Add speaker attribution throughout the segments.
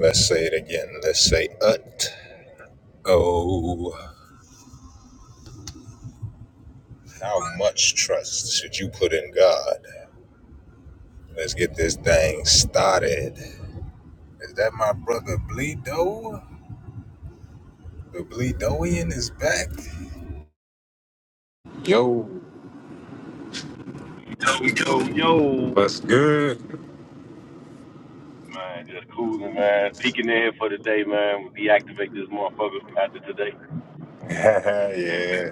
Speaker 1: Let's say it again. Let's say ut. Oh, how much trust should you put in God? Let's get this thing started. Is that my brother Bleedo? The Bleedoian is back. Yo, what's good? yeah,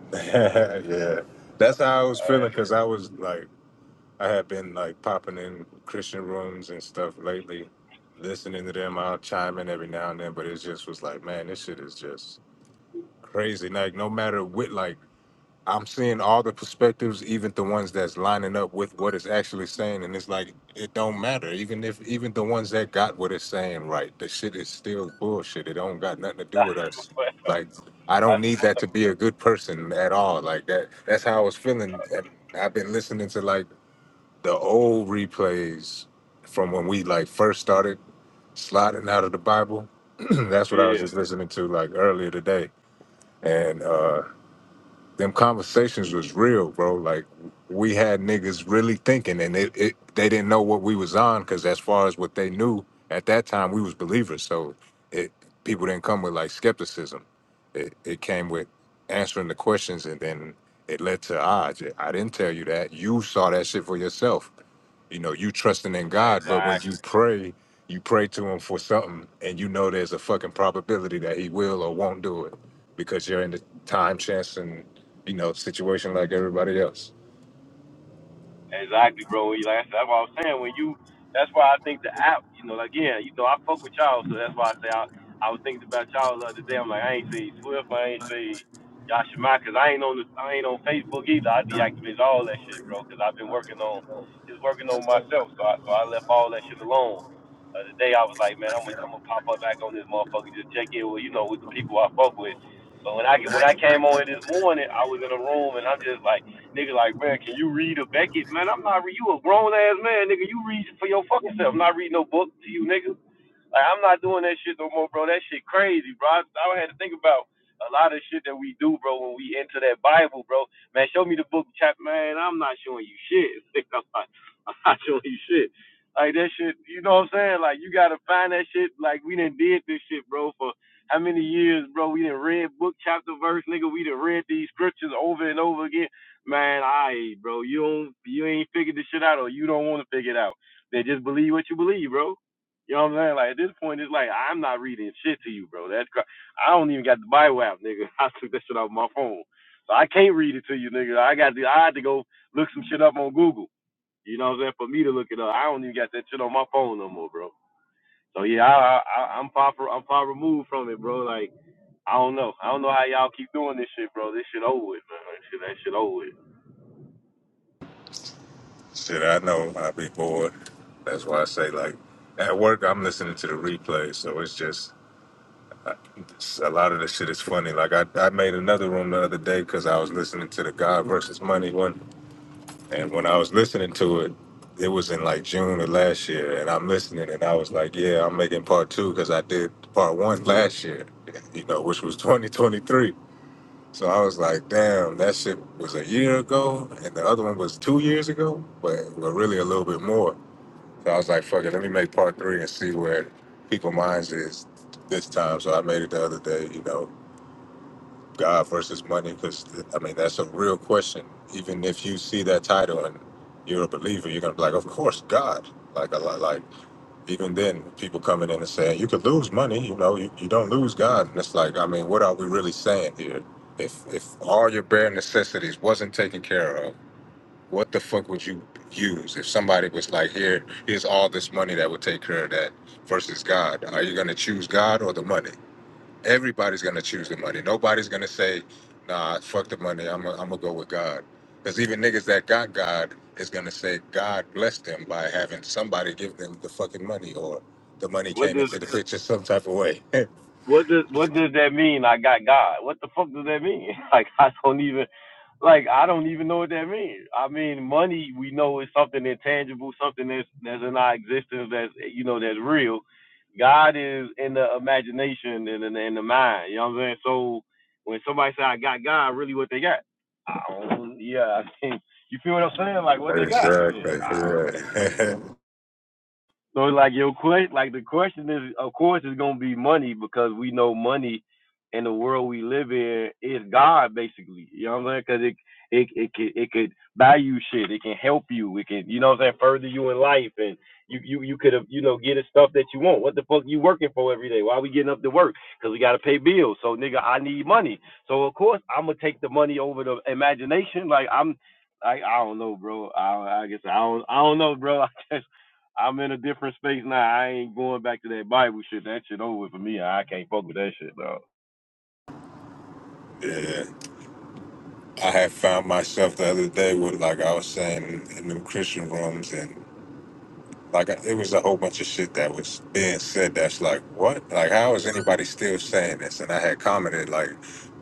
Speaker 1: yeah. That's how I was feeling because I was like, I had been like popping in Christian rooms and stuff lately, listening to them. I'll chime in every now and then, but it just was like, man, this shit is just crazy. Like no matter what, like I'm seeing all the perspectives, even the ones that's lining up with what it's actually saying, and it's like it don't matter. Even if even the ones that got what it's saying right, the shit is still bullshit. It don't got nothing to do with us. Like I don't need that to be a good person at all. Like that. That's how I was feeling. And I've been listening to like the old replays from when we like first started sliding out of the Bible. that's what I was just listening to like earlier today, and. uh them conversations was real, bro. Like we had niggas really thinking, and it, it they didn't know what we was on because as far as what they knew at that time, we was believers. So it people didn't come with like skepticism. It it came with answering the questions, and then it led to odds. I didn't tell you that. You saw that shit for yourself you know you trusting in god but when you pray you pray to him for something and you know there's a fucking probability that he will or won't do it because you're in the time chance and you know situation like everybody else shit i know i be bored that's why i say like at work i'm listening to the replay so it's just it's- a lot of the shit is funny like i, I made another room the other day because i was listening to the god versus money one And when I was listening to it, it was in like June of last year, and I'm listening, and I was like, "Yeah, I'm making part two because I did part one last year, you know, which was 2023." So I was like, "Damn, that shit was a year ago, and the other one was two years ago, but well, really a little bit more." So I was like, "Fuck it, let me make part three and see where people minds is this time." So I made it the other day, you know, God versus money? Because I mean, that's a real question. Even if you see that title and you're a believer, you're gonna be like, of course, God. Like a lot, like even then, people coming in and saying you could lose money. You know, you, you don't lose God, and it's like, I mean, what are we really saying here? If if all your bare necessities wasn't taken care of, what the fuck would you use? If somebody was like, here, here's all this money that would take care of that, versus God, are you gonna choose God or the money? everybody's going to choose the money. Nobody's going to say, nah, fuck the money. I'm going to go with God. Because even niggas that got God is going to say God blessed them by having somebody give them the fucking money or the money came into the picture some type of way. exactly. Yeah. yeah. I had found myself the other day with, like I was saying, in them Christian rooms and. Like it was a whole bunch of shit that was being said. That's like, what? Like, how is anybody still saying this? And I had commented like,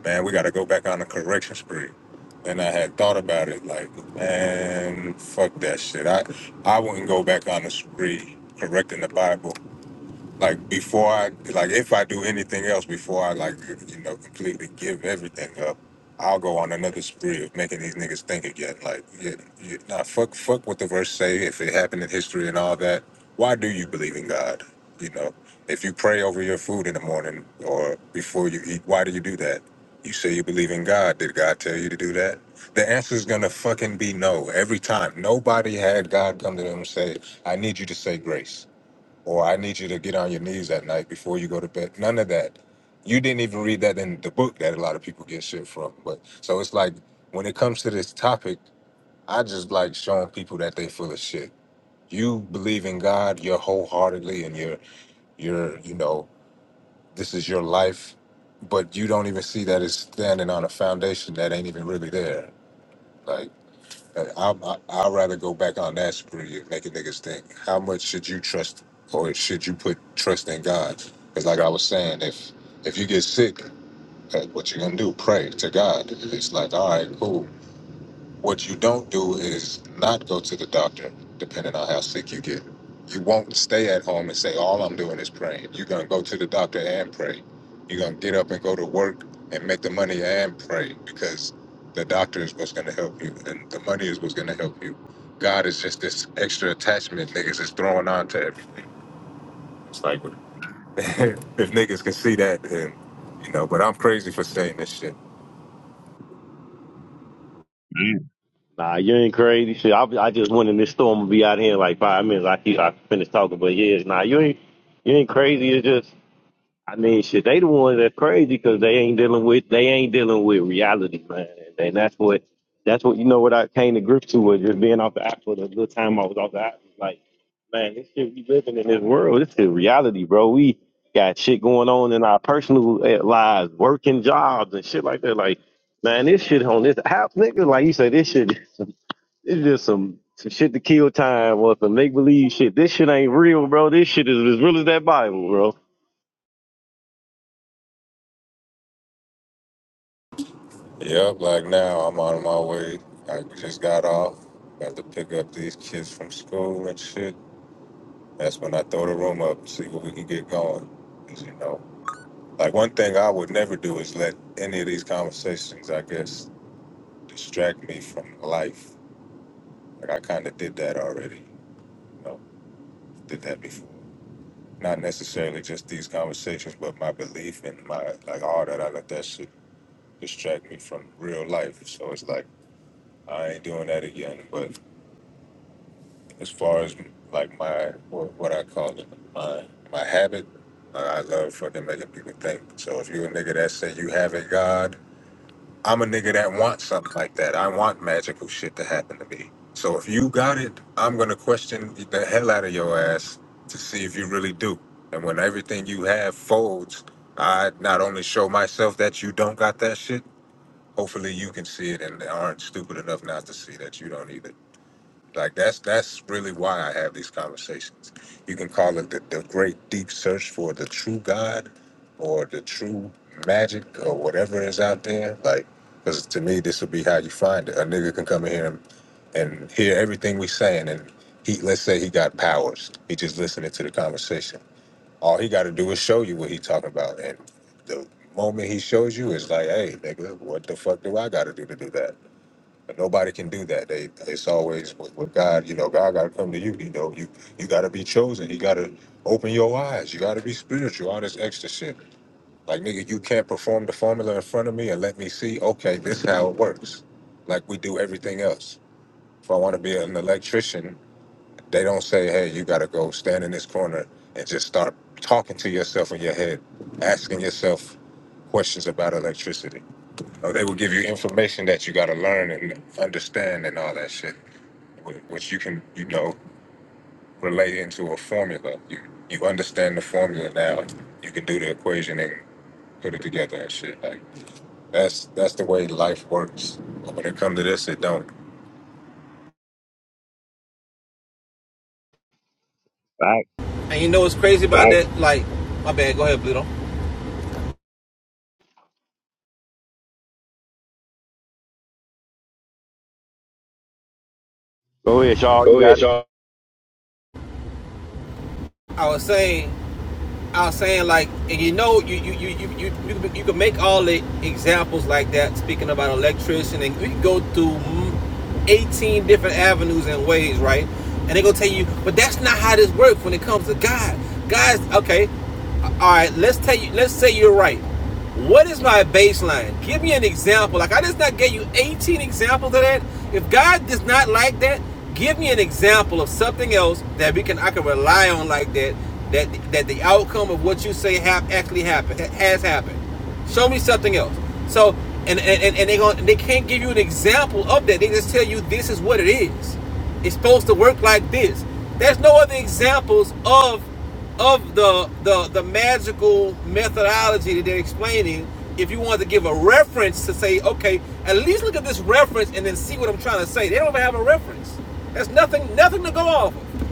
Speaker 1: man, we got to go back on the correction spree. And I had thought about it like, man, fuck that shit. I I wouldn't go back on the spree correcting the Bible like before I like if I do anything else before I like you know completely give everything up, I'll go on another spree of making these niggas think again. Like, yeah, yeah, nah, fuck, fuck what the verse say. If it happened in history and all that, why do you believe in God? You know, if you pray over your food in the morning or before you eat, why do you do that? You say you believe in God. Did God tell you to do that? The answer is gonna fucking be no every time. Nobody had God come to them and say, "I need you to say grace." or I need you to get on your knees at night before you go to bed. None of that. You didn't even read that in the book that a lot of people get shit from. But so it's like when it comes to this topic, I just like showing people that they full of shit. You believe in God, you're wholeheartedly, and you're you're you know this is your life, but you don't even see that it's standing on a foundation that ain't even really there. Like I, I, I'd rather go back on that spree and make niggas think. How much should you trust, or should you put trust in God? Because like I was saying, if if you get sick, uh, what you gonna do? Pray to God. It's like, all right, cool. What you don't do is not go to the doctor, depending on how sick you get. You won't stay at home and say, All I'm doing is praying. You're going to go to the doctor and pray. You're going to get up and go to work and make the money and pray because the doctor is what's going to help you and the money is what's going to help you. God is just this extra attachment niggas is throwing on to everything. if niggas can see that, then, you know, but I'm crazy for saying this shit.
Speaker 2: Nah, you ain't crazy. Shit, I, I just went in this store. I'm gonna be out here in like five minutes. I keep, I finished talking, but yeah, nah, you ain't you ain't crazy. It's just, I mean, shit, they the ones that's crazy because they ain't dealing with they ain't dealing with reality, man. And and that's what that's what you know what I came to grips to was just being off the app for the good time I was off the app. It's Like, man, this shit we living in this world. This is reality, bro. We got shit going on in our personal eh, lives, working jobs and shit like that. Like, man, this shit on this app, nigga. Like you say, this shit. It's just some, some shit to kill time or some make believe shit. This shit ain't real, bro. This shit is as real as that Bible, bro. All
Speaker 1: Yep, like now I'm on my way. I just got off. Got to pick up these kids from school and shit. That's when I throw the room up, see what we can get going. 'Cause, you know, like one thing I would never do is let any of these conversations, I guess, distract me from life. Like I kind of did that already. You know, did that before. Not necessarily just these conversations, but my belief and my like all that. I let that shit distract me from real life. So it's like I ain't doing that again, but. as far as like my what what I call it my my habit. I I love fucking making people think. So if you a nigga that say you have a god, I'm a nigga that wants something like that. I want magical shit to happen to me. So if you got it, I'm gonna question the hell out of your ass to see if you really do. And when everything you have folds, I not only show myself that you don't got that shit. Hopefully you can see it and aren't stupid enough not to see that you don't either. Like that's that's really why I have these conversations. You can call it the, the great deep search for the true God or the true magic or whatever is out there. Like, because to me, this would be how you find it. A nigga can come in here and, and hear everything we saying, and he let's say he got powers. He just listening to the conversation. All he got to do is show you what he talking about, and the moment he shows you is like, hey, nigga, what the fuck do I got to do to do that? But nobody can do that. They it's always with, with God. You know, God got to come to you. You know, you you got to be chosen. You got to open your eyes. You got to be spiritual. All this extra shit. Like nigga, you can't perform the formula in front of me and let me see. Okay, this how it works. Like we do everything else. If I want to be an electrician, they don't say, hey, you got to go stand in this corner and just start talking to yourself in your head, asking yourself questions about electricity. Or they will give you information that you got to learn and understand and all that shit wh- which you can you know relate into a formula. You you understand the formula now. You can do the equation and put it together and shit. Like that's that's the way life works. But when it comes to this, it don't.
Speaker 2: right.
Speaker 3: And you know what's crazy about Right. that? Like, my bad. Go ahead, Pluto.
Speaker 2: Go ahead, Shaw. You
Speaker 3: Go
Speaker 2: got
Speaker 3: ahead,
Speaker 2: it.
Speaker 3: y'all. I was saying, I was saying like, and you know, you you you you you you, can- you can make all the examples like that. Speaking about electrician, and we go through mm, eighteen different avenues and ways, right? And they're gonna tell you, but that's not how this works when it comes to God. God's okay. all right, let's tell you, let's say you're right. What is my baseline? Give me an example. Like I just not gave you 18 examples of that. If God does not like that, give me an example of something else that we can I can rely on like that. That that the outcome of what you say have actually happened has happened. Show me something else. So and and, and, they going they can't give you an example of that. They just tell you this is what it is. It's supposed to work like this. There's no other examples of of the, the the magical methodology that they're explaining if you want to give a reference to say okay at least look at this reference and then see what i'm trying to say they don't even have a reference There's nothing nothing to go off of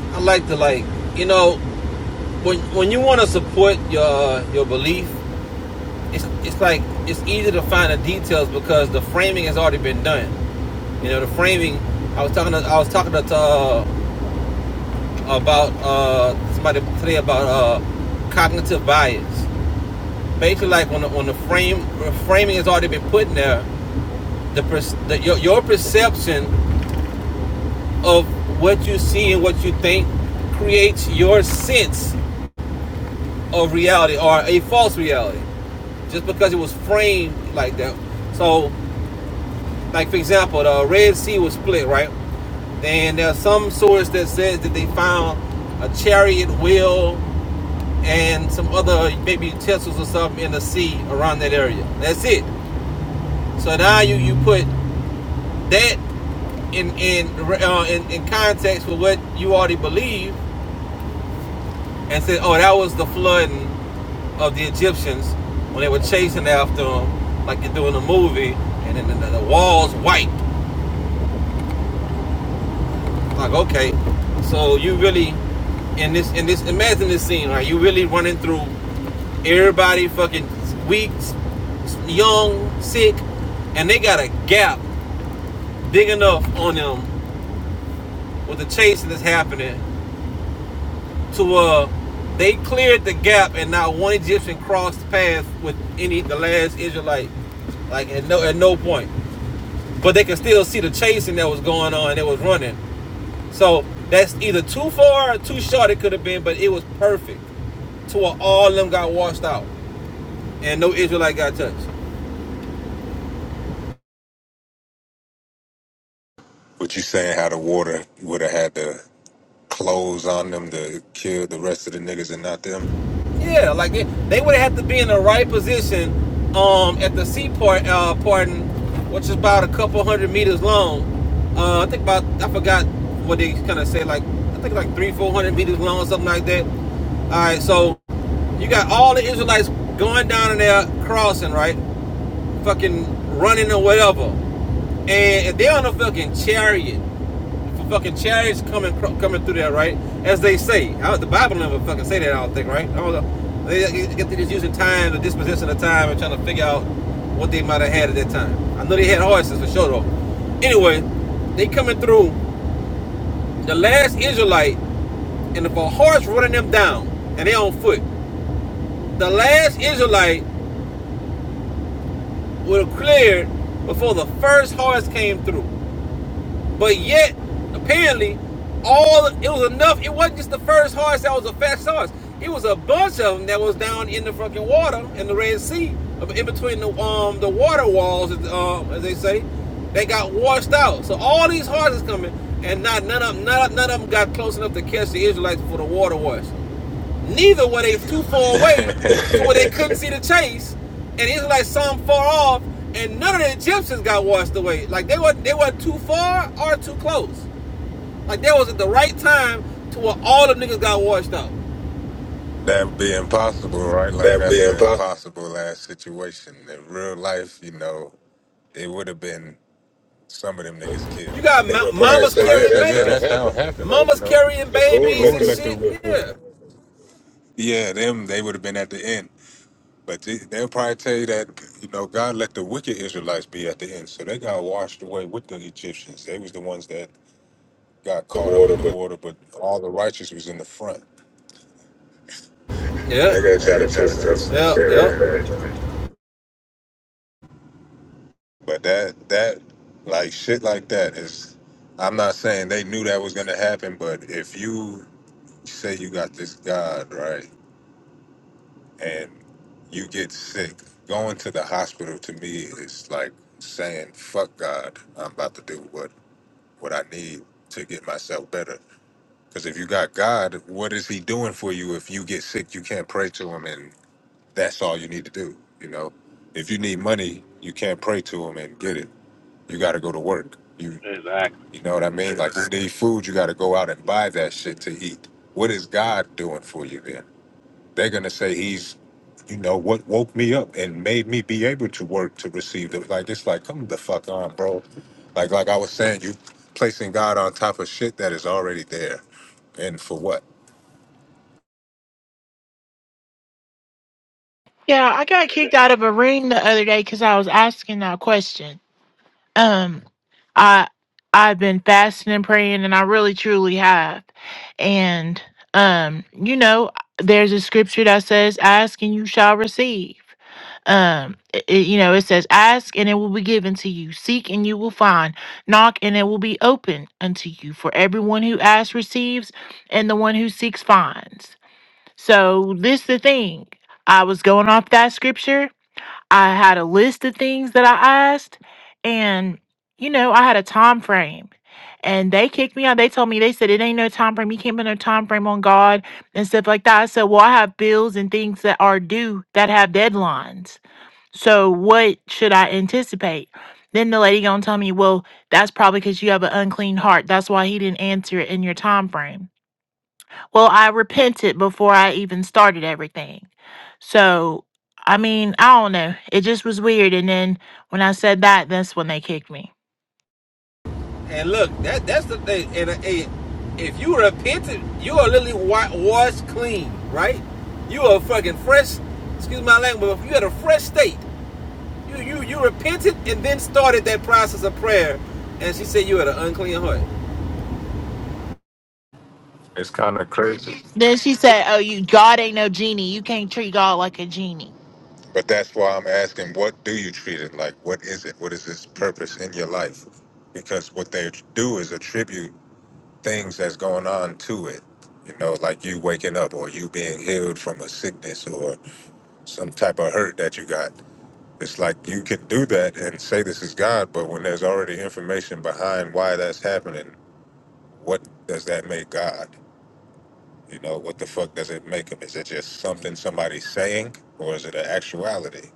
Speaker 3: i like to like you know when when you want to support your your belief it's it's like it's easy to find the details because the framing has already been done you know the framing i was talking to, i was talking to uh, about uh somebody today about uh cognitive bias basically like on the on the frame framing has already been put in there. The, the your, your perception of what you see and what you think creates your sense of reality or a false reality, just because it was framed like that. So, like for example, the Red Sea was split, right? Then there's some source that says that they found a chariot wheel and some other maybe utensils or something in the sea around that area. That's it. So now you you put that in in uh, in, in context with what you already believe and say, oh, that was the flooding of the Egyptians when they were chasing after them, like you do in the movie, and then the, the walls white. Like, okay, so you really in this in this imagine this scene, right? You really running through everybody, fucking weak, young, sick, and they got a gap big enough on them with the chasing that's happening to uh they cleared the gap and not one Egyptian crossed paths with any the last Israelite. Like at no at no point. But they could still see the chasing that was going on that was running. So that's either too far or too short it could have been, but it was perfect. To where all of them got washed out and no Israelite got touched.
Speaker 1: But you saying how the water would have had the clothes on them to kill the rest of the niggas and not them?
Speaker 3: Yeah, like it, they would have to be in the right position um, at the seaport, uh, pardon, which is about a couple hundred meters long. Uh, I think about I forgot what they kind of say, like I think like three, four hundred meters long, or something like that. All right, so you got all the Israelites going down in there crossing, right? Fucking running or whatever, and if they're on a fucking chariot. For fucking chariots coming coming through there, right? As they say, I, the Bible never fucking say that. I don't think, right? I don't know. They, they just using time, the disposition of time, and trying to figure out what they might have had at that time. I know they had horses for sure, though. Anyway, they coming through. The last Israelite, and if a horse running them down, and they on foot, the last Israelite would have cleared before the first horse came through. But yet, apparently, all it was enough. It wasn't just the first horse that was a fast horse. It was a bunch of them that was down in the fucking water in the Red Sea, in between the um the water walls, um, as they say. They got washed out. So all these horses coming, and not none of them, none, of- none of them got close enough to catch the Israelites before the water washed. Neither were they too far away to
Speaker 1: that
Speaker 3: where they couldn't see the chase, and it's like some far off, and none of the Egyptians got washed away. Like they weren't they weren't too far or too close. Like they was at the right time to where all the niggas got washed out.
Speaker 1: would be impossible, right? Like
Speaker 3: That would be
Speaker 1: that's an
Speaker 3: impossible.
Speaker 1: impossible ass situation. In real life, you know, it would have been. Some of them niggas
Speaker 3: You
Speaker 1: killed.
Speaker 3: got ma-
Speaker 1: A nigga
Speaker 3: mamas
Speaker 1: would
Speaker 3: say, yeah,
Speaker 1: probably
Speaker 3: mamas carrying
Speaker 1: say, yeah, that's
Speaker 3: babies,
Speaker 1: how it
Speaker 3: Like,
Speaker 1: happened. You
Speaker 3: mamas
Speaker 1: know,
Speaker 3: carrying
Speaker 1: the
Speaker 3: babies and
Speaker 1: Lord let the,
Speaker 3: shit.
Speaker 1: the
Speaker 3: Yeah.
Speaker 1: yeah them they would have been at the end, but they, they'll probably tell you that you know God let the wicked Israelites be at the end, so they got washed away with the Egyptians. They was the ones that got caught up in the water, but all the righteous was in the front.
Speaker 3: Yeah,
Speaker 1: They got try to twist it up their ass away. But that that like shit like that is I'm not saying they knew that was gonna happen, but if you say you got this God, right? And you get sick. Going to the hospital to me is like saying, fuck God, I'm about to do what, what I need to get myself better. Because if you got God, what is He doing for you if you get sick? You can't pray to Him, and that's all you need to do, you know? If you need money, you can't pray to Him and get it. You got to go to work. You, you know what I mean? Like, you need food, you got to go out and buy that shit to eat. What is God doing for you then? They're gonna say he's, you know, what woke me up and made me be able to work to receive it. Like it's like, come the fuck on, bro. Like like I was saying, you placing God on top of shit that is already there, and for what?
Speaker 4: Yeah, I got kicked out of a ring the other day because I was asking that question. Um, I I've been fasting and praying, and I really truly have. And um, you know, there's a scripture that says, "Ask and you shall receive." Um, it, it- you know, it says, "Ask and it will be given to you; seek and you will find; knock and it will be open unto you." For everyone who asks receives, and the one who seeks finds. So this the thing. I was going off that scripture I had a list of things that I asked, and you know, I had a time frame. And they kicked me out. They told me they said it ain't no time frame. You can't put no time frame on God and stuff like that. I said, well, I have bills and things that are due that have deadlines. So what should I anticipate? Then the lady gonna tell me, well, that's probably because you have an unclean heart. That's why he didn't answer it in your time frame. Well, I repented before I even started everything. So, I mean, I don't know. It just was weird. And then when I said that, that's when they kicked me.
Speaker 3: And look, that that's the thing. And, uh, eh, if you repented, you are literally washed clean, right? You are fucking fresh. Excuse my language, but if you had a fresh state, you you you repented and then started that process of prayer. And she said you had an unclean heart.
Speaker 4: Then she said, Oh, you, God ain't no genie. You can't treat God like a genie.
Speaker 1: But that's why I'm asking, what do you treat it like? What is it? What is its purpose in your life? Because what they do is attribute things that's going on to it. You know, like you waking up or you being healed from a sickness or some type of hurt that you got. It's like you can do that and say this is God, but when there's already information behind why that's happening, what does that make God? You know, what the fuck does it make him? Is it just something somebody's saying, or is it an actuality?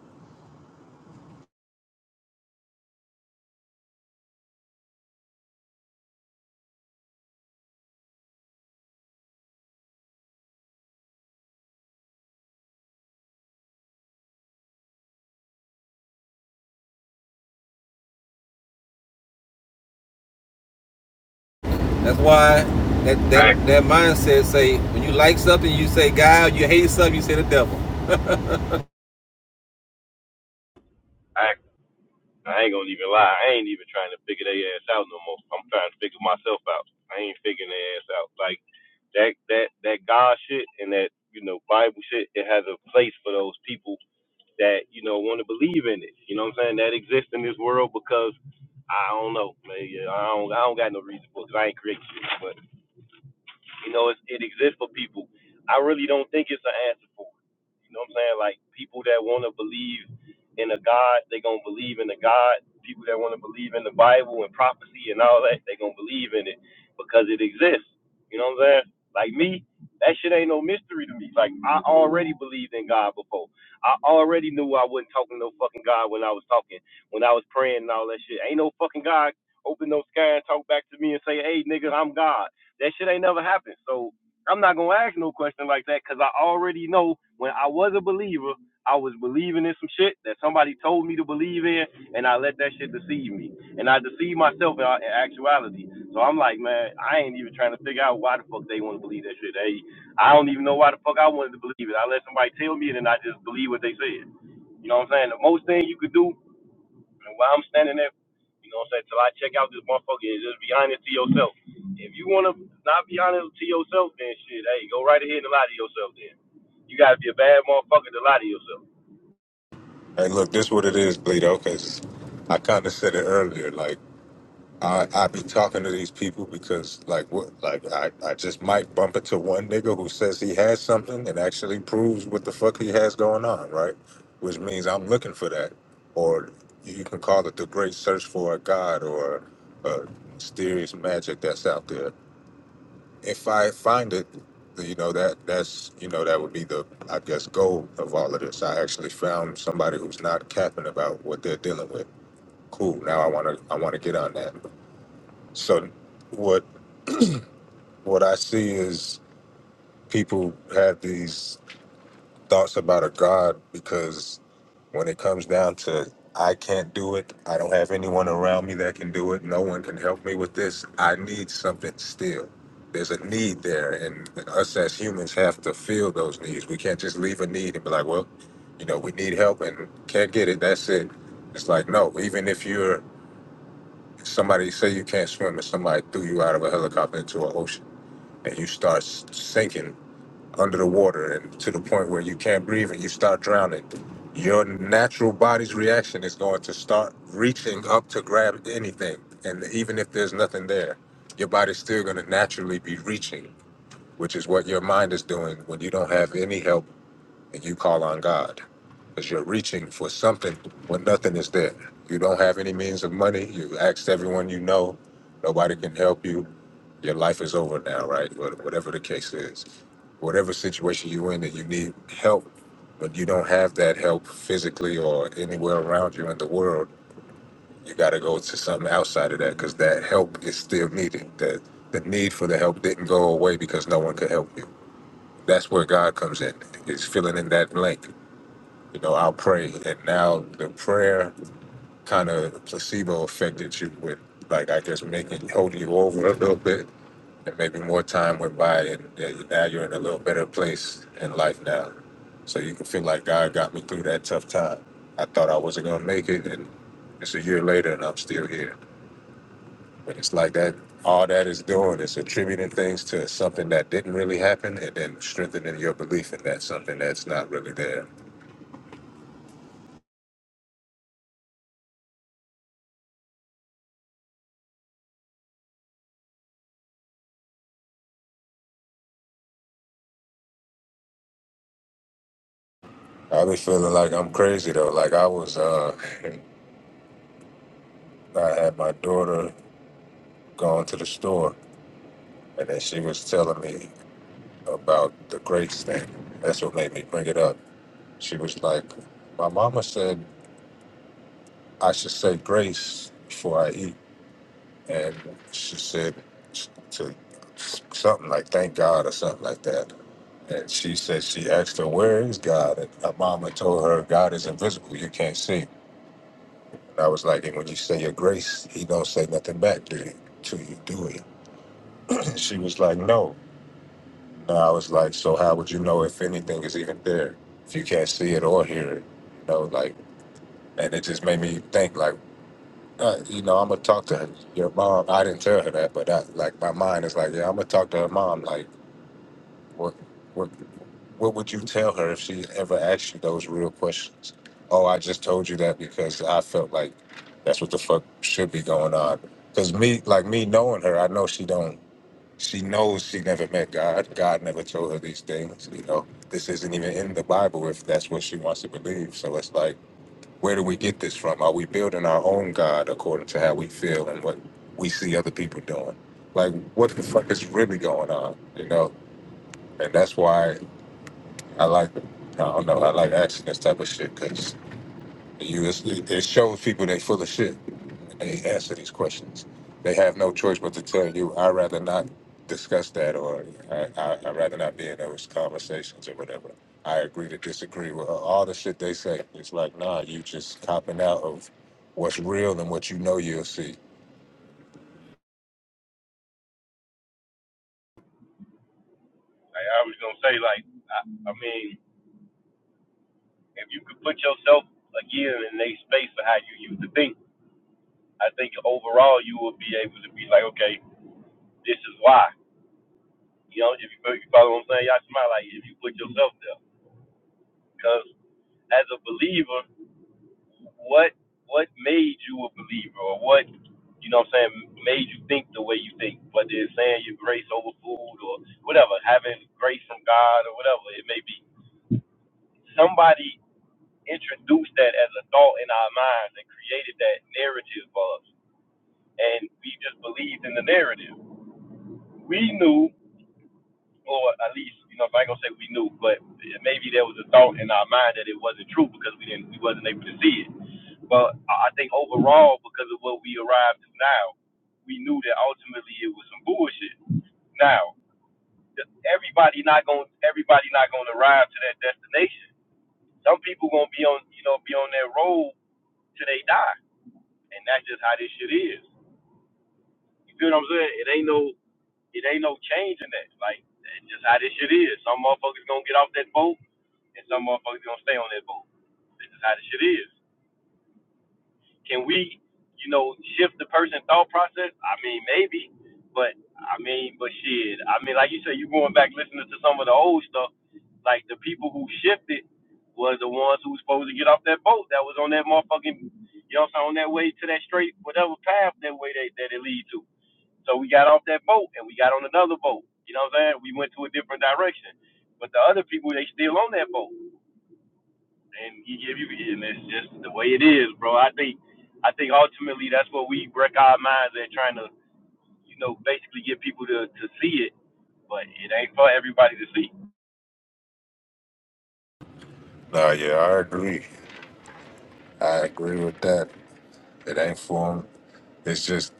Speaker 3: That's why that Right. that, right. that mindset say when you like something, you say God. You hate something, you say the devil.
Speaker 1: Hey, look, this what it is, Bleedo, because I kind of said it earlier. Like, I I be talking to these people because like what like I, I just might bump into one nigga who says he has something and actually proves what the fuck he has going on, right? Which means I'm looking for that, or you can call it the great search for a god or a mysterious magic that's out there. If I find it, you know that that's you know that would be the I guess goal of all of this. I actually found somebody who's not capping about what they're dealing with. Cool. Now I wanna I wanna get on that. So what what I see is people have these thoughts about a God because when it comes down to I can't do it, I don't have anyone around me that can do it, no one can help me with this. I need something still. There's a need there and us as humans have to feel those needs. We can't just leave a need and be like, well, you know, we need help and can't get it. That's it. It's like no, even if you're somebody say you can't swim and somebody threw you out of a helicopter into an ocean and you start s- sinking under the water and to the point where you can't breathe and you start drowning, your natural body's reaction is going to start reaching up to grab anything. And even if there's nothing there, your body's still going to naturally be reaching, which is what your mind is doing when you don't have any help and you call on God. Because you're reaching for something when nothing is there. You don't have any means of money. You asked everyone you know. Nobody can help you. Your life is over now, right? Wha- Whatever the case is whatever situation you're in that you need help, but you don't have that help physically or anywhere around you in the world, you got to go to something outside of that because that help is still needed. That the need for the help didn't go away because no one could help you. That's where God comes in. It's filling in that blank. You know, I'll pray, and now the prayer kind of placebo affected you with, like I guess making holding you over a little bit and maybe more time went by and yeah, you- now you're in a little better place in life now so you can feel like god got me through that tough time i thought i wasn't going to make it and it's a year later and i'm still here but it's like that all that is doing is attributing things to something that didn't really happen and then strengthening your belief in that something that's not really there i be feeling like i'm crazy though like i was uh i had my daughter going to the store and then she was telling me about the grades thing. That's what made me bring it up. She was like, My mama said I should say grace before I eat. And she said to something like, Thank God or something like that. And she said, She asked her, Where is God? And her mama told her, God is invisible. You can't see. And I was like, And when you say your grace, he don't say nothing back to you, to you do he? she was like, No. And I was like, so how would you know if anything is even there if you can't see it or hear it? You know, like, and it just made me think, like, uh, you know, I'm gonna talk to her, your mom. I didn't tell her that, but I, like, my mind is like, yeah, I'm gonna talk to her mom. Like, what, what, what would you tell her if she ever asked you those real questions? Oh, I just told you that because I felt like that's what the fuck should be going on. Cause me, like me knowing her, I know she don't. She knows she never met God. God never told her these things. You know, this isn't even in the Bible if that's what she wants to believe. So it's like, where do we get this from? Are we building our own God according to how we feel and what we see other people doing? Like, what the fuck is really going on? You know, and that's why I like, I don't know, I like asking this type of shit because. You, it's, it shows people they full of shit when they answer these questions. They have no choice but to tell you, I'd rather not discuss that, or I, I, I'd rather not be in those conversations, or whatever. I agree to disagree with all the shit they say. It's like, nah, you just copping out of what's real and what you know you'll see. Nah, yeah, I agree. I agree with that. It ain't for 'em. It's just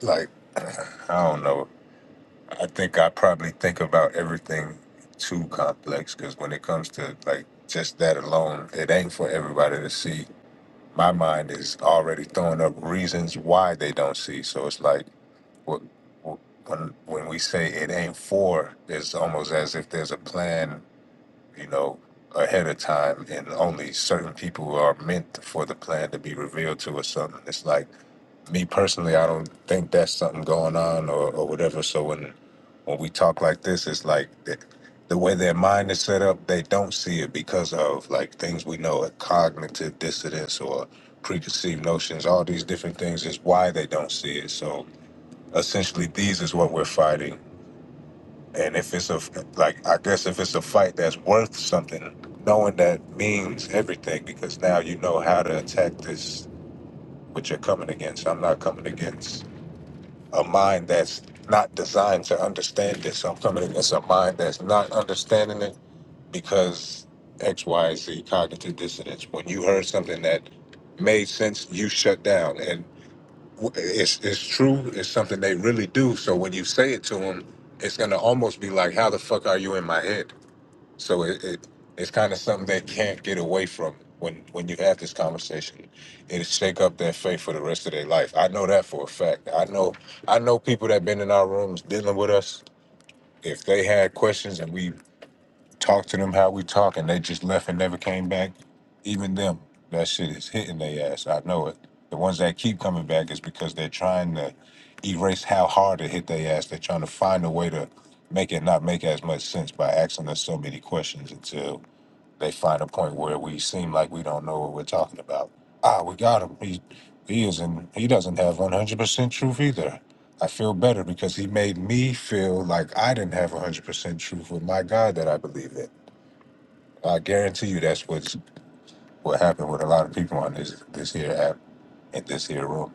Speaker 1: like, I don't know. I think I probably think about everything too complex because when it comes to like just that alone, it ain't for everybody to see. My mind is already throwing up reasons why they don't see. So it's like what, what- when when we say it ain't for, it's almost as if there's a plan you know, ahead of time, and only certain people are meant for the plan to be revealed to or something. It's like me personally, I don't think that's something going on or, or whatever. So when when we talk like this, it's like the, the way their mind is set up, they don't see it because of like things we know, a cognitive dissonance or preconceived notions. All these different things is why they don't see it. So essentially, these is what we're fighting and if it's a like, I guess if it's a fight that's worth something, knowing that means everything because now you know how to attack this what you're coming against. I'm not coming against a mind that's not designed to understand this. I'm coming against a mind that's not understanding it because X, Y, Z cognitive dissonance. When you heard something that made sense, you shut down. And w- it's it's true. It's something they really do. So when you say it to them, it's gonna almost be like, how the fuck are you in my head? So it, it it's kind of something they can't get away from when when you have this conversation. It'll shake up their faith for the rest of their life. I know that for a fact. I know I know people that been in our rooms dealing with us. If they had questions and we talked to them how we talk and they just left and never came back, even them, that shit is hitting their ass. I know it. The ones that keep coming back is because they're trying to erase how hard it hit their ass. They're trying to find a way to make it not make as much sense by asking us so many questions until they find a point where we seem like we don't know what we're talking about. Ah, we got him. He he isn't. He doesn't have one hundred percent truth either. I feel better because he made me feel like I didn't have one hundred percent truth with my God that I believe in. I guarantee you, that's what's what happened with a lot of people on this this here app in this here room.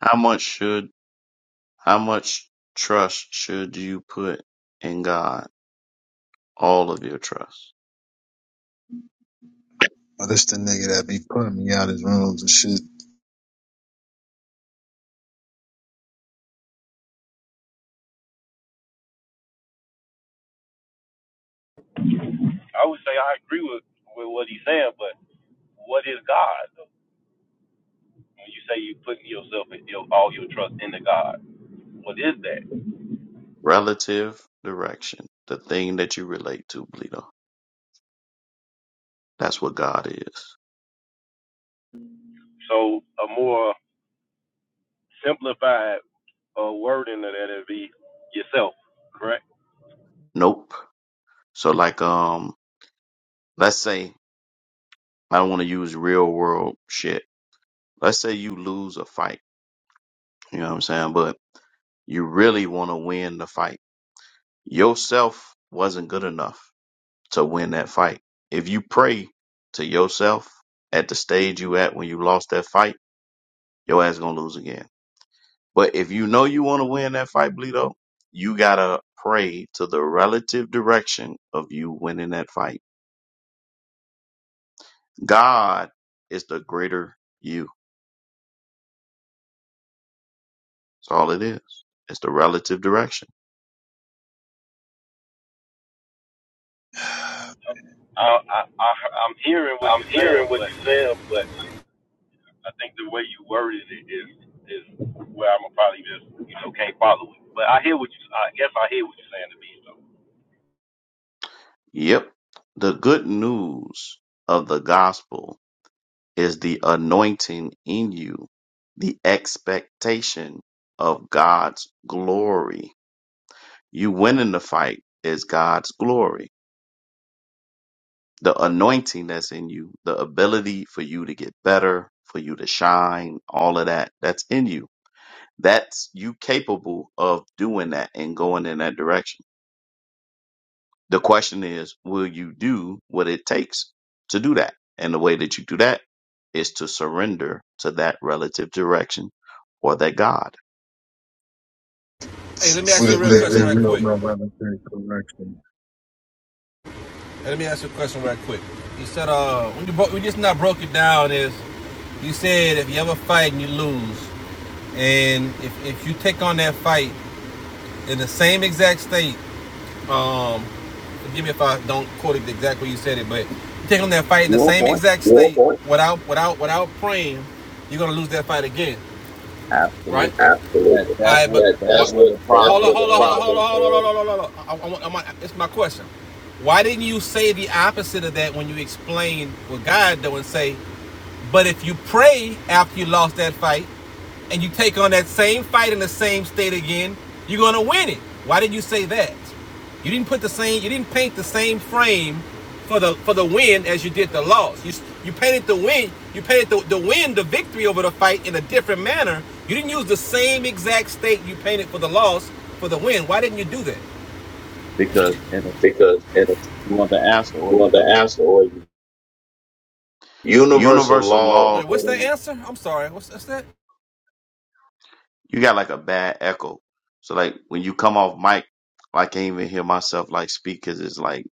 Speaker 5: How much should how much trust should you put in God? All of your trust.
Speaker 6: Oh, this the nigga that be putting me out his rooms and shit.
Speaker 5: Relative direction. The thing that you relate to, Bleedo. That's what God is. Nope. So like um let's say I don't want to use real world shit. Let's say you lose a fight. You know what I'm saying? But you really want to win the fight. Yourself wasn't good enough. to win that fight. If you pray to yourself at the stage you at when you lost that fight, your ass gonna lose again. But if you know you want to win that fight, Bleedo, you gotta pray to the relative direction of you winning that fight. God is the greater you. That's all it is. It's the relative direction. Yep. The good news of the gospel is the anointing in you, the expectation of God's glory. You winning the fight is God's glory. The anointing that's in you, the ability for you to get better, for you to shine, all of that, that's in you. That's you capable of doing that and going in that direction The question is, will you do what it takes to do that? And the way that you do that is to surrender to that relative direction or that God.
Speaker 3: Hey, let me ask
Speaker 6: What if
Speaker 3: you right
Speaker 6: there is
Speaker 3: No, quick. brother.
Speaker 6: no voluntary correction?
Speaker 3: Hey, Let me ask you a question right quick. You said uh, when you broke, we just not broke it down is, you said if you ever fight and you lose, and if, if you take on that fight in the same exact state, um, forgive me if I don't quote it exactly where you said it, but you take on that fight in the
Speaker 5: Your
Speaker 3: same
Speaker 5: point.
Speaker 3: exact state Yeah, okay. without without without praying, you're gonna lose that fight again right?
Speaker 5: Absolutely. That
Speaker 3: Absolutely. All
Speaker 5: that's
Speaker 3: right, but
Speaker 5: what
Speaker 3: That,
Speaker 5: that's
Speaker 3: that's
Speaker 5: where
Speaker 3: what
Speaker 5: the
Speaker 3: that's hold on,
Speaker 5: problem
Speaker 3: hold on, hold
Speaker 5: is
Speaker 3: on, hold on, hold on, hold on, hold on. I, I, I, it's my question. Why didn't you say the opposite of that when you explained what God do and say, but if you pray after you lost that fight? and you take on that same fight in the same state again, you're gonna win it. Why did you say that? You didn't put the same, you didn't paint the same frame for the for the win as you did the loss. You you painted the win, you painted the, the win, the victory over the fight in a different manner. You didn't use the same exact state you painted for the loss for the win. Why didn't you do that?
Speaker 5: because and it's,
Speaker 3: because it's
Speaker 5: you want the answer or
Speaker 3: one
Speaker 5: you
Speaker 3: of the
Speaker 5: don't.
Speaker 3: answer or universal
Speaker 5: Universal
Speaker 3: law.
Speaker 5: law,
Speaker 3: Wait, what's the
Speaker 5: So,
Speaker 3: answer? I'm sorry. What's, what's that?
Speaker 5: you got like a bad echo. So like when you come off mic, I can't even hear myself like speak because it's like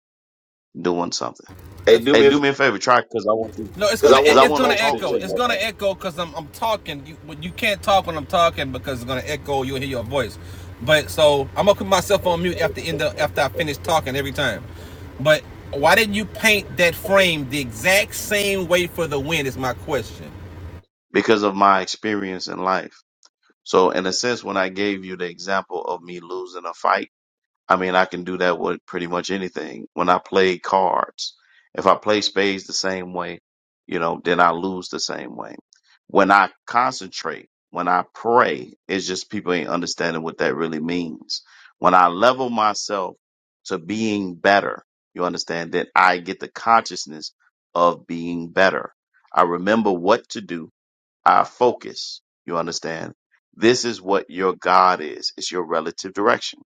Speaker 5: doing something.
Speaker 3: hey, do
Speaker 5: Hey,
Speaker 3: me a
Speaker 5: do me a favor, try Cause I want you.
Speaker 3: No, it's gonna I
Speaker 5: because I
Speaker 3: it's
Speaker 5: want to
Speaker 3: gonna talk to
Speaker 5: talk
Speaker 3: echo.
Speaker 5: to
Speaker 3: It's
Speaker 5: you.
Speaker 3: gonna echo because I'm I'm talking. You well, you can't talk when I'm talking because it's gonna echo. You'll hear your voice. But so I'm gonna put myself on mute after end up, after I finish talking every time. But why didn't you paint that frame the exact same way for the win? Is my question.
Speaker 5: because of my experience in life. So in a sense, when I gave you the example of me losing a fight, I mean, I can do that with pretty much anything. When I play cards, if I play spades the same way, you know, then I lose the same way. When I concentrate, when I pray, it's just people ain't understanding what that really means. When I level myself to being better, you understand that I get the consciousness of being better. I remember what to do our focus. You understand? This is what your God is. It's your relative direction.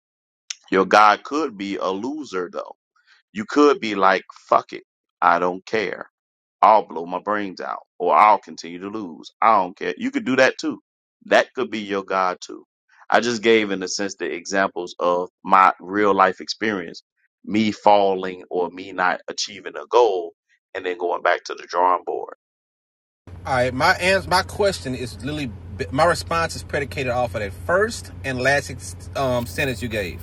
Speaker 5: Your God could be a loser though. You could be like, fuck it. I don't care. I'll blow my brains out or I'll continue to lose. I don't care. You could do that too. That could be your God too. I just gave in a sense the examples of my real life experience, me falling or me not achieving a goal and then going back to the drawing board.
Speaker 3: All right, my answer, my question is literally, my response is predicated off of that first and last um, sentence you gave,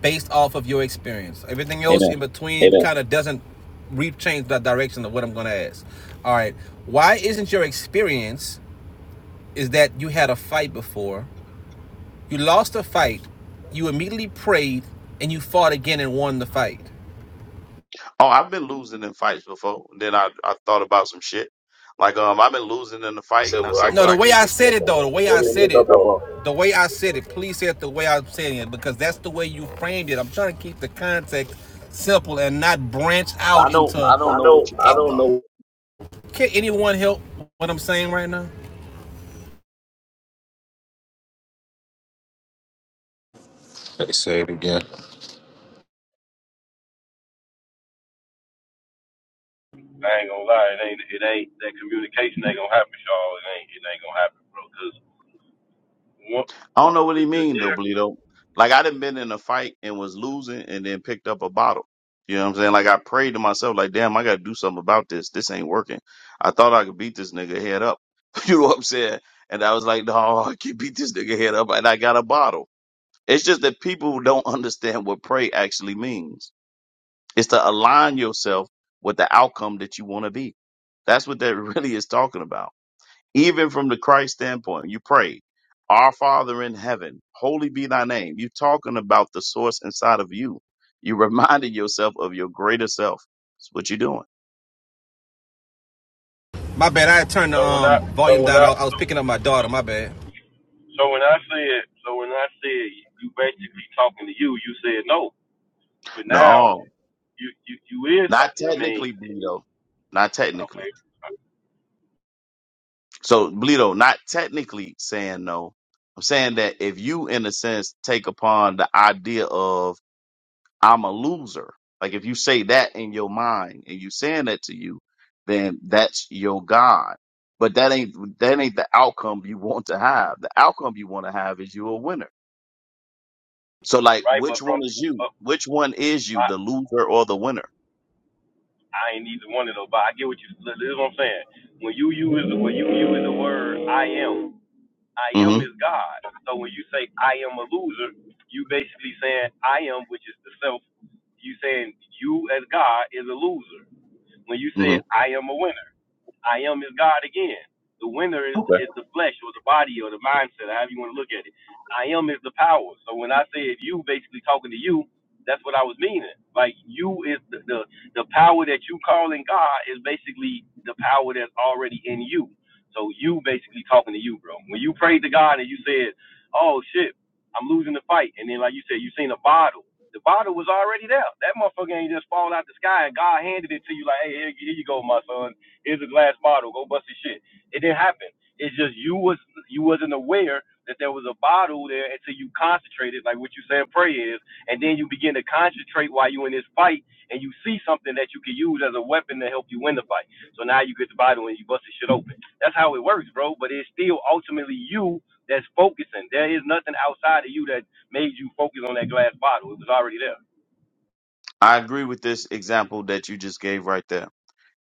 Speaker 3: based off of your experience. Everything else
Speaker 5: Amen.
Speaker 3: in between kind of doesn't re change the direction of what I'm going to ask. All right, why isn't your experience is that you had a fight before, you lost a fight, you immediately prayed, and you fought again and won the fight?
Speaker 5: Oh, I've been losing in fights before. And Then I, I thought about some shit. Like um, I've been losing in the fight,
Speaker 3: said,
Speaker 5: and I
Speaker 3: well,
Speaker 5: said,
Speaker 3: I No,
Speaker 5: "Well,
Speaker 3: the
Speaker 5: I
Speaker 3: way
Speaker 5: can't
Speaker 3: I
Speaker 5: beat
Speaker 3: said
Speaker 5: this
Speaker 3: it though, the
Speaker 5: motherfucker.
Speaker 3: way I really
Speaker 5: Let me
Speaker 3: said it,
Speaker 5: pick up a."
Speaker 3: the way I said it, please say it the way I'm saying it because that's the way you framed it. I'm trying to keep the context simple and not branch out
Speaker 5: I don't
Speaker 3: into.
Speaker 5: I don't
Speaker 3: I
Speaker 5: know
Speaker 3: know,
Speaker 5: what you're
Speaker 3: I
Speaker 5: talking
Speaker 3: don't
Speaker 5: about.
Speaker 3: know. can anyone help what I'm saying right now?
Speaker 1: They say it again.
Speaker 5: I don't know what he mean though, Bleedo. Like I done been in a fight and was losing and then picked up a bottle. You know what I'm saying? Like I prayed to myself, like, damn, I gotta do something about this. This ain't working. I thought I could beat this nigga head up. you know what I'm saying? And I was like, no, I can beat this nigga head up and I got a bottle. It's just that people don't understand what pray actually means. It's to align yourself with the outcome that you want to be. That's what that really is talking about. Even from the Christ standpoint, you pray, Our Father in heaven, holy be thy name. You're talking about the source inside of you. You reminding yourself of your greater self. That's what you're doing.
Speaker 3: My bad. I had turned the um volume So down. I, I was picking up my daughter. My bad.
Speaker 5: No, not technically, Bleedo. Not technically. So, Bleedo, not technically saying no. I'm saying that if you, in a sense, take upon the idea of I'm a loser. Like if you say that in your mind and you saying that to you, then that's your God. But that ain't that ain't the outcome you want to have. The outcome you want to have is you a winner. So like which one is you? Which one is you, the loser or the winner? hmm hmm Okay. I agree with this example that you just gave right there.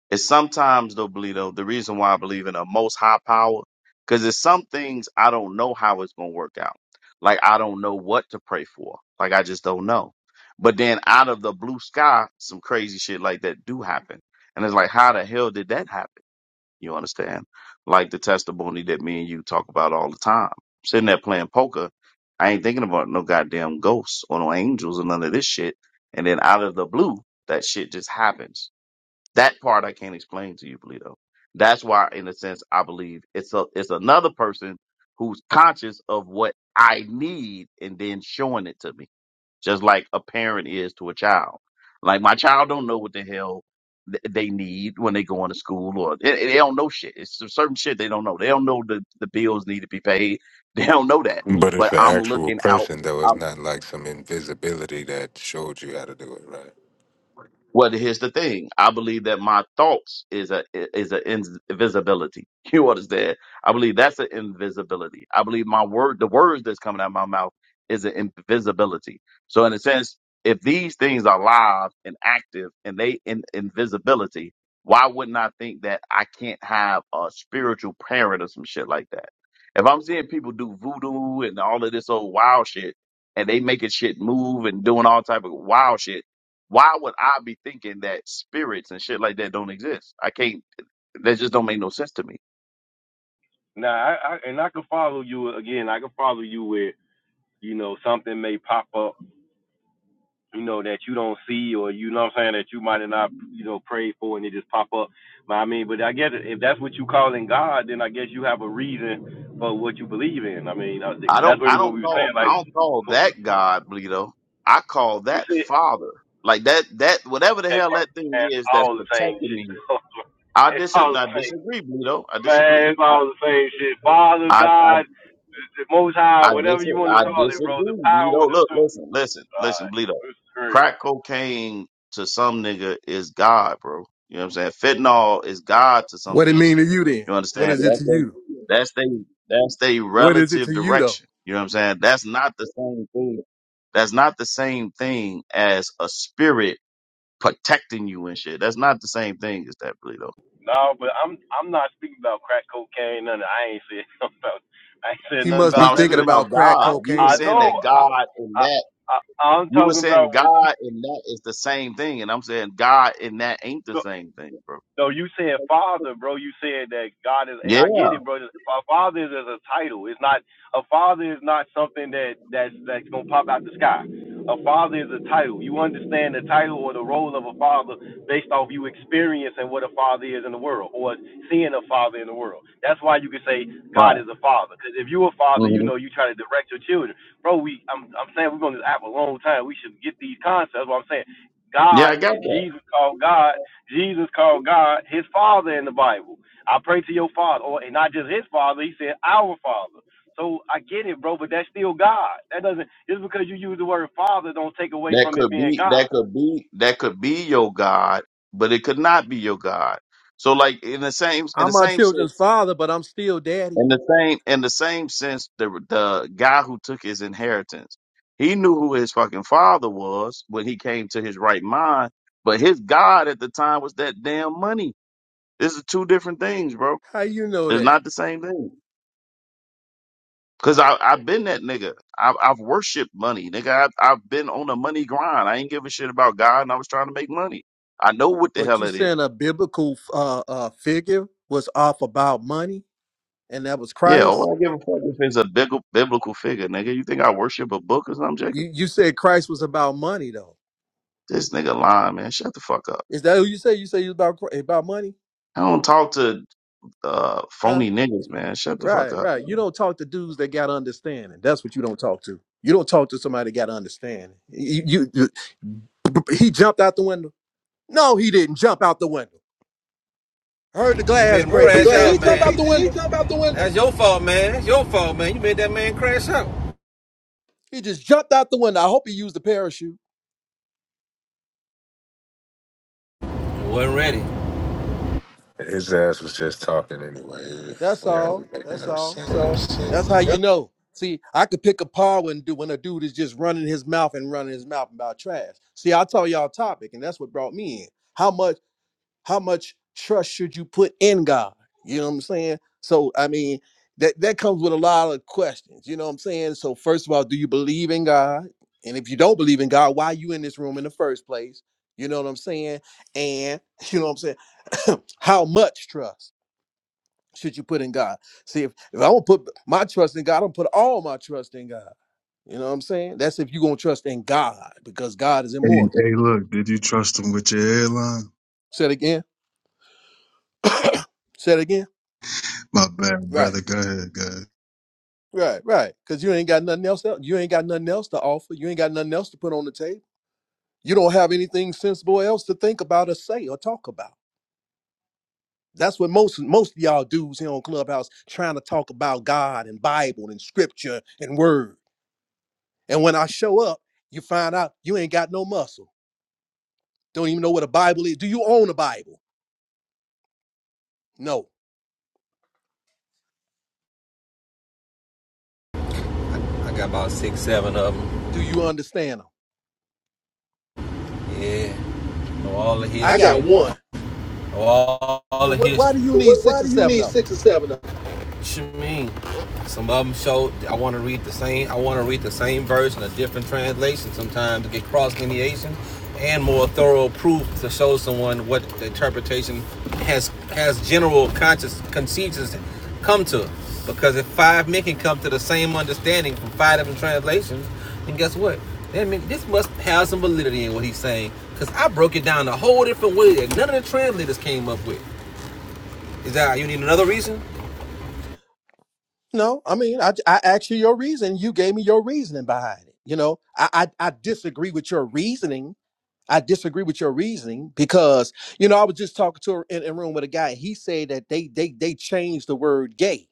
Speaker 5: It's sometimes though, Bleedo, the reason why I believe in a most high power, because there's some things I don't know how it's gonna work out. Like I don't know what to pray for. Like I just don't know. But then out of the blue sky, some crazy shit like that do happen. And it's like, how the hell did that happen? You understand? Like the testimony that me and you talk about all the time. Sitting there playing poker, I ain't thinking about no goddamn ghosts or no angels or none of this shit. And then out of the blue, that shit just happens. That part I can't explain to you, Polito. That's why, in a sense, I believe it's a it's another person who's conscious of what I need and then showing it to me, just like a parent is to a child. Like my child don't know what the hell th- they need when they go into school, or they, they don't know shit. It's some certain shit they don't know. They don't know the the bills need to be paid. They don't know that.
Speaker 1: But it's
Speaker 5: But
Speaker 1: an
Speaker 5: I'm
Speaker 1: actual
Speaker 5: looking out.
Speaker 1: person, though. It's not like some invisibility that showed you how to do it, right?
Speaker 5: Well, here's the thing. I believe that my thoughts is a is an invisibility. You understand? I believe that's an invisibility. I believe my word, the words that's coming out of my mouth, is an invisibility. So, in a sense, if these things are live and active and they in invisibility, why wouldn't I think that I can't have a spiritual parent or some shit like that? If I'm seeing people do voodoo and all of this old wild shit, and they making shit move and doing all type of wild shit why would I be thinking that spirits and shit like that don't exist? I can't. That just don't make no sense to me. I don't. I don't call. I don't call that God, Bleedo. I call that Father. Like that. That whatever the hell that thing is that's protecting me. I dis. I disagree, Bleedo. I disagree. I, I, I I dis I disagree, Bleedo. Look, listen, listen, listen, Bleedo. Crack cocaine to some nigga is God, bro. You know what I'm saying? Fentanyl is God to some
Speaker 7: What it
Speaker 5: people.
Speaker 7: mean to you then?
Speaker 5: You
Speaker 7: What
Speaker 5: understand?
Speaker 7: is it to
Speaker 5: That's
Speaker 7: you?
Speaker 5: they that's they that's they
Speaker 7: What is it
Speaker 5: relative
Speaker 7: to you though?
Speaker 5: direction. You know what I'm saying? That's not the same thing. That's not the same thing as a spirit protecting you and shit. That's not the same thing as that, Bleedo.
Speaker 7: He must
Speaker 5: No,
Speaker 7: be
Speaker 5: I was
Speaker 7: thinking
Speaker 5: speaking
Speaker 7: about
Speaker 5: about
Speaker 7: crack
Speaker 5: God. You were
Speaker 7: cocaine or
Speaker 5: saying that
Speaker 7: something.
Speaker 5: God in that. You were saying God and that is the same thing, and I'm saying God and that ain't the same thing, bro. Yeah, right. hmm Yeah, I got that. That could be, that could be, that could be your God, but it could not be your God. So, like in the same, in
Speaker 7: I'm
Speaker 5: the
Speaker 7: my
Speaker 5: same
Speaker 7: children's
Speaker 5: sense,
Speaker 7: father, but I'm still daddy.
Speaker 5: in the same, in the same sense, the the guy who took his inheritance, he knew who his fucking father was when he came to his right mind, but his God at the time was that damn money. This is two different things, bro.
Speaker 7: How you know
Speaker 5: It's
Speaker 7: that?
Speaker 5: not the same thing. Cause I I've been that nigga. I've I've worshipped money, nigga. I've I've been on a money grind. I ain't give a shit about God, and I was trying to make money. I know what the
Speaker 7: But
Speaker 5: hell
Speaker 7: you
Speaker 5: it is.
Speaker 7: saying a biblical uh, uh, figure was off about money, and that was
Speaker 5: Yeah,
Speaker 7: Christ.
Speaker 5: all I give a fuck if it's a big biblical figure, nigga. You think I worship a book or something, Jacob?
Speaker 7: You you said Christ was about money though.
Speaker 5: This nigga lying, man. Shut the fuck up.
Speaker 7: Is that who you say? You say you about Chri- about money?
Speaker 5: I don't talk to uh
Speaker 7: Huh?
Speaker 5: phony niggas, man. Shut the fuck
Speaker 7: Right,
Speaker 5: up.
Speaker 7: right. You don't talk to dudes that got understanding. That's what you don't talk to. You don't talk to somebody that got understanding. You, you you- he jumped out the window. No, he didn't jump out the window. I Heard the
Speaker 3: You made
Speaker 7: glass
Speaker 3: him
Speaker 7: break.
Speaker 3: where
Speaker 7: He
Speaker 3: crash out,
Speaker 7: did he
Speaker 3: glass
Speaker 7: jump
Speaker 3: break?
Speaker 7: out
Speaker 3: man.
Speaker 7: the
Speaker 3: He, he
Speaker 7: window?
Speaker 3: jump out the window? That's your fault, man. That's your fault, man. You made that man crash out.
Speaker 7: He just jumped out the window. I hope he used a parachute.
Speaker 3: You wasn't ready.
Speaker 1: His ass was just talking anyway.
Speaker 7: That's
Speaker 1: Yeah, I was
Speaker 7: all.
Speaker 1: making
Speaker 7: That's
Speaker 1: up
Speaker 7: all.
Speaker 1: something.
Speaker 7: That's how you know. See, I could pick apart when do when a dude is just running his mouth and running his mouth about trash. See, I told y'all topic, and that's what brought me in. How much? How much trust should you put in God? You know what I'm saying? So I mean, that that comes with a lot of questions. You know what I'm saying? So first of all, do you believe in God? And if you don't believe in God, why are you in this room in the first place? You know what I'm saying? And you know what I'm saying? How much trust should you put in God? See, if, if I'm gonna put my trust in God, I'm gonna put all my trust in God. You know what I'm saying? That's if you're gonna trust in God because God is
Speaker 6: Hey,
Speaker 7: immortal.
Speaker 6: hey, look, did you trust him with your hairline?
Speaker 7: Say it again. Say it again.
Speaker 6: My bad,
Speaker 7: Right.
Speaker 6: brother. Go ahead, go ahead.
Speaker 7: Right, right. Because you ain't got nothing else. To, you ain't got nothing else to offer. You ain't got nothing else to put on the table. You don't have anything sensible else to think about or say or talk about. That's what most most of y'all dudes here on Clubhouse trying to talk about God and Bible and Scripture and Word. And when I show up, you find out you ain't got no muscle. Don't even know what a Bible is. Do you own a Bible? No.
Speaker 3: I got about six, seven of them.
Speaker 7: Do you understand them?
Speaker 3: Yeah. Know all the I
Speaker 7: I
Speaker 3: history.
Speaker 7: got
Speaker 3: got one.
Speaker 7: one.
Speaker 3: all,
Speaker 7: So
Speaker 3: the
Speaker 7: what,
Speaker 3: history.
Speaker 7: why do you
Speaker 3: So
Speaker 7: need
Speaker 3: what,
Speaker 7: six
Speaker 3: why
Speaker 7: or
Speaker 3: do you
Speaker 7: seven
Speaker 3: need
Speaker 7: of them?
Speaker 3: six or seven? What you mean? Some of them show I want to read the same. I want to read the same verse in a different translation sometimes to get cross lineation and more thorough proof to show someone what the interpretation has has general conscious consensus come to. Because if five men can come to the same understanding from five different translations, then guess what? That mean this must have some validity in what he's saying. Because I broke it down a whole different way that none of the translators came up with. Is that you need another reason?
Speaker 7: No, I mean, I, I asked you your reason. You gave me your reasoning behind it. You know, I, I, I disagree with your reasoning. I disagree with your reasoning because, you know, I was just talking to her in a room with a guy. He said that they, they, they changed the word gay.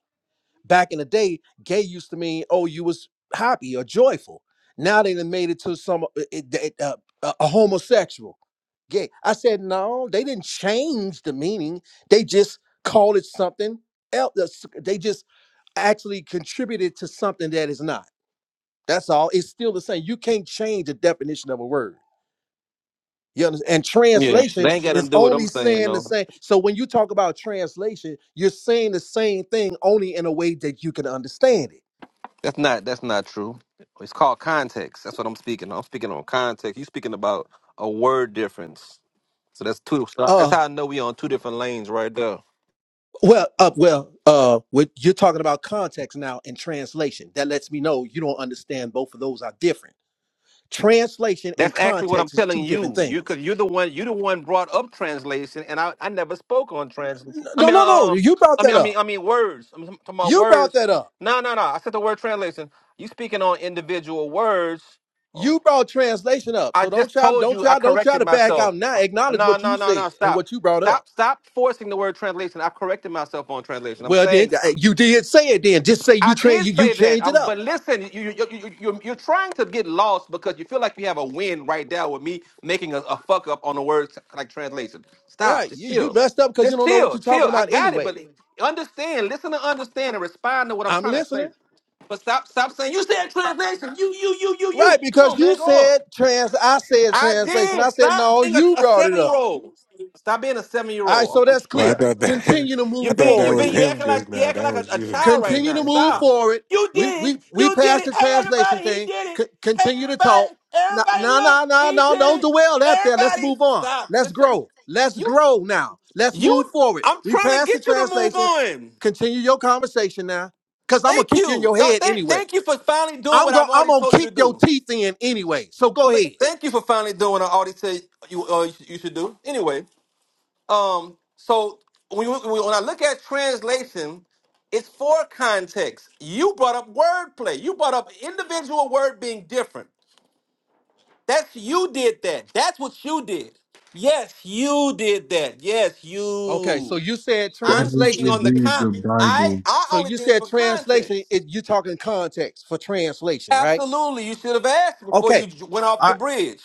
Speaker 7: Back in the day, gay used to mean, oh, you was happy or joyful. Now they done made it to some, uh, it, it, uh, a a homosexual gay. I said, no, they didn't change the meaning. They just called it something else. They just actually contributed to something that is not. That's all. It's still the same. You can't change the definition of a word. You understand? And translation is only saying the same. So when you talk about translation, you're saying the same thing only in a way that you can understand it.
Speaker 3: That's not that's not true. It's called context. That's what I'm speaking. on. I'm speaking on context. You speaking about a word difference. So that's two. so That's
Speaker 7: Uh
Speaker 3: how I know we on two different lanes right there.
Speaker 7: well, uh, well, uh, with, you're talking about context now and translation. That lets me know you don't understand both of those are different. Translation
Speaker 3: That's
Speaker 7: and
Speaker 3: actually what I'm
Speaker 7: context is
Speaker 3: telling
Speaker 7: two different
Speaker 3: you. You
Speaker 7: things.
Speaker 3: cause you're the one you the one brought up translation, and I, I never spoke on translation. I
Speaker 7: No,
Speaker 3: mean uh,
Speaker 7: no, no.
Speaker 3: um
Speaker 7: You brought
Speaker 3: I mean
Speaker 7: that
Speaker 3: I mean
Speaker 7: up.
Speaker 3: I mean words. I mean I'm talking about
Speaker 7: You brought
Speaker 3: words.
Speaker 7: that up.
Speaker 3: No no no. I said the word translation. You speaking on individual words. Hold on.
Speaker 7: You brought translation up,
Speaker 3: I
Speaker 7: so don't
Speaker 3: just
Speaker 7: try,
Speaker 3: told
Speaker 7: don't
Speaker 3: you I
Speaker 7: try, don't try
Speaker 3: corrected
Speaker 7: to back
Speaker 3: myself.
Speaker 7: out now.
Speaker 3: Uh,
Speaker 7: Acknowledge
Speaker 3: No,
Speaker 7: what
Speaker 3: no,
Speaker 7: you
Speaker 3: no,
Speaker 7: said
Speaker 3: no.
Speaker 7: and
Speaker 3: Stop.
Speaker 7: what you brought up.
Speaker 3: Stop. Stop forcing the word translation. I corrected myself on translation. I'm
Speaker 7: Well, then
Speaker 3: saying
Speaker 7: uh, you did say it. Then just say you
Speaker 3: I
Speaker 7: train, you
Speaker 3: did
Speaker 7: you
Speaker 3: say that.
Speaker 7: change it
Speaker 3: Um,
Speaker 7: up,
Speaker 3: but listen, you, you, you, you, you're, you're trying to get lost because you feel like you have a win right now with me making a, a fuck up on the word like translation. Stop.
Speaker 7: right?
Speaker 3: Just
Speaker 7: You you
Speaker 3: chill.
Speaker 7: messed up because you
Speaker 3: Just
Speaker 7: don't know what
Speaker 3: chill.
Speaker 7: you're
Speaker 3: Chill.
Speaker 7: talking
Speaker 3: I
Speaker 7: about
Speaker 3: got it.
Speaker 7: anyway.
Speaker 3: But understand. Listen to understand and respond to what I'm
Speaker 7: I'm
Speaker 3: trying to say.
Speaker 7: listening,
Speaker 3: But stop. Stop saying you said translation. You, you, you, you,
Speaker 7: right?
Speaker 3: you. Come
Speaker 7: Because
Speaker 3: on, man.
Speaker 7: you
Speaker 3: Grow up.
Speaker 7: said trans, I said
Speaker 3: I
Speaker 7: translation. I
Speaker 3: did.
Speaker 7: said
Speaker 3: Stop
Speaker 7: no,
Speaker 3: being a,
Speaker 7: you
Speaker 3: a
Speaker 7: brought it
Speaker 3: seven year
Speaker 7: up.
Speaker 3: old. Stop being a seven year
Speaker 7: All right,
Speaker 3: old.
Speaker 7: so
Speaker 3: I'm, I'm,
Speaker 7: that's
Speaker 1: Well, I
Speaker 7: clear.
Speaker 1: thought that
Speaker 7: Continue to
Speaker 3: you're
Speaker 1: I
Speaker 7: move
Speaker 1: thought
Speaker 3: being you're
Speaker 1: that
Speaker 7: forward
Speaker 1: was
Speaker 3: being you
Speaker 7: then.
Speaker 1: him
Speaker 3: acting
Speaker 1: just
Speaker 3: like you
Speaker 1: now.
Speaker 3: acting
Speaker 1: That
Speaker 3: like a,
Speaker 1: was
Speaker 3: a
Speaker 1: you.
Speaker 3: child right
Speaker 7: continue
Speaker 3: now.
Speaker 7: to move
Speaker 3: Stop.
Speaker 7: forward.
Speaker 3: You
Speaker 7: We
Speaker 3: did
Speaker 7: we
Speaker 3: it.
Speaker 7: we
Speaker 3: You did
Speaker 7: passed
Speaker 3: it.
Speaker 7: the
Speaker 3: Hey
Speaker 7: translation
Speaker 3: everybody, he
Speaker 7: thing.
Speaker 3: did it.
Speaker 7: C-
Speaker 3: Hey
Speaker 7: continue to talk.
Speaker 3: everybody,
Speaker 7: No,
Speaker 3: everybody
Speaker 7: no,
Speaker 3: look,
Speaker 7: no, no,
Speaker 3: he
Speaker 7: no.
Speaker 3: did
Speaker 7: Don't
Speaker 3: it.
Speaker 7: dwell that there. Let's
Speaker 3: Everybody,
Speaker 7: move on.
Speaker 3: stop.
Speaker 7: Let's
Speaker 3: Just say-
Speaker 7: grow. Let's
Speaker 3: you
Speaker 7: grow now. Let's
Speaker 3: you.
Speaker 7: move forward.
Speaker 3: I'm
Speaker 7: We
Speaker 3: trying to
Speaker 7: passed
Speaker 3: get
Speaker 7: the
Speaker 3: you to move
Speaker 7: translation.
Speaker 3: on.
Speaker 7: Continue your conversation now. Cause I'm gonna
Speaker 3: Thank
Speaker 7: kick you in
Speaker 3: you.
Speaker 7: your
Speaker 3: Th-
Speaker 7: head
Speaker 3: Thank,
Speaker 7: anyway.
Speaker 3: thank you for finally doing
Speaker 7: I'm
Speaker 3: what
Speaker 7: gonna
Speaker 3: I've
Speaker 7: I'm
Speaker 3: already
Speaker 7: gonna
Speaker 3: told you to
Speaker 7: kick your
Speaker 3: do.
Speaker 7: teeth in anyway. So go
Speaker 3: Th-
Speaker 7: ahead.
Speaker 3: Thank you for finally doing what I already said you uh, you should do. Anyway. Um, so when, you- when I look at translation, it's for context. You brought up wordplay. You brought up individual word being different. That's you did that. That's what you did. Yes, you did that. Yes,
Speaker 7: Okay, so
Speaker 3: you.
Speaker 7: you said
Speaker 6: Why
Speaker 3: I'm
Speaker 6: would
Speaker 3: speaking
Speaker 7: translation.
Speaker 6: you
Speaker 3: on the
Speaker 6: read
Speaker 3: con.
Speaker 6: the
Speaker 3: I
Speaker 6: Bible
Speaker 3: I
Speaker 7: So
Speaker 3: only
Speaker 7: you
Speaker 3: did it
Speaker 7: said
Speaker 3: for
Speaker 7: translation. It,
Speaker 3: context.
Speaker 7: you're talking context for translation, right?
Speaker 3: Absolutely, you should have asked before you
Speaker 7: Okay.
Speaker 3: j- went off the bridge.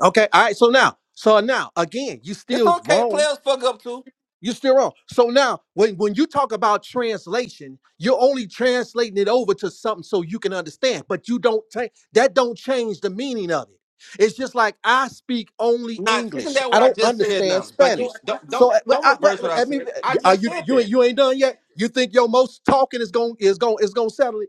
Speaker 7: Okay. All right. So now, so now again, you
Speaker 3: It's
Speaker 7: still
Speaker 3: okay.
Speaker 7: wrong.
Speaker 3: Players fuck up too.
Speaker 7: You're still wrong. So now, when, when you talk about translation, you're only translating it over to something so you can understand, but you don't take that don't change the meaning of it. It's just like I speak only
Speaker 3: Not isn't
Speaker 7: English.
Speaker 3: that what
Speaker 7: I
Speaker 3: I
Speaker 7: don't
Speaker 3: just said
Speaker 7: understand
Speaker 3: now? But
Speaker 7: Spanish.
Speaker 3: you don't don't
Speaker 7: So uh, but
Speaker 3: don't
Speaker 7: I, wait,
Speaker 3: reverse what
Speaker 7: wait,
Speaker 3: I
Speaker 7: let me.
Speaker 3: said. I
Speaker 7: Are
Speaker 3: just
Speaker 7: you
Speaker 3: said
Speaker 7: you ain't
Speaker 3: that.
Speaker 7: you ain't done yet? You think your most talking is going is going is going to settle it?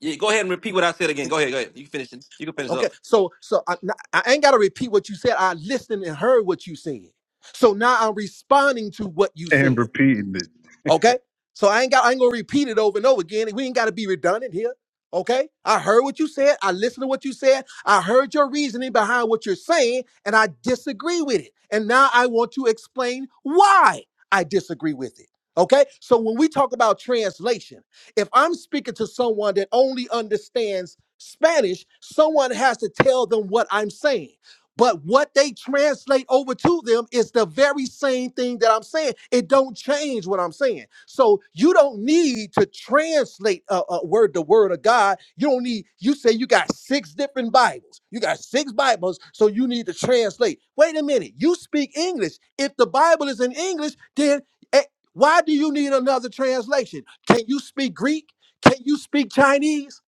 Speaker 3: Yeah, go ahead and repeat what I said again. Go ahead, go ahead. You can finish it. You can finish
Speaker 7: Okay,
Speaker 3: up.
Speaker 7: so so I I ain't got to repeat what you said. I listened and heard what you said. So now I'm responding to what you
Speaker 6: and
Speaker 7: said.
Speaker 6: repeating it?
Speaker 7: Okay. So I ain't got I ain't gonna repeat it over and over again. We ain't gotta be redundant here. Okay. I heard what you said. I listened to what you said. I heard your reasoning behind what you're saying, and I disagree with it. And now I want to explain why I disagree with it. Okay. So when we talk about translation, if I'm speaking to someone that only understands Spanish, someone has to tell them what I'm saying. But what they translate over to them is the very same thing that I'm saying. It don't change what I'm saying. So you don't need to translate a, a word the word of God. You don't need. You say you got six different Bibles. You got six Bibles, so you need to translate. Wait a minute. You speak English. If the Bible is in English, then eh, why do you need another translation? Can you speak Greek? Can you speak Chinese?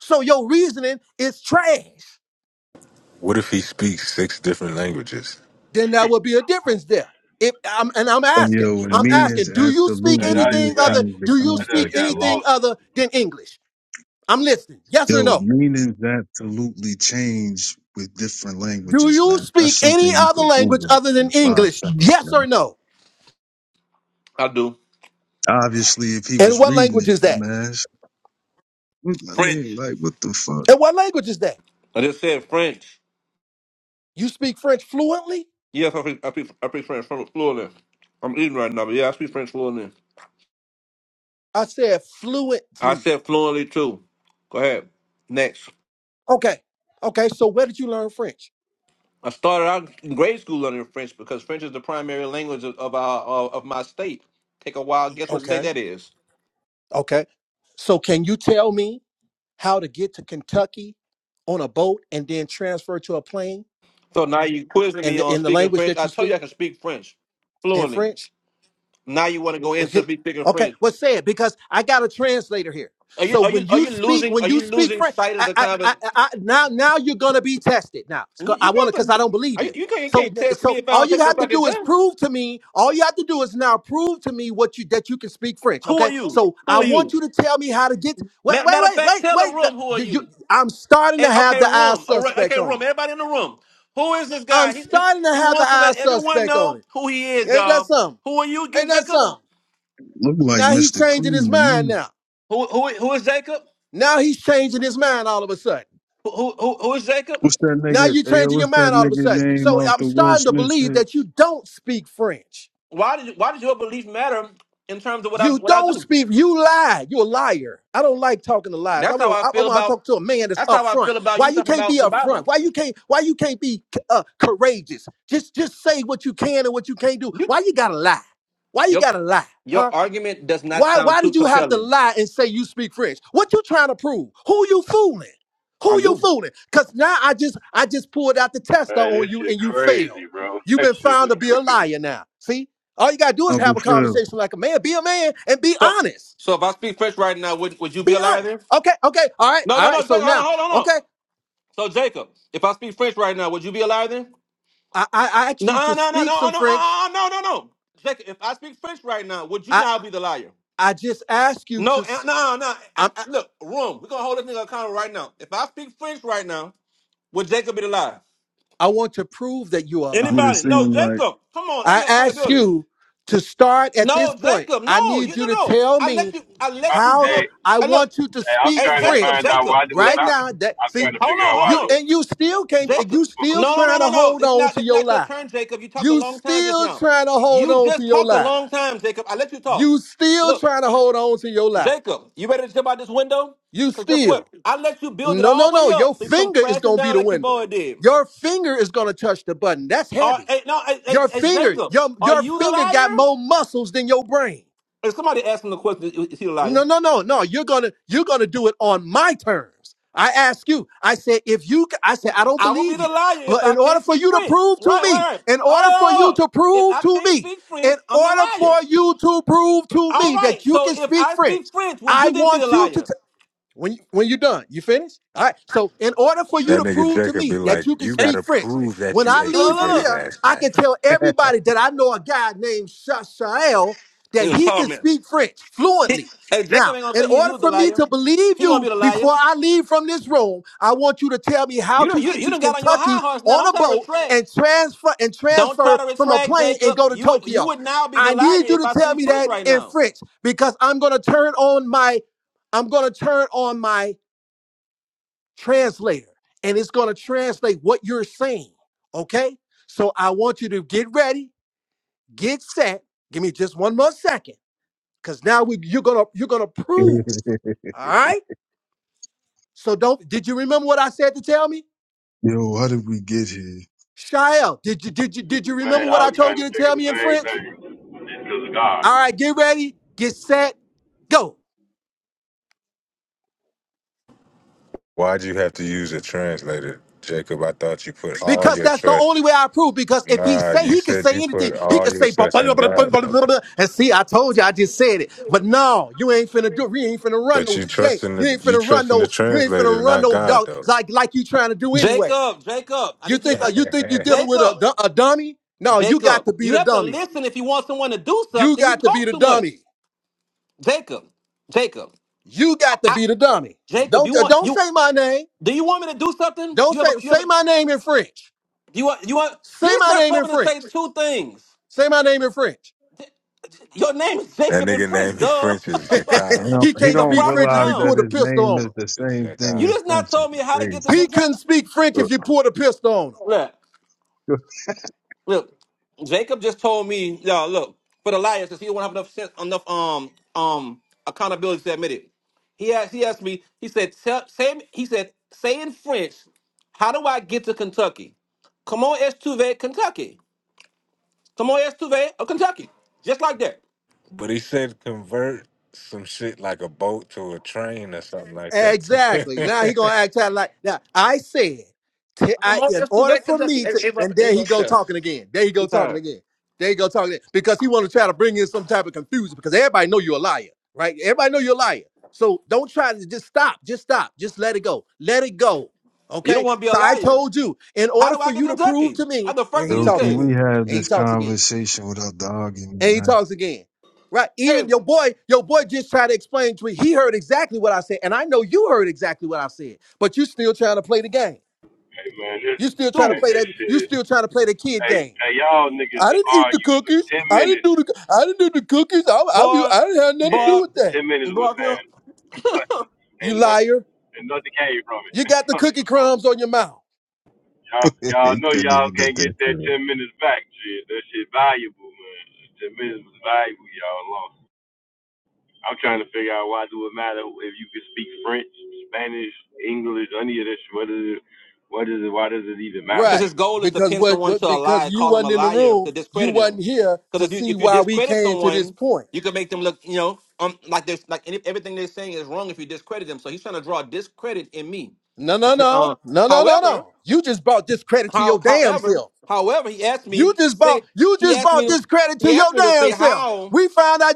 Speaker 7: So your reasoning is trash.
Speaker 1: What if he speaks six different languages?
Speaker 7: then there would be a difference there. If I'm and I'm
Speaker 6: Uh,
Speaker 7: asking,
Speaker 6: Yo, and
Speaker 7: I'm
Speaker 6: meanings
Speaker 7: asking, do you speak
Speaker 6: absolutely do
Speaker 7: anything other?
Speaker 6: change the
Speaker 7: Do you speak
Speaker 6: context, man.
Speaker 7: anything other than English? I'm listening. Yes or
Speaker 6: Yo,
Speaker 7: no?
Speaker 6: meanings absolutely change with different
Speaker 7: Do
Speaker 6: languages,
Speaker 7: you
Speaker 6: man. That's
Speaker 7: speak any
Speaker 6: something you
Speaker 7: other
Speaker 6: could
Speaker 7: language
Speaker 6: Google
Speaker 7: other than
Speaker 6: in five
Speaker 7: English?
Speaker 6: seconds,
Speaker 7: Yes
Speaker 6: man.
Speaker 7: or no?
Speaker 3: I do.
Speaker 6: Obviously, if he
Speaker 7: And
Speaker 6: was
Speaker 7: what
Speaker 6: reading
Speaker 7: language
Speaker 6: it,
Speaker 7: is that?
Speaker 6: dumbass. What, I mean,
Speaker 3: French.
Speaker 6: like, what the fuck?
Speaker 7: And what language is that?
Speaker 3: I just said French.
Speaker 7: You speak French fluently?
Speaker 3: Yes, I speak I speak, I speak French flu- fluently. I'm eating right now, but yeah, I speak French fluently.
Speaker 7: I said
Speaker 3: I
Speaker 7: fluently.
Speaker 3: said fluently too. Go ahead. Next.
Speaker 7: Okay. Okay. So where did you learn French?
Speaker 3: I started out in grade school learning French because French is the primary language of, of our of, of my state. Take a while. Guess what state
Speaker 7: Okay.
Speaker 3: that is?
Speaker 7: Okay. So can you tell me how to get to Kentucky on a boat and then transfer to a plane?
Speaker 3: So now you quizzing
Speaker 7: in
Speaker 3: me
Speaker 7: the,
Speaker 3: on
Speaker 7: in the
Speaker 3: speaking
Speaker 7: language
Speaker 3: French.
Speaker 7: that
Speaker 3: I
Speaker 7: you
Speaker 3: told
Speaker 7: speak
Speaker 3: you I can speak French
Speaker 7: in
Speaker 3: fluently.
Speaker 7: French?
Speaker 3: Now you want to go into
Speaker 7: Okay.
Speaker 3: speak- speaking
Speaker 7: Okay.
Speaker 3: French.
Speaker 7: Well, say it because I got a translator here.
Speaker 3: Are you
Speaker 7: So
Speaker 3: are
Speaker 7: when
Speaker 3: you are
Speaker 7: you
Speaker 3: you
Speaker 7: speak,
Speaker 3: losing
Speaker 7: when
Speaker 3: are
Speaker 7: you
Speaker 3: you
Speaker 7: speak
Speaker 3: losing
Speaker 7: French,
Speaker 3: sight of
Speaker 7: I,
Speaker 3: the
Speaker 7: I,
Speaker 3: convers?
Speaker 7: I, I now, now you're gonna be tested. Now, It's
Speaker 3: You
Speaker 7: go-
Speaker 3: you
Speaker 7: I want to
Speaker 3: don't
Speaker 7: because
Speaker 3: have
Speaker 7: I
Speaker 3: to,
Speaker 7: don't believe
Speaker 3: are you,
Speaker 7: you.
Speaker 3: you can't you
Speaker 7: So,
Speaker 3: can't test me
Speaker 7: so
Speaker 3: if I
Speaker 7: all
Speaker 3: don't
Speaker 7: you
Speaker 3: take the
Speaker 7: have to
Speaker 3: fucking
Speaker 7: do is
Speaker 3: test.
Speaker 7: prove to me. All you have to do is now prove to me what you that you can speak French.
Speaker 3: Who are
Speaker 7: Okay.
Speaker 3: you?
Speaker 7: So
Speaker 3: Who
Speaker 7: I
Speaker 3: are
Speaker 7: want
Speaker 3: you?
Speaker 7: you to tell me how to get. Wait,
Speaker 3: Ma-
Speaker 7: wait,
Speaker 3: Matter of
Speaker 7: wait,
Speaker 3: fact,
Speaker 7: wait,
Speaker 3: tell the
Speaker 7: wait. no,
Speaker 3: room who are
Speaker 7: You, you,
Speaker 3: you.
Speaker 7: I'm starting
Speaker 3: Eh,
Speaker 7: to have
Speaker 3: okay,
Speaker 7: the eye
Speaker 3: room. All right,
Speaker 7: suspect
Speaker 3: okay,
Speaker 7: on
Speaker 3: room.
Speaker 7: you.
Speaker 3: Everybody in the room. Who is this
Speaker 7: I'm
Speaker 3: guy? He, he,
Speaker 7: starting to
Speaker 3: he
Speaker 7: have the
Speaker 3: wants to
Speaker 7: eye
Speaker 3: let everyone
Speaker 7: suspect on
Speaker 3: know who he is,
Speaker 7: it. Ain't that
Speaker 3: y'all.
Speaker 7: something?
Speaker 3: Who are you again,
Speaker 7: Ain't that
Speaker 3: Jacob?
Speaker 7: something?
Speaker 6: Look like
Speaker 7: Now he's
Speaker 6: Mr.
Speaker 7: changing his
Speaker 6: Clean to
Speaker 7: mind
Speaker 6: me.
Speaker 7: now.
Speaker 3: Who who who is Jacob?
Speaker 7: Now he's changing his mind all of a sudden.
Speaker 3: who who who is Jacob?
Speaker 6: What's that
Speaker 7: Now
Speaker 6: nigga?
Speaker 7: you're
Speaker 6: Hey, yo,
Speaker 7: changing your
Speaker 6: what's that
Speaker 7: mind all of a
Speaker 6: nigga
Speaker 7: sudden.
Speaker 6: name
Speaker 7: So
Speaker 6: off
Speaker 7: I'm
Speaker 6: the Will
Speaker 7: starting to
Speaker 6: Smith
Speaker 7: believe
Speaker 6: shit?
Speaker 7: that you don't speak French.
Speaker 3: Why did why does your belief matter in terms of what I
Speaker 7: You
Speaker 3: what I
Speaker 7: don't
Speaker 3: do?
Speaker 7: speak. You lie. You're a liar. I don't like talking to lies. I
Speaker 3: That's how
Speaker 7: want.
Speaker 3: I
Speaker 7: I, I
Speaker 3: feel
Speaker 7: want to
Speaker 3: about
Speaker 7: talk to a man that's
Speaker 3: that's how I
Speaker 7: upfront.
Speaker 3: feel about
Speaker 7: Why
Speaker 3: you
Speaker 7: you
Speaker 3: talking
Speaker 7: can't
Speaker 3: about
Speaker 7: be
Speaker 3: the
Speaker 7: upfront?
Speaker 3: Bible.
Speaker 7: Why you can't? Why you can't be uh, courageous? Just, just say what you can and what you can't do.
Speaker 3: You
Speaker 7: Why you gotta lie? Why you
Speaker 3: your
Speaker 7: gotta lie?
Speaker 3: your
Speaker 7: Huh?
Speaker 3: argument does not
Speaker 7: Why
Speaker 3: sound
Speaker 7: why
Speaker 3: too
Speaker 7: did you have to
Speaker 3: compelling.
Speaker 7: lie and say you speak French? What you trying to prove? Who you fooling?
Speaker 3: I
Speaker 7: Who you
Speaker 3: do.
Speaker 7: fooling? Cause now I just I just pulled out the tester on you and you failed. You've been found to be a liar now. See? All you gotta do is
Speaker 6: Uncle
Speaker 7: have a
Speaker 6: Phil.
Speaker 7: conversation like a man, be a man and be
Speaker 3: So
Speaker 7: honest.
Speaker 3: so if I speak French right now, would would you be a
Speaker 7: Be
Speaker 3: liar
Speaker 7: honest.
Speaker 3: then?
Speaker 7: Okay, okay, all right,
Speaker 3: No,
Speaker 7: all
Speaker 3: no, no,
Speaker 7: right. So
Speaker 3: Jacob, hold on,
Speaker 7: now,
Speaker 3: hold on, hold on.
Speaker 7: okay,
Speaker 3: So Jacob, if I speak French right now, would you be a liar then?
Speaker 7: I, I, I asked
Speaker 3: No,
Speaker 7: you
Speaker 3: no,
Speaker 7: to
Speaker 3: no, no,
Speaker 7: speak
Speaker 3: no,
Speaker 7: some
Speaker 3: no,
Speaker 7: French.
Speaker 3: uh, uh, no, no, no. Jacob, if I speak French right now, would you
Speaker 7: I
Speaker 3: now be the liar?
Speaker 7: I just asked you
Speaker 3: No,
Speaker 7: to
Speaker 3: uh,
Speaker 7: s-
Speaker 3: no, no. I,
Speaker 7: I'm,
Speaker 3: I, look, room. We're gonna hold this nigga accountable right now. If I speak French right now. Would Jacob be the lie?
Speaker 7: I want to prove that you are a
Speaker 6: That's what
Speaker 7: liar.
Speaker 6: it
Speaker 3: Anybody? No,
Speaker 6: seemed like.
Speaker 3: Jacob. Come on, let's
Speaker 7: I
Speaker 3: have
Speaker 7: ask
Speaker 3: accountability.
Speaker 7: you to start at this
Speaker 3: No,
Speaker 7: point.
Speaker 3: Jacob.
Speaker 7: I
Speaker 3: No,
Speaker 7: need
Speaker 3: you
Speaker 7: you
Speaker 3: no
Speaker 7: to
Speaker 3: no.
Speaker 7: tell
Speaker 3: I let
Speaker 7: me
Speaker 3: you. I let you
Speaker 7: how to,
Speaker 3: build.
Speaker 7: I
Speaker 3: I look.
Speaker 7: want you to speak
Speaker 3: Hey,
Speaker 7: French
Speaker 3: Jacob. Jacob.
Speaker 7: right
Speaker 3: Jacob.
Speaker 7: now. That see
Speaker 3: Hold on.
Speaker 7: you
Speaker 3: Hold on.
Speaker 7: and you still can't. and
Speaker 3: Jacob.
Speaker 7: You still
Speaker 3: No no no
Speaker 7: trying
Speaker 3: no
Speaker 7: to
Speaker 3: no.
Speaker 7: hold
Speaker 3: It's
Speaker 7: on
Speaker 3: not.
Speaker 7: to
Speaker 3: It's
Speaker 7: your
Speaker 3: not your
Speaker 7: lie.
Speaker 3: turn, Jacob. You talked a
Speaker 7: You
Speaker 3: long time just
Speaker 7: still
Speaker 3: now.
Speaker 7: trying to hold
Speaker 3: You
Speaker 7: on to
Speaker 3: just
Speaker 7: your
Speaker 3: talked a
Speaker 7: lie.
Speaker 3: long time, Jacob. I let you talk.
Speaker 7: You still
Speaker 3: Look,
Speaker 7: trying to hold on to your lie.
Speaker 3: Jacob. You ready to jump out this window?
Speaker 7: You
Speaker 3: Cause guess what?
Speaker 7: still
Speaker 3: I let you build it
Speaker 7: no
Speaker 3: all
Speaker 7: no
Speaker 3: the way
Speaker 7: no. Your
Speaker 3: up, so you come
Speaker 7: finger is
Speaker 3: crashing
Speaker 7: gonna be
Speaker 3: down
Speaker 7: the
Speaker 3: like your
Speaker 7: window.
Speaker 3: boy did.
Speaker 7: Your finger is gonna touch the button. That's
Speaker 3: Are,
Speaker 7: heavy.
Speaker 3: hey, no, hey, hey,
Speaker 7: Your
Speaker 3: hey,
Speaker 7: finger,
Speaker 3: Jacob,
Speaker 7: your
Speaker 3: are
Speaker 7: your
Speaker 3: you the
Speaker 7: finger got
Speaker 3: liar?
Speaker 7: more muscles than your brain.
Speaker 3: If somebody asked him the question, is is he a liar?
Speaker 7: No, no, no, no. You're gonna you're gonna do it on my terms. I ask you. I said, if you, I said, I don't
Speaker 3: I would be
Speaker 7: believe
Speaker 3: the
Speaker 7: you.
Speaker 3: liar if
Speaker 7: But
Speaker 3: I
Speaker 7: in order
Speaker 3: can't
Speaker 7: for
Speaker 3: speak
Speaker 7: you to
Speaker 3: French.
Speaker 7: prove to
Speaker 3: Right,
Speaker 7: me,
Speaker 3: right, right.
Speaker 7: in
Speaker 3: All
Speaker 7: order for
Speaker 3: right, hold up.
Speaker 7: you to
Speaker 3: If
Speaker 7: prove
Speaker 3: I
Speaker 7: to
Speaker 3: can't
Speaker 7: me,
Speaker 3: speak
Speaker 7: in
Speaker 3: French, I'm the
Speaker 7: order for
Speaker 3: liar.
Speaker 7: you to prove to
Speaker 3: All
Speaker 7: me
Speaker 3: right.
Speaker 7: that you
Speaker 3: So
Speaker 7: can
Speaker 3: if
Speaker 7: speak
Speaker 3: I speak
Speaker 7: French,
Speaker 3: French, would
Speaker 7: I
Speaker 3: you then be the
Speaker 7: want you to
Speaker 3: liar?
Speaker 7: when you, when you're done, you finished? All right. So in order for you
Speaker 1: That
Speaker 7: to
Speaker 1: nigga
Speaker 7: prove to
Speaker 1: Jacob be
Speaker 7: me that
Speaker 1: like,
Speaker 7: you can
Speaker 1: "You
Speaker 3: Eh,
Speaker 7: speak
Speaker 1: gotta
Speaker 7: French,
Speaker 1: prove that
Speaker 7: when
Speaker 1: you
Speaker 7: I
Speaker 1: ate
Speaker 3: Look, look,
Speaker 7: leave from
Speaker 3: look.
Speaker 1: spaghetti
Speaker 3: look.
Speaker 7: here,
Speaker 1: last
Speaker 7: I can
Speaker 1: night."
Speaker 7: tell everybody that I know a guy named Shashael that
Speaker 3: In the
Speaker 7: he can
Speaker 3: comments.
Speaker 7: speak French
Speaker 3: He-
Speaker 7: fluently.
Speaker 3: Hey, Jacob
Speaker 7: Now,
Speaker 3: ain't gonna
Speaker 7: in
Speaker 3: say he, he
Speaker 7: order
Speaker 3: was the
Speaker 7: for me
Speaker 3: liar.
Speaker 7: to believe
Speaker 3: He gonna be
Speaker 7: you
Speaker 3: the liar.
Speaker 7: before I leave from this room, I want you to tell me how
Speaker 3: You don't
Speaker 7: to
Speaker 3: you,
Speaker 7: get
Speaker 3: you
Speaker 7: to
Speaker 3: done got on your high
Speaker 7: Kentucky
Speaker 3: horse now.
Speaker 7: on
Speaker 3: Don't
Speaker 7: a
Speaker 3: try to
Speaker 7: boat
Speaker 3: retract.
Speaker 7: and transfer and
Speaker 3: Don't try
Speaker 7: transfer
Speaker 3: to
Speaker 7: from a
Speaker 3: retract,
Speaker 7: plane and
Speaker 3: Jacob.
Speaker 7: go to
Speaker 3: You would you
Speaker 7: Tokyo.
Speaker 3: would now be the
Speaker 7: I
Speaker 3: liar
Speaker 7: need you
Speaker 3: if
Speaker 7: to
Speaker 3: I
Speaker 7: tell
Speaker 3: speak
Speaker 7: me
Speaker 3: French
Speaker 7: that
Speaker 3: right
Speaker 7: in
Speaker 3: now.
Speaker 7: French because I'm going to turn on my I'm going to turn on my translator and it's going to translate what you're saying. Okay. So I want you to get ready, get set. Give me just one more second because now we, you're going to, you're going to prove. All right. So don't, did you remember what I said to tell me?
Speaker 6: yo, how did we get here?
Speaker 7: Shael, did you, did you, did you remember what I told you to tell me in French? All right. Get ready, get set, go.
Speaker 1: Why'd you have to use a translator, Jacob? I thought you put all
Speaker 7: Because
Speaker 1: your
Speaker 7: that's the only way
Speaker 1: trust.
Speaker 7: I prove. Because if he
Speaker 1: Nah,
Speaker 7: say
Speaker 1: you
Speaker 7: he could
Speaker 1: said you
Speaker 7: say anything,
Speaker 1: put
Speaker 7: he
Speaker 1: all
Speaker 7: could
Speaker 1: your
Speaker 7: say blah,
Speaker 1: trust
Speaker 7: blah, blah,
Speaker 1: in
Speaker 7: blah, blah,
Speaker 1: God,
Speaker 7: blah,
Speaker 1: bro.
Speaker 7: blah, blah. and see, I told you, I just said it. But no, you ain't finna do. You ain't finna run
Speaker 1: But
Speaker 7: no
Speaker 1: you
Speaker 7: today.
Speaker 1: trust in
Speaker 7: You
Speaker 1: the
Speaker 7: ain't
Speaker 1: you
Speaker 7: finna run
Speaker 1: trust in the
Speaker 7: no. You ain't
Speaker 1: translator,
Speaker 7: finna run
Speaker 1: not
Speaker 7: no
Speaker 1: God,
Speaker 7: dog
Speaker 1: though.
Speaker 7: It's like like you trying to do anyway.
Speaker 3: Jacob, Jacob, I
Speaker 7: You
Speaker 3: need you
Speaker 7: think
Speaker 3: to
Speaker 7: uh,
Speaker 3: I,
Speaker 7: you think you dealing with a
Speaker 3: Jacob.
Speaker 7: du- a dummy? No, you got
Speaker 3: Jacob,
Speaker 7: to be
Speaker 3: you
Speaker 7: the
Speaker 3: have to
Speaker 7: dummy one.
Speaker 3: listen if you want someone to do
Speaker 7: You
Speaker 3: something. You
Speaker 7: got to be
Speaker 3: talk
Speaker 7: the
Speaker 3: too much.
Speaker 7: dummy.
Speaker 3: Jacob, Jacob,
Speaker 7: You got to
Speaker 3: I,
Speaker 7: be the dummy.
Speaker 3: Jacob,
Speaker 7: Don't
Speaker 3: you
Speaker 7: uh,
Speaker 3: want
Speaker 7: don't
Speaker 3: you?
Speaker 7: say my name.
Speaker 3: Do you want me to do something? You
Speaker 7: Don't
Speaker 3: have a
Speaker 7: say
Speaker 3: you have
Speaker 7: say
Speaker 3: a
Speaker 7: my name in French.
Speaker 3: you want you want you
Speaker 7: Say
Speaker 3: just
Speaker 7: my
Speaker 3: not
Speaker 7: name
Speaker 3: told
Speaker 7: in
Speaker 3: me to say
Speaker 7: French.
Speaker 3: two things.
Speaker 7: Say my name in French.
Speaker 3: Your name is
Speaker 1: That
Speaker 3: Jacob in
Speaker 1: nigga
Speaker 3: French,
Speaker 1: named me
Speaker 3: duh.
Speaker 1: French is
Speaker 6: You
Speaker 1: Jacob.
Speaker 6: know,
Speaker 7: he
Speaker 6: he
Speaker 3: it's
Speaker 7: can't
Speaker 3: a
Speaker 6: don't
Speaker 7: speak
Speaker 3: proper
Speaker 7: French if
Speaker 6: realize
Speaker 7: you
Speaker 6: that
Speaker 7: pull a
Speaker 3: noun.
Speaker 6: his
Speaker 7: pistol
Speaker 6: name
Speaker 7: on
Speaker 6: is
Speaker 7: him.
Speaker 6: the
Speaker 1: It's
Speaker 6: same thing
Speaker 3: You
Speaker 1: Zakat.
Speaker 6: in
Speaker 3: just
Speaker 6: French.
Speaker 3: not
Speaker 6: It's
Speaker 3: told me how to get to
Speaker 6: crazy.
Speaker 7: He couldn't
Speaker 3: Kentucky.
Speaker 7: speak French if you pulled a pistol on him.
Speaker 3: Look, Jacob just told me, y'all. Look, for the liars, because he don't have enough sense, enough um um accountability to admit it. He asked, he asked me. He said, tell, say, he said, say in French, how do I get to Kentucky? Comment est-tu Kentucky? Comment est-tu of Kentucky? Just like that.
Speaker 1: But he said convert some shit like a boat to a train or something like
Speaker 7: Exactly. Now he
Speaker 1: that.
Speaker 7: gonna act out like now. I said, t- I
Speaker 3: Comment
Speaker 7: in
Speaker 3: est-tu
Speaker 7: order for
Speaker 3: Kentucky?
Speaker 7: me to,
Speaker 3: Everybody,
Speaker 7: and there he
Speaker 3: everybody
Speaker 7: go
Speaker 3: says.
Speaker 7: talking again. There he
Speaker 3: Too
Speaker 7: go talking
Speaker 3: tired.
Speaker 7: again. There he go talking again. because he want to try to bring in some type of confusion because everybody know you're a liar, right? Everybody know you're a liar. So don't try to just stop. Just stop. Just let it go. Let it go.
Speaker 3: You don't
Speaker 7: Okay.
Speaker 3: want to be a
Speaker 7: So I
Speaker 3: liar.
Speaker 7: told you, in
Speaker 3: How
Speaker 7: order
Speaker 3: do I
Speaker 7: for
Speaker 3: get
Speaker 7: you
Speaker 3: to
Speaker 7: to prove
Speaker 3: Kentucky?
Speaker 7: to
Speaker 3: That's
Speaker 7: me,
Speaker 3: the first
Speaker 7: and
Speaker 3: thing
Speaker 7: he
Speaker 6: Yo,
Speaker 3: you
Speaker 7: talks
Speaker 6: can
Speaker 3: said.
Speaker 7: again,
Speaker 6: we have
Speaker 7: and he
Speaker 6: this
Speaker 7: talks again
Speaker 6: conversation without the argument,
Speaker 7: and he
Speaker 6: man?
Speaker 7: talks again. Right?
Speaker 3: Hey,
Speaker 7: Even your boy, your boy just tried to explain to me. He heard exactly what I said, and I know you heard exactly what I said. But you still trying to play the game. You still trying to
Speaker 3: dude,
Speaker 7: play that. You still trying to play the kid game. I didn't eat the cookies. I didn't do the. I didn't do the cookies. I, I,
Speaker 3: boy,
Speaker 7: I didn't have nothing to
Speaker 3: boy,
Speaker 7: do with that.
Speaker 3: boy.
Speaker 7: You liar. You got the cookie crumbs on your mouth.
Speaker 6: he couldn't even get that. through.
Speaker 3: Because
Speaker 7: Right.
Speaker 3: his goal is to
Speaker 7: Because
Speaker 3: pin
Speaker 7: what?
Speaker 3: someone to
Speaker 7: what
Speaker 3: a
Speaker 7: because
Speaker 3: lie,
Speaker 7: you
Speaker 3: call them a
Speaker 7: wasn't in the
Speaker 3: liar,
Speaker 7: room.
Speaker 3: to
Speaker 7: You
Speaker 3: discredit him.
Speaker 7: wasn't here
Speaker 3: Because
Speaker 7: to
Speaker 3: if you
Speaker 7: see
Speaker 3: if you
Speaker 7: why we
Speaker 3: discredit
Speaker 7: came to this
Speaker 3: someone,
Speaker 7: point.
Speaker 3: you can make them look, you know, um, like there's like any, everything they're saying is wrong if you discredit them. So he's trying to draw discredit in me.
Speaker 7: No,
Speaker 3: To-
Speaker 7: no,
Speaker 3: to-
Speaker 7: no,
Speaker 3: uh,
Speaker 7: no, no, no,
Speaker 3: however,
Speaker 7: no. You just brought discredit to
Speaker 3: how
Speaker 7: your damn
Speaker 3: however,
Speaker 7: self.
Speaker 3: however, he asked
Speaker 7: You
Speaker 3: me
Speaker 7: just
Speaker 3: say
Speaker 7: bought. You
Speaker 3: he
Speaker 7: just
Speaker 3: asked me
Speaker 7: bought
Speaker 3: to
Speaker 7: discredit
Speaker 3: he
Speaker 7: to
Speaker 3: asked
Speaker 7: your
Speaker 3: me to say
Speaker 7: damn self.
Speaker 3: how
Speaker 7: We found out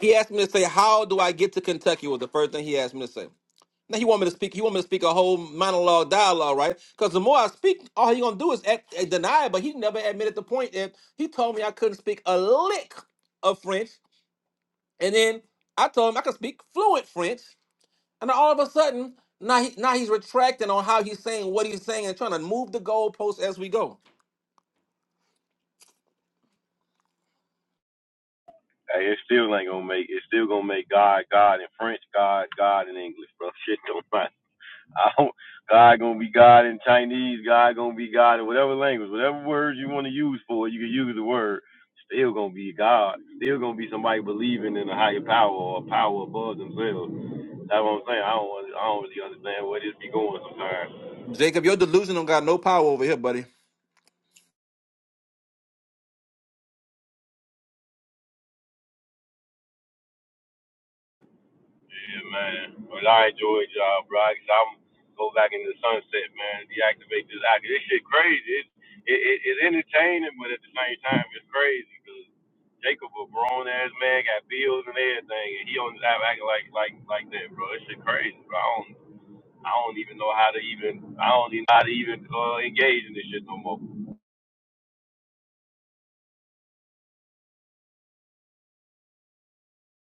Speaker 3: he asked me to say how do I get to Kentucky was the first thing he asked me to say. Now he want me to speak. He want me to speak a whole monologue, dialogue, right? Because the more I speak, all he gonna do is act, uh, deny it. But he never admitted the point that he told me I couldn't speak a lick of French, and then I told him I could speak fluent French, and then all of a sudden now he, now he's retracting on how he's saying what he's saying and trying to move the goalposts as we go. Jacob, your delusion don't got no power over here, buddy.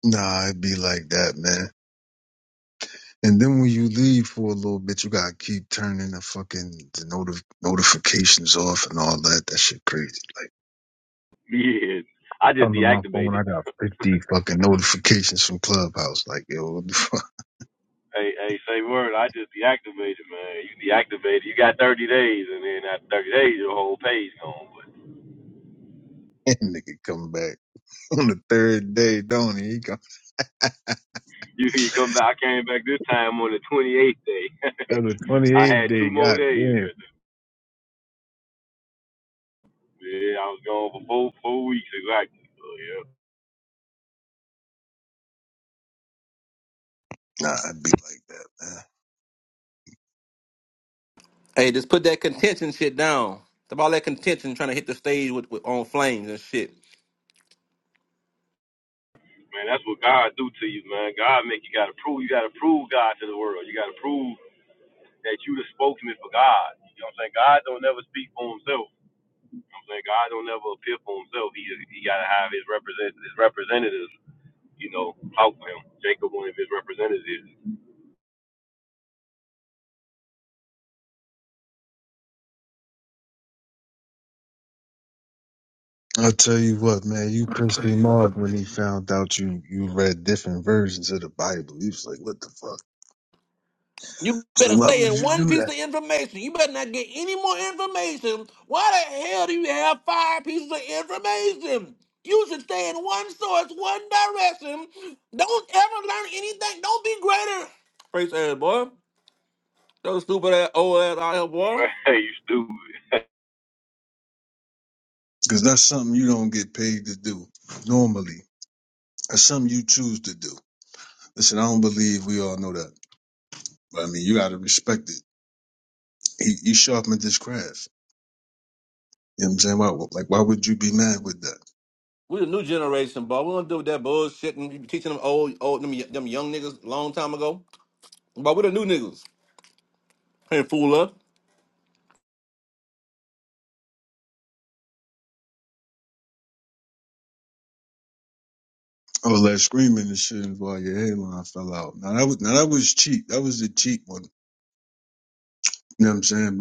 Speaker 6: Nah, it'd be like that, man. And then when you leave for a little bit, you gotta keep turning the fucking the notif notifications off and all that. That shit crazy. Like on my phone, I got fifty fucking notifications from Clubhouse. Like yo, what the fuck? And nigga come back on the third day, don't he? He come on the twenty eighth day. God damn. Nah, I'd be like that, man.
Speaker 3: Hey, just put that contention shit down. It's about that contention trying to hit the stage with, with on flames and shit.
Speaker 6: I'll tell you what, man, you pissed him off when he found out you you read different versions of the Bible. He was like, "What the fuck?
Speaker 3: You
Speaker 6: So
Speaker 3: better
Speaker 6: why
Speaker 3: stay
Speaker 6: would
Speaker 3: in
Speaker 6: you do
Speaker 3: one piece
Speaker 6: that?"
Speaker 3: of information. You better not get any more information. Why the hell do you have five pieces of information? You should stay in one source, one direction. Don't ever learn anything. Don't be greater. Face ass boy. Those stupid ass old ass out here, boy.
Speaker 6: Because that's something you don't get paid to do normally. That's something you choose to do. Listen, I don't believe we all know that, but I mean, you got to respect it. He, he sharpened his craft. You know what I'm saying? Why, like, why would you be mad with that?
Speaker 3: We the new generation, boy. We don't do that bullshit and you teaching them old, old them, them young niggas long time ago. But we the new niggas. Ain't fool us.
Speaker 6: Oh, that screaming and shit while your hairline fell out. Now that was now that was cheap. That was the cheap one. You know what I'm saying?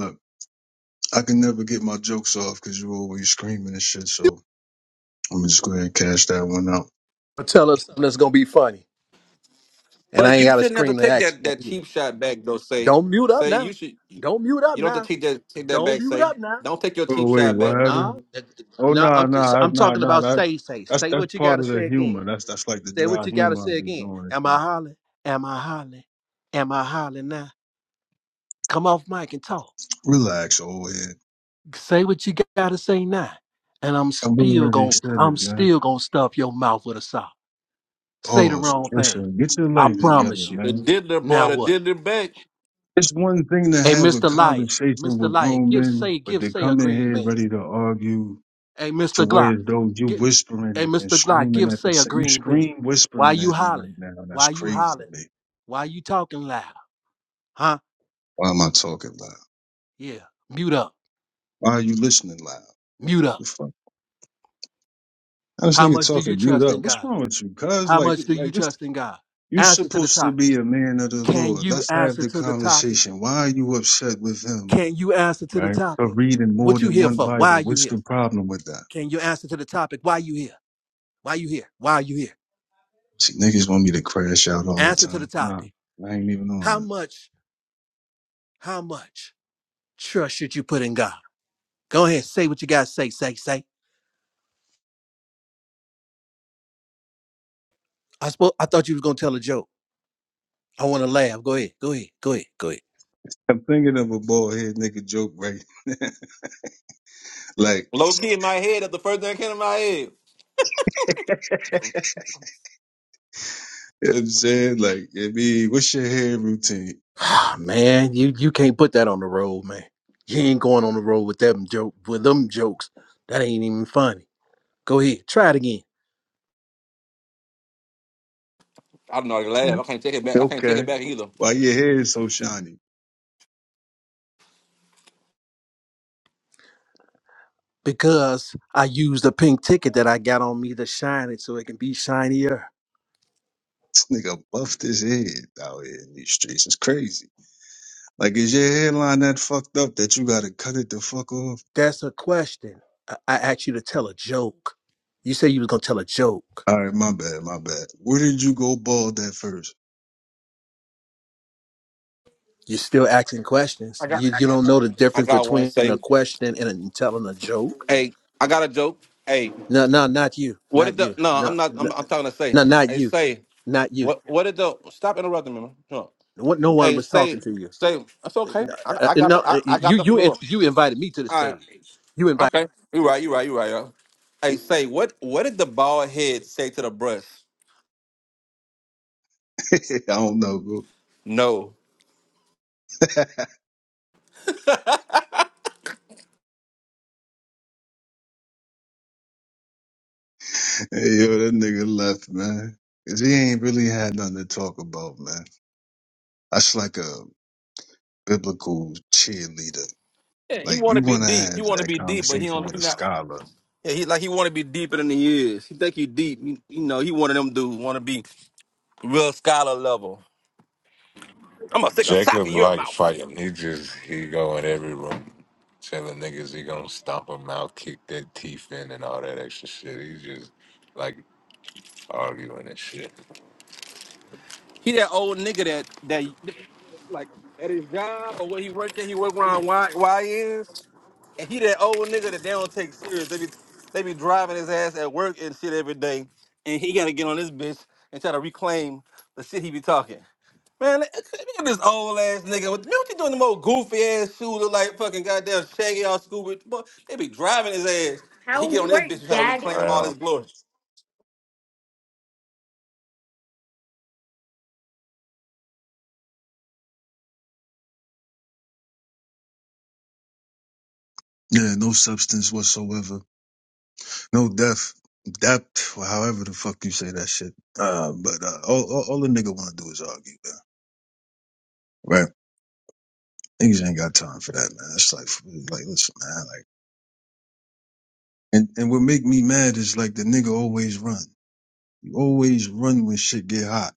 Speaker 6: I can never get my jokes off because you always screaming and shit. So I'm just go ahead and cash that one out.
Speaker 7: you tell us something that's gonna be funny, and I
Speaker 3: But
Speaker 7: ain't
Speaker 3: you
Speaker 7: got to
Speaker 3: shouldn't have to
Speaker 7: scream the
Speaker 3: take
Speaker 7: action
Speaker 3: that,
Speaker 7: at
Speaker 3: that
Speaker 7: either.
Speaker 3: cheap shot back though. Say,
Speaker 7: Don't mute up
Speaker 3: say you
Speaker 7: now.
Speaker 3: should. You
Speaker 7: Don't mute up
Speaker 3: you don't have to
Speaker 7: now.
Speaker 3: take that take that
Speaker 7: Don't
Speaker 3: back.
Speaker 7: mute
Speaker 3: Say,
Speaker 7: up now.
Speaker 3: don't take your
Speaker 6: Oh
Speaker 3: cheap
Speaker 6: wait,
Speaker 3: shot
Speaker 6: what
Speaker 3: back, man.
Speaker 7: Nah,
Speaker 6: happened?
Speaker 7: that-
Speaker 6: Oh
Speaker 7: nah.
Speaker 6: no,
Speaker 7: I'm just,
Speaker 6: no,
Speaker 7: I'm
Speaker 6: no,
Speaker 7: talking
Speaker 6: no.
Speaker 7: about
Speaker 6: That
Speaker 7: say say
Speaker 6: that's
Speaker 7: say
Speaker 6: that's
Speaker 7: what you
Speaker 6: part
Speaker 7: gotta
Speaker 6: of the
Speaker 7: say again.
Speaker 6: humor. That's that's like the
Speaker 7: Say what
Speaker 6: dry
Speaker 7: you gotta
Speaker 6: humor i
Speaker 7: say
Speaker 6: be
Speaker 7: again.
Speaker 6: doing.
Speaker 7: Am
Speaker 6: and
Speaker 7: I
Speaker 6: shit.
Speaker 7: hollering? Am I hollering? Am I hollering now? Come off mic and talk.
Speaker 6: Relax, old head.
Speaker 7: say what you gotta say now, and I'm
Speaker 6: I
Speaker 7: still
Speaker 6: already
Speaker 7: gonna
Speaker 6: said
Speaker 7: I'm
Speaker 6: it, man.
Speaker 7: still gonna stuff your mouth with a sock. Say the
Speaker 6: Pause.
Speaker 7: wrong thing.
Speaker 6: Listen, get your
Speaker 7: I
Speaker 6: life together,
Speaker 7: promise you.
Speaker 3: The
Speaker 6: man.
Speaker 3: diddler boy,
Speaker 7: Now
Speaker 3: the
Speaker 7: what?
Speaker 3: diddler back.
Speaker 6: It's one thing to
Speaker 7: Hey,
Speaker 6: have a
Speaker 7: Mr. Liar,
Speaker 6: conversation
Speaker 7: Mr.
Speaker 6: with
Speaker 7: Liar,
Speaker 6: grown
Speaker 7: give
Speaker 6: men,
Speaker 7: say
Speaker 6: but
Speaker 7: give
Speaker 6: they
Speaker 7: say a
Speaker 6: come in
Speaker 7: green
Speaker 6: here
Speaker 7: bean.
Speaker 6: ready to argue
Speaker 7: Hey,
Speaker 6: to
Speaker 7: Mr.
Speaker 6: where
Speaker 7: Glock,
Speaker 6: as though you
Speaker 7: give, hey
Speaker 6: whispering and
Speaker 7: Mr. Glock,
Speaker 6: screaming
Speaker 7: give
Speaker 6: at the
Speaker 7: say a
Speaker 6: same, you
Speaker 7: green bean.
Speaker 6: scream
Speaker 7: Why
Speaker 6: whispering
Speaker 7: you
Speaker 6: at me right
Speaker 7: hollering?
Speaker 6: now. and That's
Speaker 7: Why you
Speaker 6: crazy to
Speaker 7: hollering?
Speaker 6: me.
Speaker 7: Why you talking loud? Huh?
Speaker 6: Why am I talking loud?
Speaker 7: Yeah. Mute up.
Speaker 6: Why are you listening loud?
Speaker 7: Mute up.
Speaker 6: The fuck? How this
Speaker 7: How
Speaker 6: nigga
Speaker 7: much do you
Speaker 6: talking mute
Speaker 7: trust
Speaker 6: up?
Speaker 7: in
Speaker 6: What's
Speaker 7: God?
Speaker 6: wrong with you? Cause
Speaker 7: How
Speaker 6: like,
Speaker 7: much
Speaker 6: th-
Speaker 7: do
Speaker 6: like
Speaker 7: you
Speaker 6: this,
Speaker 7: trust in God?
Speaker 6: you
Speaker 7: Answer to the
Speaker 6: supposed to
Speaker 7: topic.
Speaker 6: be a man of the
Speaker 7: Can
Speaker 6: Lord.
Speaker 7: you
Speaker 6: Let's have
Speaker 7: answer
Speaker 6: the
Speaker 7: to the topic?
Speaker 6: conversation. Why are you upset with him?
Speaker 7: Can you answer to the
Speaker 6: Right? For
Speaker 7: topic?
Speaker 6: reading more
Speaker 7: What you
Speaker 6: than
Speaker 7: here
Speaker 6: one
Speaker 7: for? Why
Speaker 6: Bible.
Speaker 7: are you
Speaker 6: What's
Speaker 7: here?
Speaker 6: the problem with that?
Speaker 7: Can you answer to the topic? Why you here? Why you here? Why are you here?
Speaker 6: See, niggas want me to crash out all the
Speaker 7: Answer to the
Speaker 6: time. Nah,
Speaker 7: topic.
Speaker 6: I ain't even on
Speaker 7: How
Speaker 6: that.
Speaker 7: much, how much trust should you put in God? Go ahead, say what you got to say, say, say. I suppose I thought you was gonna tell a joke. I wanna laugh. Go ahead, go ahead, go ahead, go ahead.
Speaker 6: I'm thinking of a bald head nigga joke right now. like
Speaker 3: Low key in my head. That's the first thing that came to my head.
Speaker 6: You know what I'm saying? Like, I mean, what's your hair routine?
Speaker 7: Ah, man, you you can't put that on the road, man. You ain't going on the road with them joke with them jokes. That ain't even funny. Go ahead, try it again.
Speaker 3: I don't know. I laugh. I can't take it back. I can't take it
Speaker 6: Okay.
Speaker 3: back either.
Speaker 6: Why your hair is so shiny?
Speaker 7: because I used the pink ticket that I got on me to shine it so it can be shinier?
Speaker 6: Nigga buffed his head out here in these streets. It's crazy. Like, is your hairline that fucked up that you gotta cut it the fuck off?
Speaker 7: That's a question. I I asked you to tell a joke. You said you was gonna tell a joke.
Speaker 6: All right, my bad, my bad. Where did you go bald at first?
Speaker 7: You're still asking questions. You, you don't know the
Speaker 3: I
Speaker 7: difference
Speaker 3: got one.
Speaker 7: between a
Speaker 3: Say,
Speaker 7: question and a, telling a joke.
Speaker 3: hey, I got a joke. Hey.
Speaker 7: No, no, not you,
Speaker 3: What did
Speaker 7: not
Speaker 3: the
Speaker 7: you,
Speaker 3: no? I'm
Speaker 7: no,
Speaker 3: not.
Speaker 7: no,
Speaker 3: I'm, I'm talking to say.
Speaker 7: no, not
Speaker 3: Hey,
Speaker 7: you,
Speaker 3: say
Speaker 7: not you.
Speaker 3: what? What did the stop interrupting me? man. No.
Speaker 7: What? No one
Speaker 3: Hey,
Speaker 7: was
Speaker 3: say
Speaker 7: talking to you.
Speaker 3: say. That's
Speaker 7: Uh,
Speaker 3: okay.
Speaker 7: No,
Speaker 3: I,
Speaker 7: uh,
Speaker 3: I got
Speaker 7: no,
Speaker 3: the I,
Speaker 7: uh,
Speaker 3: I got
Speaker 7: you,
Speaker 3: the
Speaker 7: you,
Speaker 3: floor.
Speaker 7: you invited me to the
Speaker 3: All right.
Speaker 7: stage. You invited
Speaker 3: Okay. You right. You right. You right. Yo. Hey, say what? What did the bald head say to the breast?
Speaker 6: I don't know, bro.
Speaker 3: No.
Speaker 6: hey,
Speaker 3: yeah,
Speaker 6: yo, that nigga left, man. Cause he ain't really had nothing to talk about, man. That's like a biblical cheerleader.
Speaker 3: he
Speaker 6: Like
Speaker 3: want
Speaker 6: you
Speaker 3: to be
Speaker 6: want to
Speaker 3: deep. He
Speaker 6: have
Speaker 3: want to
Speaker 6: that
Speaker 3: be deep, but
Speaker 6: conversation
Speaker 3: he don't.
Speaker 6: with
Speaker 3: He
Speaker 6: a
Speaker 3: not.
Speaker 6: scholar.
Speaker 3: Yeah, he like he want to be deeper than he is. He think he deep. You, you know, he one of them dudes want to be real scholar level. I'm gonna stick a sock
Speaker 1: Jacob
Speaker 3: in your
Speaker 1: like
Speaker 3: mouth.
Speaker 1: fighting. He just he go in every room telling niggas he gonna stomp them out, kick their teeth in, and all that extra shit. He's just like arguing and shit.
Speaker 3: He that old nigga that that like at his job or where he work at, he work around Y YNs, and he that old nigga that they don't take serious. They be they be driving his ass at work and shit every day, and he gotta get on this bitch and try to reclaim the shit he be talking. Man, look at this old ass nigga. What, man, what you doing? The most goofy ass shoes look like fucking goddamn shaggy or Scooby. Boy, they be driving his ass, and he
Speaker 1: How
Speaker 3: get on
Speaker 1: it
Speaker 3: this
Speaker 1: work,
Speaker 3: bitch and try to
Speaker 1: Daddy?
Speaker 3: reclaim all his
Speaker 1: Well,
Speaker 3: glory.
Speaker 6: Yeah, no substance whatsoever, no depth, depth, or however the fuck you say that shit. Uh, but uh, all, all all the nigga want to do is argue, man. Right? Niggas ain't got time for that, man. It's like, like listen, man. Like, and and what make me mad is like the nigga always run. You always run when shit get hot.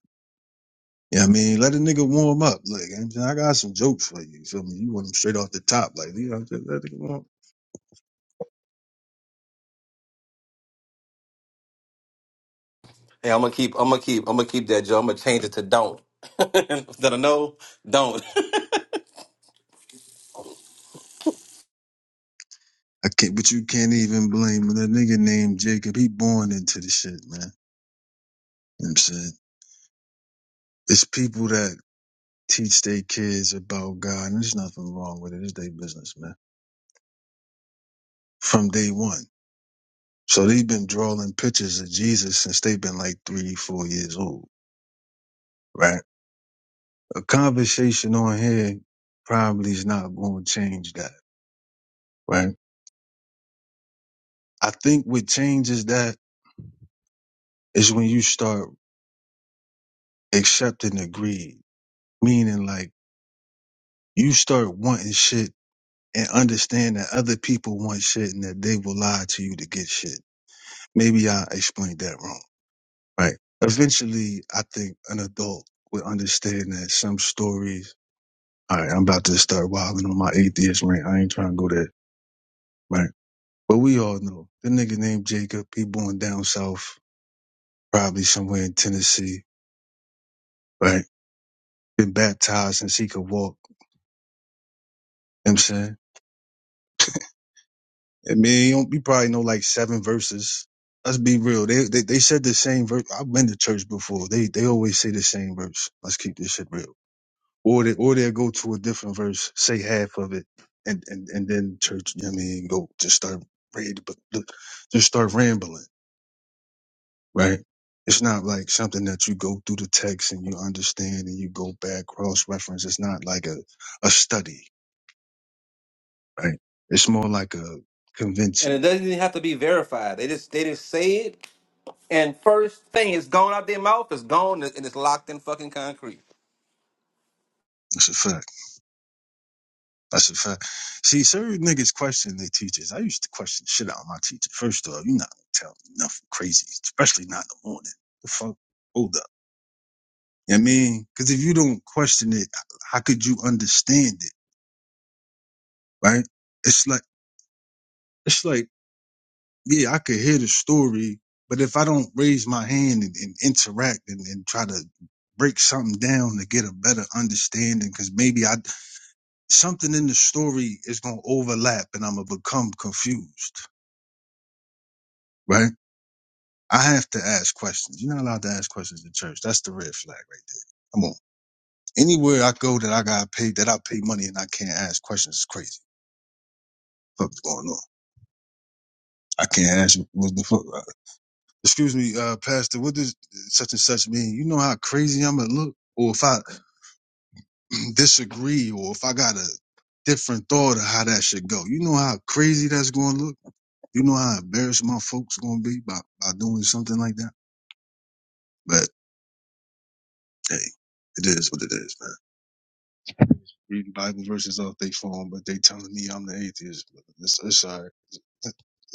Speaker 6: Yeah, I mean, let a nigga warm up. Like, I'm saying, I got some jokes for you. You feel me? You want them straight off the top, like, you know, let it warm.
Speaker 3: Hey, I'm gonna keep. I'm gonna keep. I'm gonna keep that, Joe. I'm gonna change it to don't. Instead of no, don't.
Speaker 6: I can't, but you can't even blame that nigga named Jacob. He born into the shit, man. You know what I'm saying it's people that teach their kids about God, and there's nothing wrong with it. It's their business, man. From day one, so they've been drawing pictures of Jesus since they've been like three, four years old, right? a conversation on here probably is not going to change that, right? I think what changes that is when you start accepting the greed, meaning like you start wanting shit and understand that other people want shit and that they will lie to you to get shit. Maybe I explained that wrong, right? Eventually, I think an adult would understand that some stories. All right, I'm about to start wilding on my atheist rant. I ain't trying to go there, right? But we all know the nigga named Jacob. He born down south, probably somewhere in Tennessee, right? Been baptized since he could walk. You know what I'm saying, I mean, you don't- you probably know like seven verses. Let's be real. They they, they said the same verse. I've been to church before. They they always say the same verse. Let's keep this shit real. Or they or they'll go to a different verse, say half of it, and and and then church. You know what I mean, go just start read, but just start rambling. right? It's not like something that you go through the text and you understand and you go back cross reference. It's not like a, a study, right? It's more like a
Speaker 3: And it
Speaker 6: convention.
Speaker 3: doesn't even have to be verified. They just they just say it, and first thing it's gone out their mouth. It's gone, and it's locked in fucking concrete.
Speaker 6: That's a fact. That's a fact. See, certain niggas question their teachers. I used to question the shit out of my teacher. First off, you're not gonna tell me nothing crazy, especially not in the morning. The fuck? Hold up. You know what I mean? Because if you don't question it, how could you understand it, right? It's like it's like yeah, I could hear the story, but if I don't raise my hand and, and interact and, and try to break something down to get a better understanding, because maybe I something in the story is gonna overlap and I'm gonna become confused, right? I have to ask questions. You're not allowed to ask questions in church. That's the red flag right there. Come on. Anywhere I go that I got paid, that I pay money and I can't ask questions is crazy. What's going on? I can't ask what the fuck. excuse me, uh, Pastor, what does such and such mean? You know how crazy I'm gonna look, or if I disagree, or if I got a different thought of how that should go. You know how crazy that's gonna look. You know how embarrassed my folks gonna be by by doing something like that. But hey, it is what it is, man. Reading Bible verses off they phone, but they telling me I'm the atheist. But It's, it's all right.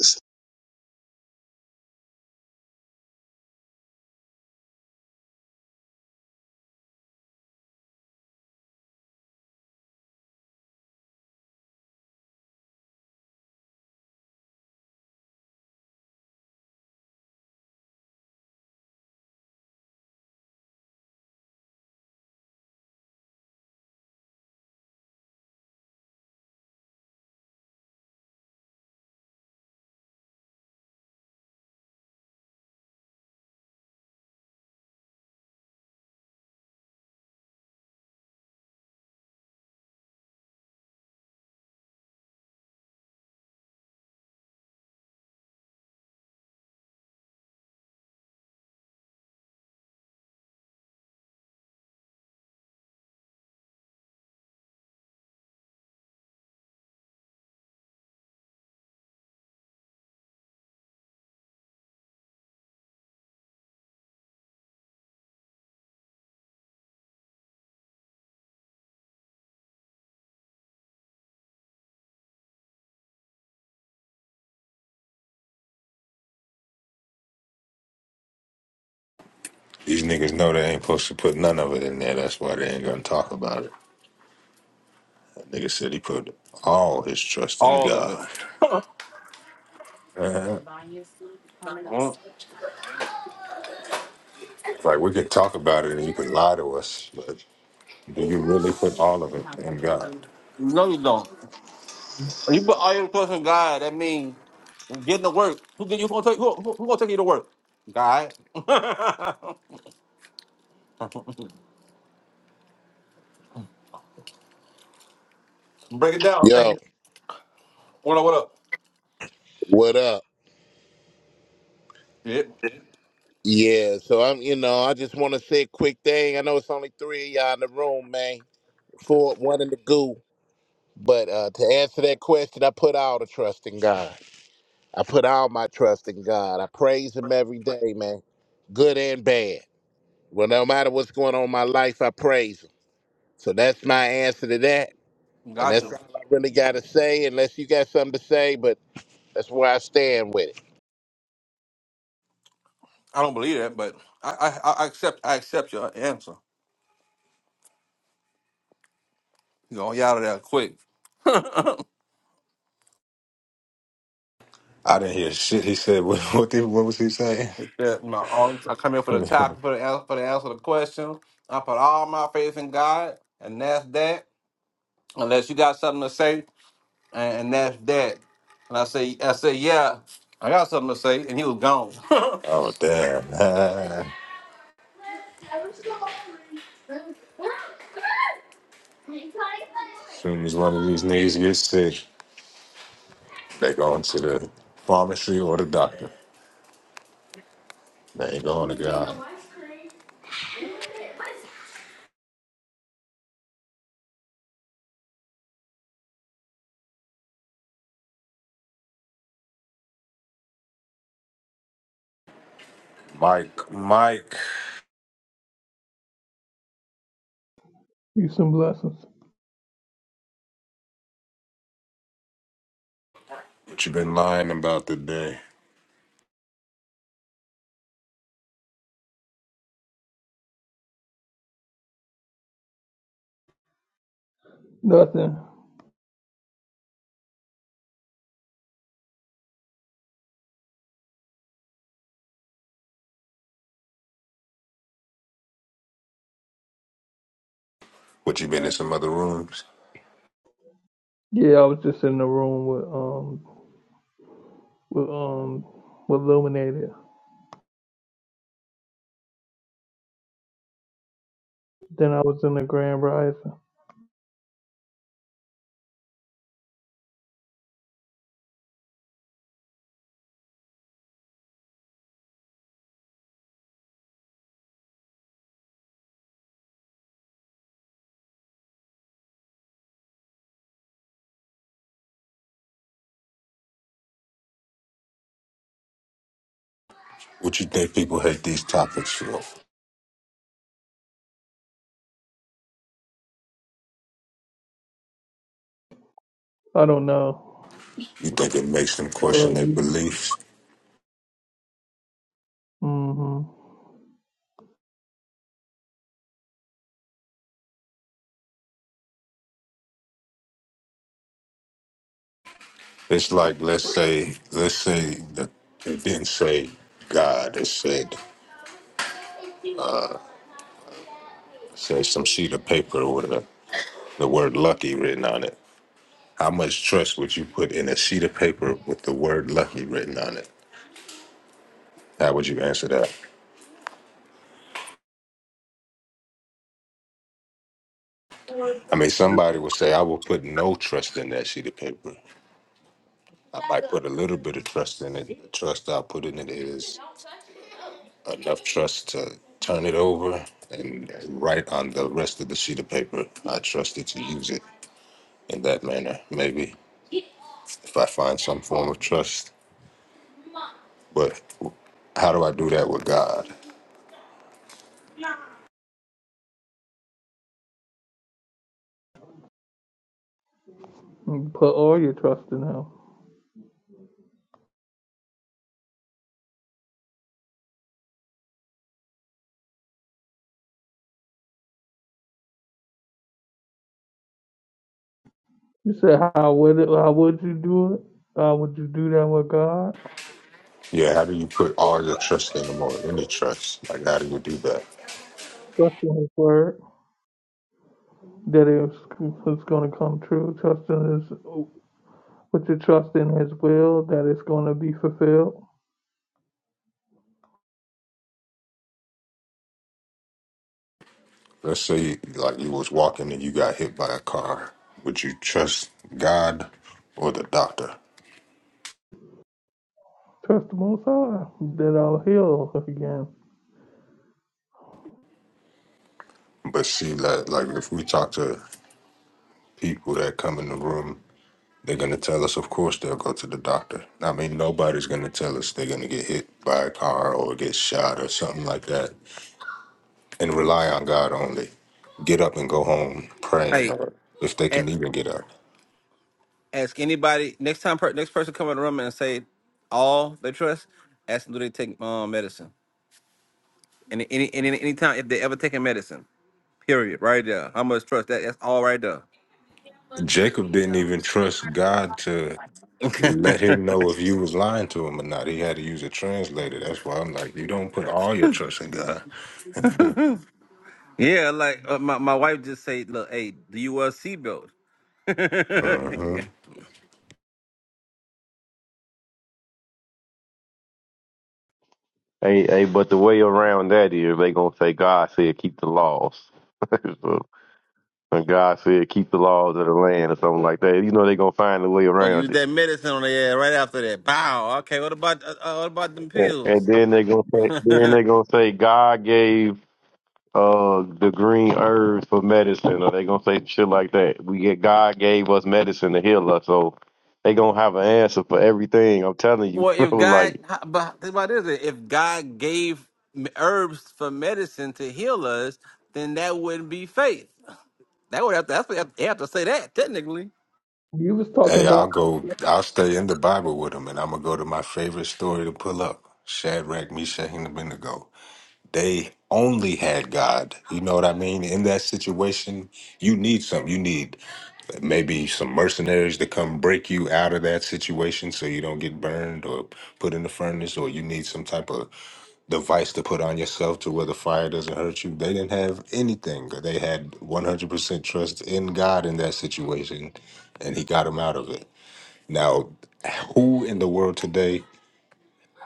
Speaker 1: these niggas know they ain't supposed to put none of it in there. That's why they ain't gonna talk about it. That nigga said he put all his trust in
Speaker 3: All of it.
Speaker 1: God.
Speaker 3: Mm.
Speaker 1: Like we can talk about it and you can lie to us, but do you really put all of it in God?
Speaker 3: No, you don't. You put all your trust in God. That means getting to work. Who, get- who gonna take who, who, who gonna take you to work? God. Break it down. Okay.
Speaker 8: Yo,
Speaker 3: What up? What up?
Speaker 8: what up?
Speaker 3: Yeah.
Speaker 8: Yeah, so I'm, you know, I just want to say a quick thing. I know it's only three of y'all in the room, man. Four, one in the goo. But uh, to answer that question, I put all the trust in God. I put all my trust in God. I praise Him every day, man, good and bad. Well, no matter what's going on in my life, I praise Him. So that's my answer to that, and that's
Speaker 3: Gotcha.
Speaker 8: all I really got to say. Unless you got something to say, but that's where I stand with it.
Speaker 3: I don't believe that, but I I, I accept I accept your answer. You know, you out of there quick.
Speaker 1: I didn't hear shit he said. What what, did, what was he saying?
Speaker 3: It's that my all- I come here for the topic,
Speaker 1: oh
Speaker 3: for the answer, for the answer to the question. I put all my faith in God, and that's that. Unless you got something to say, and, and that's that. And I say I say yeah, I got something to say, and he was gone.
Speaker 1: damn! As soon as one of these niggas gets sick, they going to the pharmacy or the doctor. They ain't going to God. Mike, Mike,
Speaker 9: Peace and blessings.
Speaker 1: what you been lying about today?
Speaker 9: Nothing.
Speaker 1: What you been in some other rooms?
Speaker 9: Yeah, I was just in the room with um with um with Illuminated. Then I was in the Grand Rising.
Speaker 1: What you think people hate these topics for?
Speaker 9: I don't know.
Speaker 1: You think it makes them question
Speaker 9: Well,
Speaker 1: their
Speaker 9: you
Speaker 1: beliefs?
Speaker 9: mm-hmm.
Speaker 1: It's like let's say let's say that it didn't say God. It said said some sheet of paper with a, the word lucky written on it. How much trust would you put in a sheet of paper with the word lucky written on it? How would you answer that? I mean, somebody would say, I will put no trust in that sheet of paper. I might put a little bit of trust in it. The trust I put in it is enough trust to turn it over and write on the rest of the sheet of paper. I trust it to use it. in that manner, maybe, if I find some form of trust. But how do I do that with God?
Speaker 9: You put all your trust in Him. You said, "How would it? How would you do it? How would you do that with God? Trust in His word that it's it's going to come true. Trust in His put your trust in His will that it's going to be fulfilled.
Speaker 1: Let's say like you was walking and you got hit by a car. Would you trust God or the doctor?
Speaker 9: Trust the Most High that I'll heal again."
Speaker 1: But see like, like if we talk to people that come in the room, they're gonna tell us of course they'll go to the doctor. I mean nobody's gonna tell us they're gonna get hit by a car or get shot or something like that. And rely on God only. Get up and go home praying
Speaker 3: hey,
Speaker 1: or if they
Speaker 3: a-
Speaker 1: can even get up.
Speaker 3: ask anybody next time. Per, next person come in the room and say all they trust. Ask them do they take um, medicine. And any any any time if they ever taken medicine. Period. Right there. How much trust that? That's all right there.
Speaker 1: Jacob didn't even trust God to let him know if you was lying to him or not. He had to use a translator. That's why I'm like, you don't put all your trust in God.
Speaker 3: yeah, like uh, my my wife just say, "Look, hey, do you wear a seatbelt?"
Speaker 1: hmm
Speaker 2: Hey, hey, but the way around that is they gonna say God said keep the laws. so, and God said keep the laws of the land or something like that. You know they gonna find a way
Speaker 3: Or use
Speaker 2: around it.
Speaker 3: that medicine on the ass right after that. Bow. Okay. What about uh, uh, what about them
Speaker 2: And, and
Speaker 3: pills?
Speaker 2: then they gonna say, then they
Speaker 3: well,
Speaker 2: gonna say God gave uh the green herbs for medicine or they gonna say shit like that. We get God gave us medicine to heal us, so they gonna have an answer for everything. I'm telling you,
Speaker 3: if
Speaker 2: bro.
Speaker 3: God,
Speaker 2: Like,
Speaker 3: how- but think about this: if God gave m- herbs for medicine to heal us, then that wouldn't be faith. That would have to. That's what they have they have to say that technically.
Speaker 9: You was talking
Speaker 1: Hey,
Speaker 9: about
Speaker 1: I'll go. I'll stay in the Bible with him, and I'm gonna go to my favorite story to pull up: Shadrach, Meshach, and Abednego. They only had God. You know what I mean? In that situation, you need something. You need maybe some mercenaries to come break you out of that situation so you don't get burned or put in the furnace or you need some type of device to put on yourself to where the fire doesn't hurt you they didn't have anything they had 100% trust in god in that situation and he got them out of it now who in the world today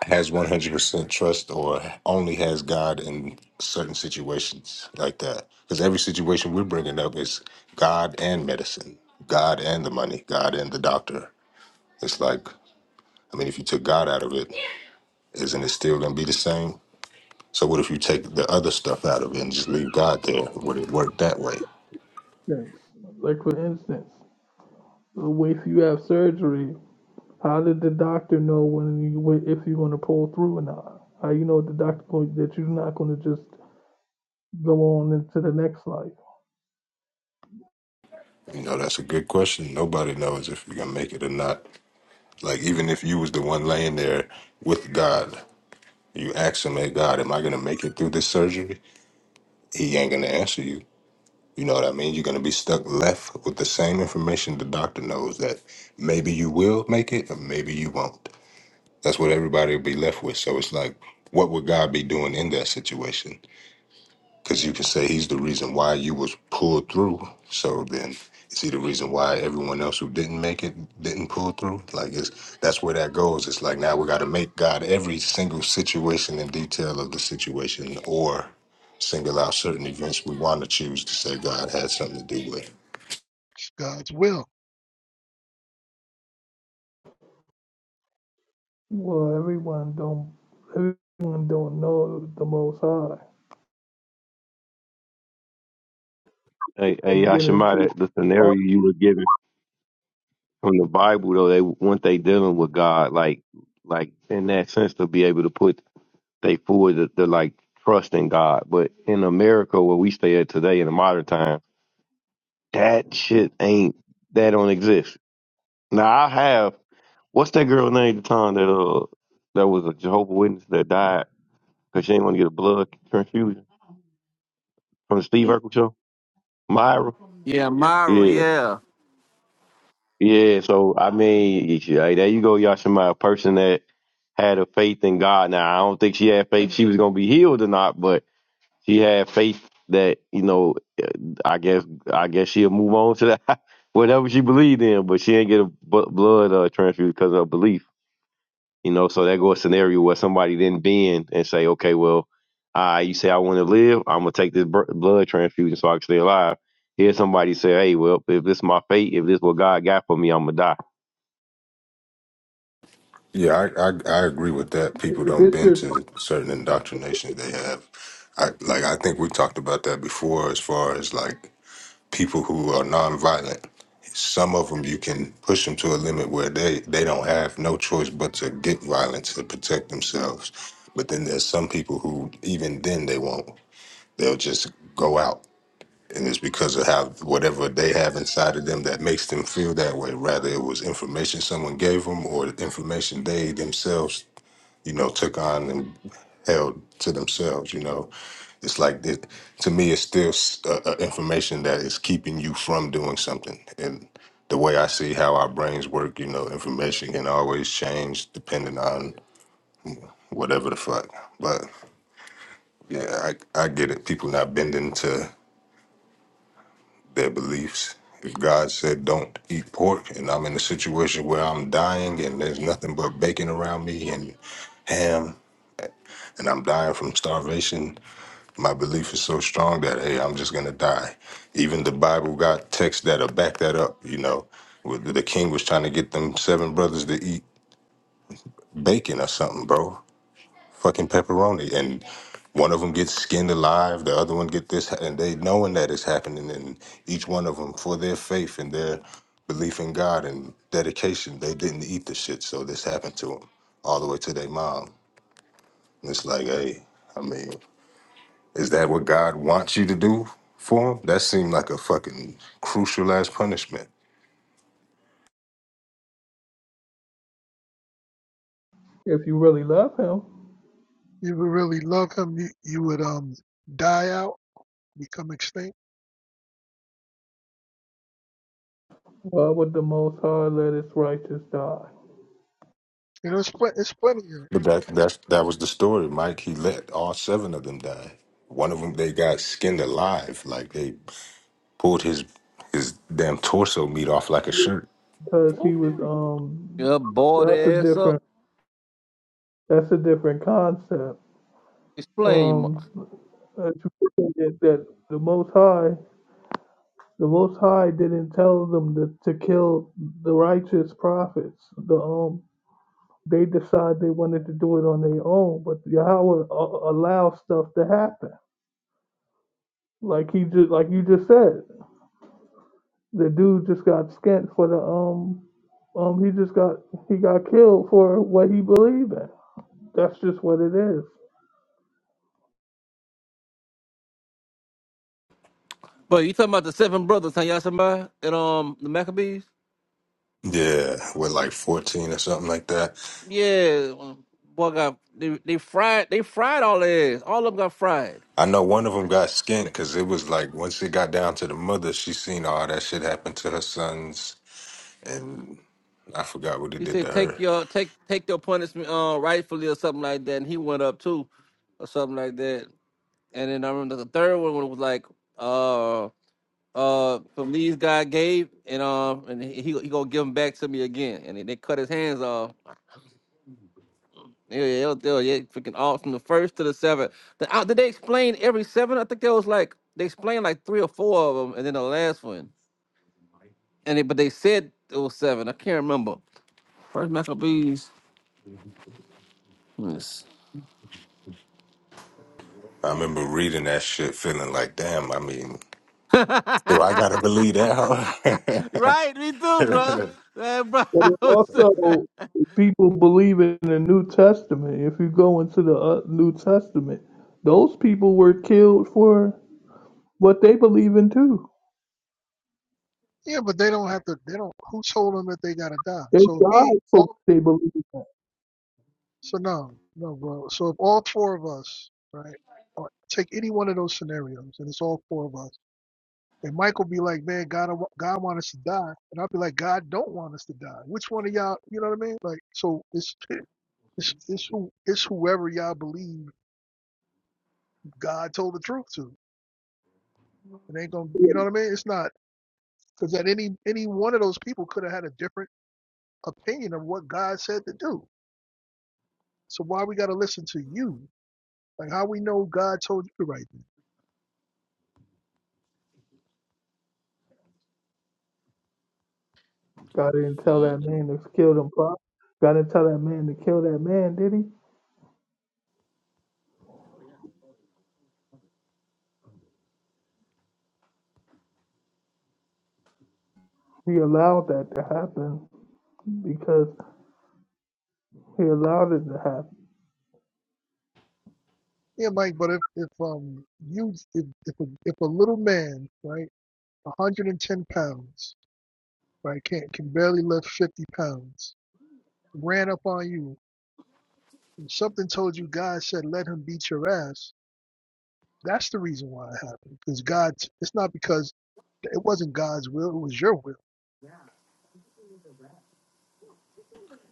Speaker 1: has 100% trust or only has God in certain situations like that. Because every situation we're bringing up is God and medicine, God and the money, God and the doctor. It's like, I mean, if you took God out of it, isn't it still going to be the same? So, what if you take the other stuff out of it and just leave God there? Would it work that way?
Speaker 9: instance. Like for instance, if you have surgery, how did the doctor know when you when- if you're gonna pull through or not? How you know the doctor going, that you're not gonna just go on into the next life?
Speaker 1: You know, that's a good question. Nobody knows if you're going to make it or not. Like, even if you was the one laying there with God, you ask him, hey, God, am I going to make it through this surgery? he ain't gonna answer you. You know what I mean? You're gonna be stuck left with the same information the doctor knows that maybe you will make it or maybe you won't. That's what everybody will be left with. So it's like, what would God be doing in that situation? because you can say he's the reason why you was pulled through. So then, is he the reason why everyone else who didn't make it didn't pull through? Like, it's that's where that goes. It's like now we got to make God every single situation and detail of the situation, or single out certain events we want to choose to say God had something to do with.
Speaker 10: It's God's will.
Speaker 9: Well, everyone don't everyone don't know the Most High.
Speaker 2: hey,
Speaker 9: They
Speaker 2: hey,
Speaker 9: get
Speaker 2: Yashima,
Speaker 9: into
Speaker 2: that the scenario you were given from the Bible, though, they once they dealing with God, like, like in that sense, to be able to put they forward the, the like trust in God. But in America, where we stay at today in the modern time, that shit ain't that don't exist. Now I have. What's that girl name? at The time that uh that was a Jehovah Witness that died because she didn't want to get a blood transfusion from the Steve Urkel show. Myra.
Speaker 3: Yeah, Myra.
Speaker 2: Yeah,
Speaker 3: Yeah.
Speaker 2: yeah. So I mean, you should- hey, there you go, Yashima, a person that had a faith in God. Now I don't think she had faith she was gonna be healed or not, but she had faith that you know. I guess I guess she'll move on to that whatever she believed in, but she didn't get a bu- blood uh, transfusion because of her belief. You know, so that goes a scenario where somebody then bend and say, okay, well, uh, you say I want to live, I'm gonna take this br- blood transfusion so I can stay alive. Here, somebody say, hey, well, if this is my fate, if this is what God got for me, I'm gonna die.
Speaker 1: Yeah, I, I I agree with that. People
Speaker 9: if
Speaker 1: don't
Speaker 9: it's
Speaker 1: bend
Speaker 9: your
Speaker 1: to certain indoctrinations they have. I like I think we talked about that before, as far as like people who are nonviolent. Some of them you can push them to a limit where they, they don't have no choice but to get violent to protect themselves. But then there's some people who even then they won't. They'll just go out, and it's because of how whatever they have inside of them that makes them feel that way. Rather, it was information someone gave them or information they themselves you know, took on and held to themselves. You know, it's like that. To me, it's still s- uh, uh, information that is keeping you from doing something. And the way I see how our brains work, you know, information can always change depending on whatever the fuck. But yeah, I I get it. People not bending to their beliefs. If God said don't eat pork, and I'm in a situation where I'm dying, and there's nothing but bacon around me and ham, and I'm dying from starvation, My belief is so strong that hey, I'm just gonna die. Even the Bible got texts that'll back that up. You know, With- the king was trying to get them seven brothers to eat bacon or something, bro. Fucking pepperoni, and one of them gets skinned alive. The other one get this, and they knowing that it's happening, and each one of them for their faith and their belief in God and dedication, they didn't eat the shit. So this happened to them all the way to their mom. And it's like, hey, I mean. Is that what God wants you to do for him? That seemed like a fucking crucial ass punishment.
Speaker 9: if you really love Him,
Speaker 10: You would really love him, you, you would um die out, become extinct.
Speaker 9: why would the Most High let His righteous die?
Speaker 10: You know, it's pl- it's plenty of it.
Speaker 1: But that that's that was the story, Mike. He let all seven of them die. One of them they got skinned alive, like they pulled his his damn torso meat off like a shirt.
Speaker 9: Because He was um
Speaker 3: Yeah, boy,
Speaker 9: that's a
Speaker 3: the ass up.
Speaker 9: different that's a different concept.
Speaker 3: Explain. Ma-
Speaker 9: um, uh, to prove that, that the Most High, the Most High didn't tell them to, to kill the righteous prophets. The um, they decide they wanted to do it on their own, but Yahweh uh, allows stuff to happen. Like he just, like you just said, the dude just got skint for the um, um, he just got he got killed for what he believed in. That's just what it is.
Speaker 3: But you talking about the seven brothers, huh, Y'all somebody and um the Maccabees?
Speaker 1: Yeah, with like fourteen or something like that.
Speaker 3: Yeah, um, boy got they, they fried they fried all their ass. All of them got fried.
Speaker 1: I know one of them got skinned because it was like once it got down to the mother, she seen all that shit happen to her sons, and I forgot what it
Speaker 3: He
Speaker 1: did to
Speaker 3: said take
Speaker 1: her.
Speaker 3: your take take your punishment uh rightfully or something like that, and he went up too, or something like that. And then I remember the third one was like uh uh from these guy gave and um and he he he gonna give them back to me again, and then they cut his hands off Yeah, yeah, it was, it was- yeah, freaking all from the first to the seventh. The, uh, did they explain every seven? I think there was like they explained like three or four of them, and then the last one. And they, but they said it was seven. I can't remember. First Maccabees. Yes.
Speaker 1: I remember reading that shit, feeling like, damn. I mean, do
Speaker 3: right,
Speaker 1: I gotta believe that?
Speaker 3: me too, bro.
Speaker 1: Huh?
Speaker 3: Man, bro,
Speaker 9: But
Speaker 3: I was, I'm
Speaker 9: also, people believe in the New Testament. If you go into the uh, New Testament, those people were killed for what they believe in too.
Speaker 10: Yeah, but they don't have to. They don't. Who told them that they gotta die?
Speaker 9: They
Speaker 10: So if me,
Speaker 9: died for what
Speaker 10: all
Speaker 9: they believe in.
Speaker 10: so no, no, bro. So if all four of us, right, or take any one of those scenarios, and it's all four of us, and Michael be like, man, God, I wa- God want us to die, and I'll be like, God don't want us to die. Which one of y'all? You know what I mean? Like, so it's it's it's, who, it's whoever y'all believe God told the truth to. It ain't gonna,
Speaker 9: Yeah.
Speaker 10: you know what I mean? It's not because that any any one of those people could have had a different opinion of what God said to do. So why we gotta listen to you? Like how we know God told you the right thing?
Speaker 3: trying
Speaker 9: God
Speaker 3: to
Speaker 9: didn't tell that
Speaker 3: feel. it.
Speaker 9: man to kill them. prophets. God didn't tell that man to kill that man, did he? He allowed that to happen because he allowed it to happen.
Speaker 10: Yeah, Mike. But if if um you if if a, if a little man right, 110 pounds right can can barely lift 50 pounds ran up on you and something told you God said let him beat your ass. That's the reason why it happened because God. It's not because it wasn't God's will. It was your will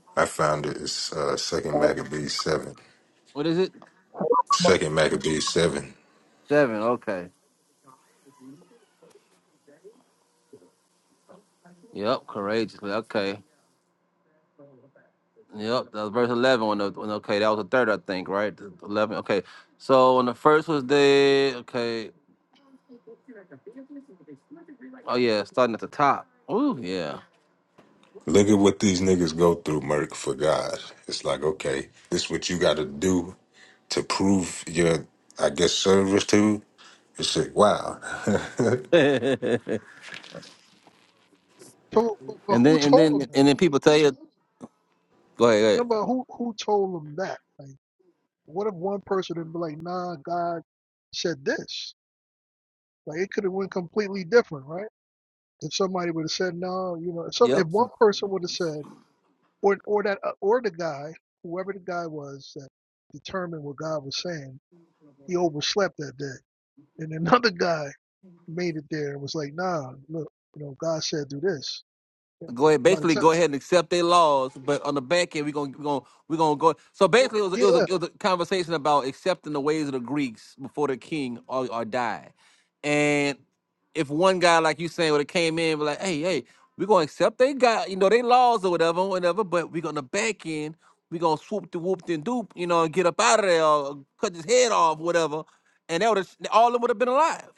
Speaker 1: I found it. It's uh, Second Maccabees seven.
Speaker 3: What is it?
Speaker 1: Second Maccabees seven.
Speaker 3: Seven. Okay. Yep. Courageously. Okay. Yep, that was verse eleven. When, the, when okay, that was the third, I think, right? The- Eleven. Okay, so when the first was dead. okay, oh yeah, starting at the top. Ooh, yeah.
Speaker 1: Look at what these niggas go through, Merc, for God. It's like, okay, this what you gotta do to prove your, I guess, service to. It's like, wow.
Speaker 3: and
Speaker 10: told, but
Speaker 3: then
Speaker 10: who
Speaker 3: and
Speaker 10: told him
Speaker 3: then
Speaker 10: that?
Speaker 3: and then people tell you, go ahead. Go
Speaker 10: No,
Speaker 3: ahead.
Speaker 10: but who who told him that? Like, what if one person had been like, "Nah, God said this." Like, it could have went completely different, right? If somebody would have said, "No," you know, if some
Speaker 3: Yep.
Speaker 10: if one person would have said, or or that uh, or the guy, whoever the guy was that determined what God was saying, he overslept that day, and another guy made it there and was like, "Nah, look, you know, God said do this." And
Speaker 3: go ahead,
Speaker 10: by the
Speaker 3: basically
Speaker 10: time,
Speaker 3: go ahead and accept their laws, but on the back end we're gonna we're gonna we're gonna go. So
Speaker 10: well,
Speaker 3: basically, it was a, it was a,
Speaker 10: yeah,
Speaker 3: it was a conversation about accepting the ways of the Greeks before the king or, or died, and if one guy like you saying would have came in be like, hey hey, we're gonna accept they got you know they laws or whatever whatever, but we're gonna back end we're gonna swoop the whoop and doop you know and get up out of there or cut his head off whatever, and that would all of them would have been alive.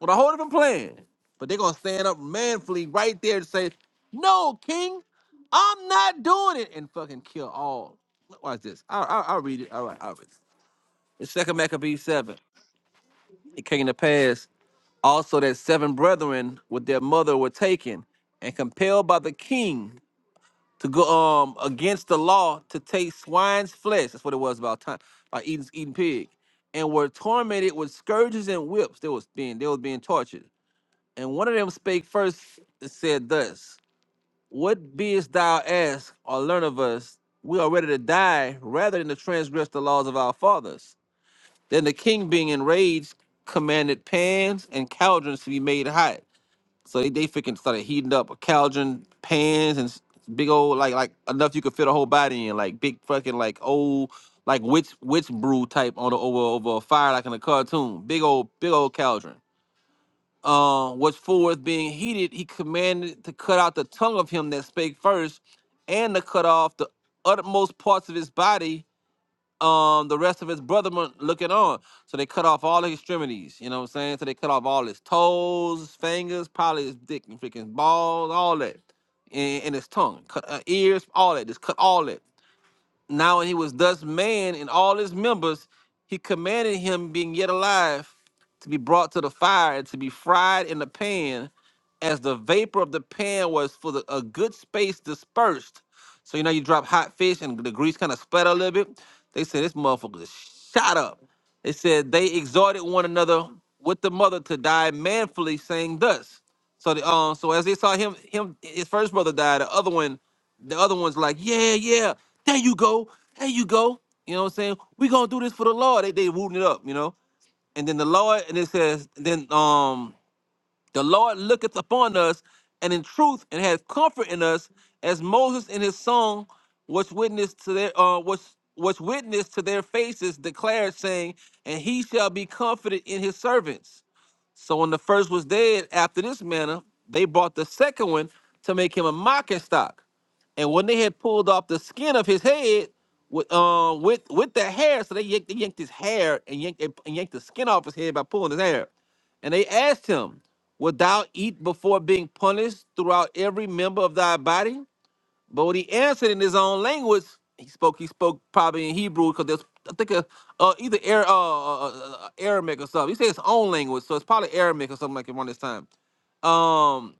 Speaker 3: Well, the whole different plan. But they're gonna stand up manfully right there to say, "No, King, I'm not doing it," and fucking kill all. Watch this. I, I, I'll read it. All right, I'll read it. In Second Maccabees seven, it came to pass also that seven brethren with their mother were taken and compelled by the king to go um against the law to take swine's flesh. That's what it was about time by eating eating pig, and were tormented with scourges and whips. They was being they was being tortured and one of them spake first and said thus, What beest thou ask or learn of us? We are ready to die rather than to transgress the laws of our fathers. Then the king, being enraged, commanded pans and cauldrons to be made hot. So they, they freaking started heating up a cauldron, pans, and s- big old, like, like enough you could fit a whole body in, like big fucking, like old, like witch, witch brew type on the over, over a fire, like in a cartoon. Big old, big old cauldron um, which forth being heated, he commanded to cut out the tongue of him that spake first, and to cut off the utmost parts of his body. Um, the rest of his brethren looking on. So they cut off all his extremities. You know what I'm saying? So they cut off all his toes, his fingers, probably his dick and freaking balls, all that, and, and his tongue, cut uh, ears, all that. Just cut all that. Now when he was thus man and all his members, he commanded him, being yet alive, to be brought to the fire and to be fried in the pan, as the vapor of the pan was for the, a good space dispersed. So you know you drop hot fish and the grease kind of splatter a little bit. They said this motherfucker shot up. They said they exhorted one another with the mother to die manfully, saying thus. So the um, so as they saw him, him his first brother died, the other one the other one's like, yeah, yeah, there you go, there you go. You know what I'm saying? We gonna do this for the Lord. They they rooting it up, you know. And then the Lord, and it says, then um the Lord looketh upon us, and in truth, and hath comfort in us, as Moses in his song was witness to their uh, was was witness to their faces, declared, saying, "And he shall be comforted in his servants." So when the first was dead, after this manner, they brought the second one to make him a mocking stock. And when they had pulled off the skin of his head with uh, with with the hair, so they yanked, they yanked his hair and yanked and yanked the skin off his head by pulling his hair. And they asked him, Wilt thou eat before being punished throughout every member of thy body? But when he answered in his own language, he spoke. He spoke probably in Hebrew because there's I think uh, uh, either Air, uh, uh, uh, Aramaic or something. He said his own language, so it's probably Aramaic or something like it around this time. Um,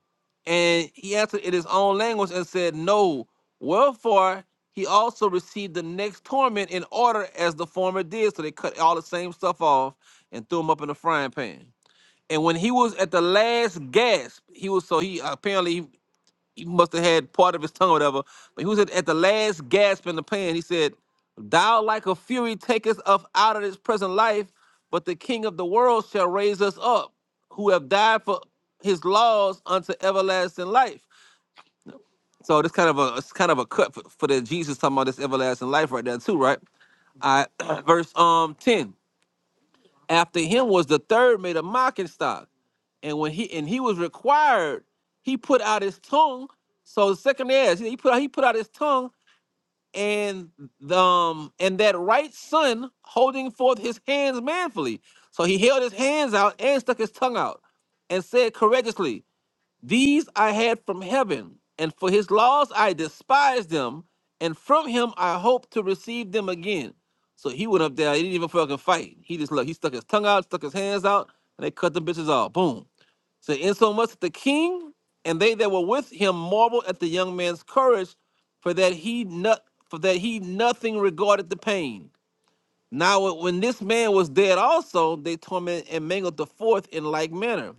Speaker 3: and he answered in his own language and said, No. Wherefore he also received the next torment in order as the former did. So they cut all the same stuff off and threw him up in the frying pan. And when he was at the last gasp, he was so he apparently he, he must have had part of his tongue or whatever, but he was at, at the last gasp in the pan. He said, Thou like a fury takest us up out of this present life, but the king of the world shall raise us up, who have died for his laws unto everlasting life. So this kind of a it's kind of a cut for, for the Jesus talking about this everlasting life right there too, right? All right, verse um 10. After him was the third made a mocking stock and when he and he was required, he put out his tongue. So the second is he put out he put out his tongue, and the, um and that right son holding forth his hands manfully. So he held his hands out and stuck his tongue out, and said courageously. These I had from heaven, and for his laws I despised them, and from him I hope to receive them again. So he went up there, he didn't even fucking fight. He just look, he stuck his tongue out, stuck his hands out, and they cut the bitches off. Boom. So insomuch that the king and they that were with him marveled at the young man's courage, for that he not for that he nothing regarded the pain. Now when this man was dead also, they tormented and mangled the fourth in like manner.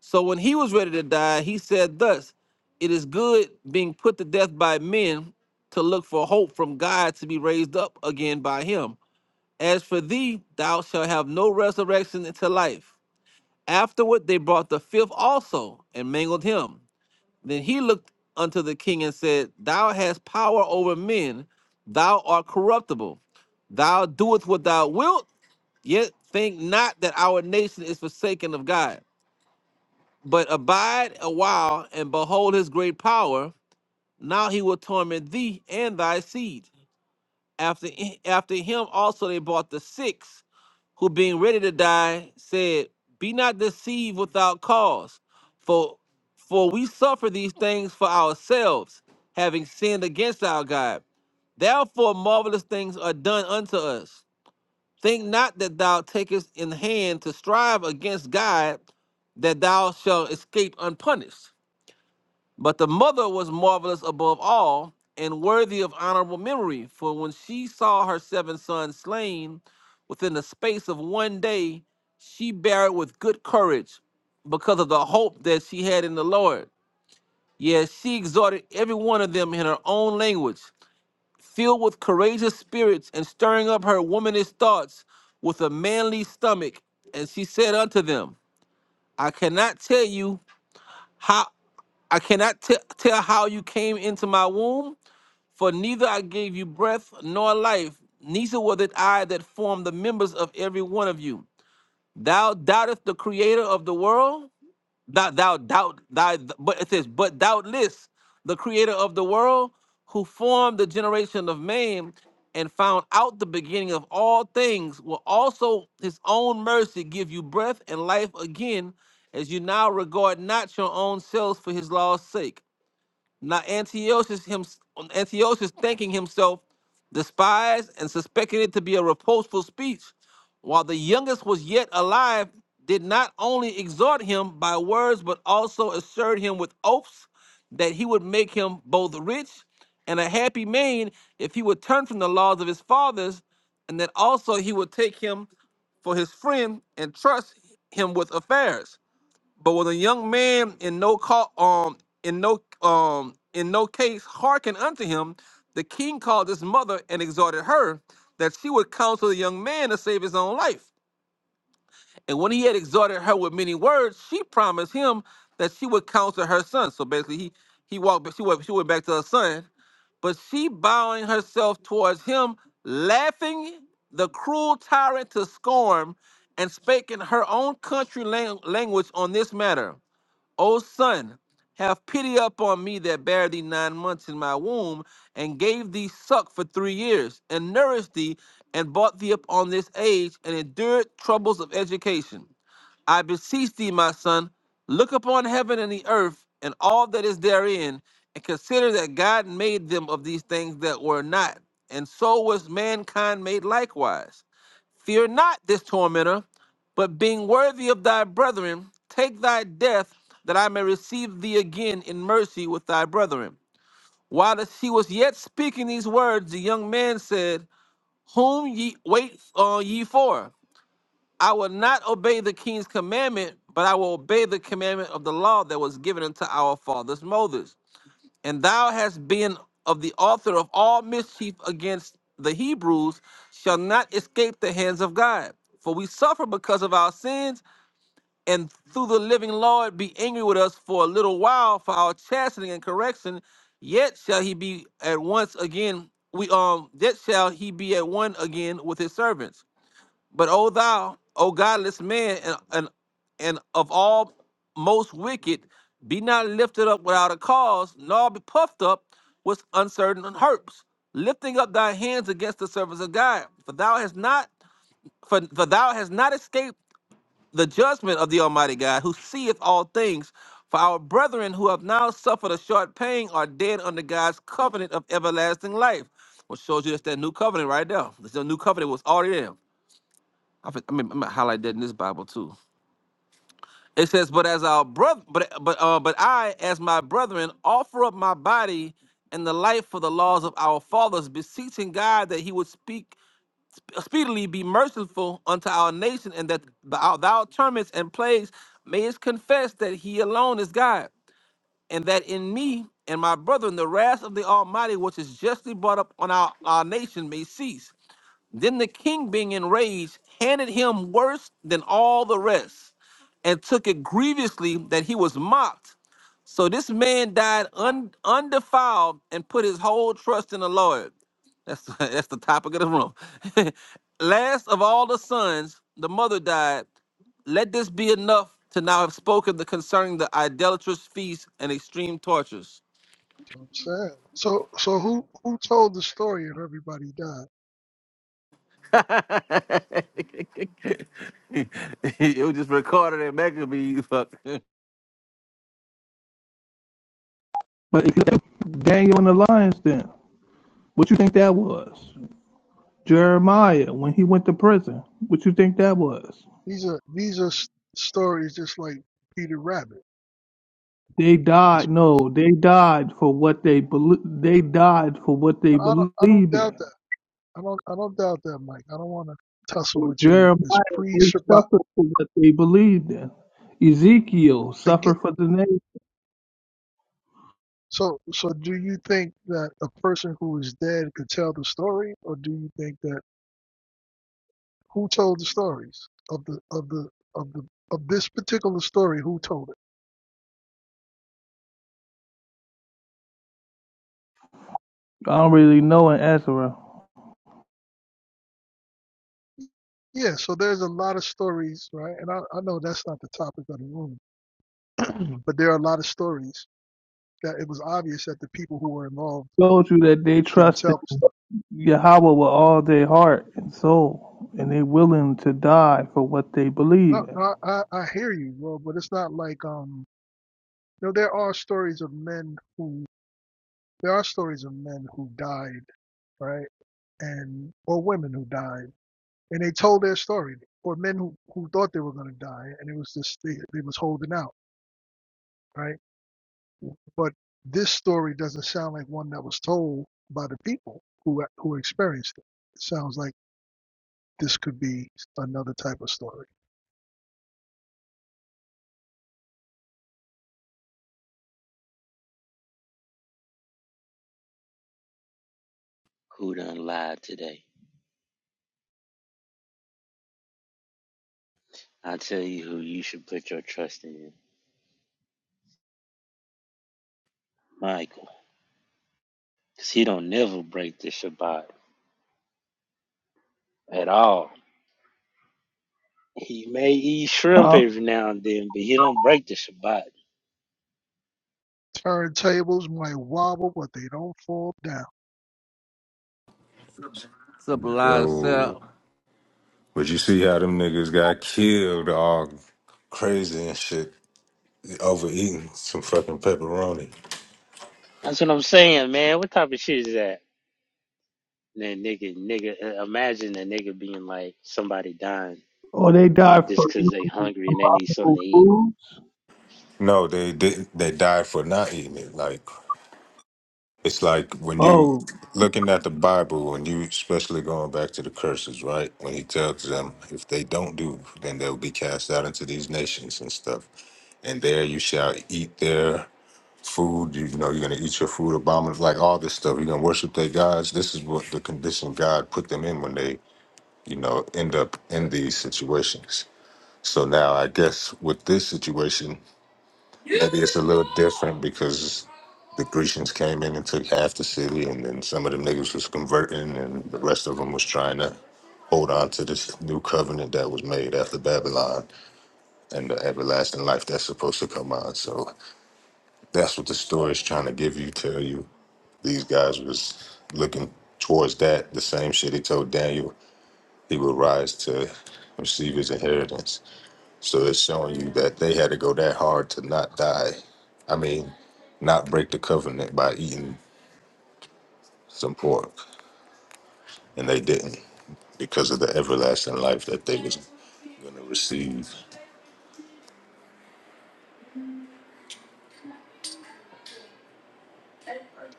Speaker 3: So when he was ready to die, he said, Thus, it is good being put to death by men to look for hope from God to be raised up again by him. As for thee, thou shalt have no resurrection into life. Afterward, they brought the fifth also and mangled him. Then he looked unto the king and said, Thou hast power over men, thou art corruptible. Thou doest what thou wilt, yet think not that our nation is forsaken of God. But abide a while and behold his great power. Now he will torment thee and thy seed. After, after him also they brought the six, who being ready to die said, Be not deceived without cause, for for we suffer these things for ourselves, having sinned against our God. Therefore marvelous things are done unto us. Think not that thou takest in hand to strive against God, that thou shalt escape unpunished. But the mother was marvelous above all and worthy of honorable memory, for when she saw her seven sons slain within the space of one day, she bare it with good courage because of the hope that she had in the Lord. Yes, she exhorted every one of them in her own language, filled with courageous spirits and stirring up her womanish thoughts with a manly stomach. And she said unto them, I cannot tell you how. I cannot t- tell how you came into my womb, for neither I gave you breath nor life, neither was it I that formed the members of every one of you. Thou doubtest the creator of the world, thou, thou doubt thy but it says, but doubtless the creator of the world who formed the generation of man and found out the beginning of all things will also his own mercy give you breath and life again as you now regard not your own selves for his law's sake now Antiochus, him, Antiochus thinking himself despised and suspected it to be a reproachful speech, while the youngest was yet alive, did not only exhort him by words, but also assured him with oaths that he would make him both rich and a happy man if he would turn from the laws of his fathers, and that also he would take him for his friend and trust him with affairs. But when a young man in no call, um, in no, um, in no case hearkened unto him, the king called his mother and exhorted her that she would counsel the young man to save his own life. And when he had exhorted her with many words, she promised him that she would counsel her son. So basically, he he walked, she went, she went back to her son, but she bowing herself towards him, laughing the cruel tyrant to scorn, and spake in her own country lang- language on this matter. O son, have pity upon me that bare thee nine months in my womb, and gave thee suck for three years, and nourished thee, and brought thee up on this age, and endured troubles of education. I beseech thee, my son, look upon heaven and the earth, and all that is therein, and consider that God made them of these things that were not, and so was mankind made likewise. Fear not this tormentor, but being worthy of thy brethren, take thy death, that I may receive thee again in mercy with thy brethren. While she was yet speaking these words, the young man said, Whom ye wait uh, ye for? I will not obey the king's commandment, but I will obey the commandment of the law that was given unto our fathers Moses and thou hast been of the author of all mischief against the Hebrews, shall not escape the hands of God. For we suffer because of our sins, and through the living Lord be angry with us for a little while for our chastening and correction. Yet shall he be at once again. We um. Yet shall he be at one again with his servants. But O thou, O godless man, and, and and of all most wicked, be not lifted up without a cause, nor be puffed up with uncertain hopes, lifting up thy hands against the servants of God. For thou hast not, for, for thou hast not escaped the judgment of the Almighty God, who seeth all things. For our brethren who have now suffered a short pain are dead under God's covenant of everlasting life. Which shows you that's that new covenant right there. This new covenant was already there. I, fin- I mean, I'm gonna highlight that in this Bible too. It says, "But as our brother, but but uh, but I, as my brethren, offer up my body and the life for the laws of our fathers, beseeching God that He would speak speedily, be merciful unto our nation, and that thou, thou torments and plagues mayest confess that He alone is God, and that in me and my brethren the wrath of the Almighty, which is justly brought up on our, our nation, may cease." Then the king, being enraged, handed him worse than all the rest, and took it grievously that he was mocked. So this man died un, undefiled and put his whole trust in the Lord. That's that's the topic of the room. Last of all the sons, the mother died. Let this be enough to now have spoken the concerning the idolatrous feast and extreme tortures.
Speaker 10: I'm sad. So so who who told the story of everybody died?
Speaker 3: it was just recorded at Mega you fuck.
Speaker 9: But if you look at Daniel in the lion's den, what you think that was? Jeremiah when he went to prison, what you think that was?
Speaker 10: These are these are s- stories just like Peter Rabbit.
Speaker 9: They
Speaker 10: It's,
Speaker 9: died. No, they died for what they believe. They died for what they
Speaker 10: no, I don't
Speaker 9: believe
Speaker 10: I don't
Speaker 9: in.
Speaker 10: doubt that. I don't I don't doubt that, Mike. I don't want to tussle with you. It's
Speaker 9: Jeremiah,
Speaker 10: pre
Speaker 9: they
Speaker 10: Shabbat.
Speaker 9: suffered for what they believed in. Ezekiel
Speaker 10: I get
Speaker 9: suffered
Speaker 10: it.
Speaker 9: for the nation.
Speaker 10: So so do you think that a person who is dead could tell the story, or do you think that who told the stories of the of the of the of this particular story? Who told it?
Speaker 9: I don't really know in Ezra.
Speaker 10: Yeah, so there's a lot of stories, right? And I, I know that's not the topic of the room, but there are a lot of stories that it was obvious that the people who were involved
Speaker 9: Told you that they
Speaker 10: didn't
Speaker 9: trusted
Speaker 10: tell the story.
Speaker 9: Yahweh with all their heart and soul, and they willing to die for what they believe
Speaker 10: No,
Speaker 9: in.
Speaker 10: no I, I hear you, bro, but it's not like, um, you know, there are stories of men who, there are stories of men who died, right? And, or women who died, and they told their story, or men who, who thought they were going to die, and it was just, they, they was holding out, right? But this story doesn't sound like one that was told by the people who who experienced it. It sounds like this could be another type of story.
Speaker 11: who done lied today. I tell you who you should put your trust in, Michael, because he don't never break the Shabbat at all. He may eat shrimp
Speaker 9: Huh?
Speaker 11: every now and then, but he don't break the Shabbat.
Speaker 10: Turntables might wobble, but they don't fall down.
Speaker 3: Sublime
Speaker 1: Yo,
Speaker 3: self.
Speaker 1: but you see how them niggas got killed all crazy and shit overeating some fucking pepperoni.
Speaker 11: That's what I'm saying, man. What type of shit is that? That nigga, nigga, uh, imagine a nigga being like somebody dying
Speaker 9: Or they died
Speaker 11: just
Speaker 9: for
Speaker 11: cause they
Speaker 9: eating
Speaker 11: hungry and they need something
Speaker 9: abominable
Speaker 11: to eat.
Speaker 9: foods.
Speaker 1: No, they did. They died for not eating it. Like it's like when you
Speaker 9: Oh,
Speaker 1: looking at the Bible, when you especially going back to the curses, right? When he tells them if they don't do, then they'll be cast out into these nations and stuff. And there you shall eat their food. You know you're gonna eat your food, abominable, like all this stuff. You're gonna worship their gods. This is what the condition God put them in when they, you know, end up in these situations. So now I guess with this situation, maybe it's a little different because the Grecians came in and took half the city, and then some of them niggas was converting, and the rest of them was trying to hold on to this new covenant that was made after Babylon and the everlasting life that's supposed to come on. So that's what the story is trying to give you, tell you. These guys was looking towards that, the same shit he told Daniel he would rise to receive his inheritance. So it's showing you that they had to go that hard to not die. I mean, not break the covenant by eating some pork, and they didn't because of the everlasting life that they was going to receive.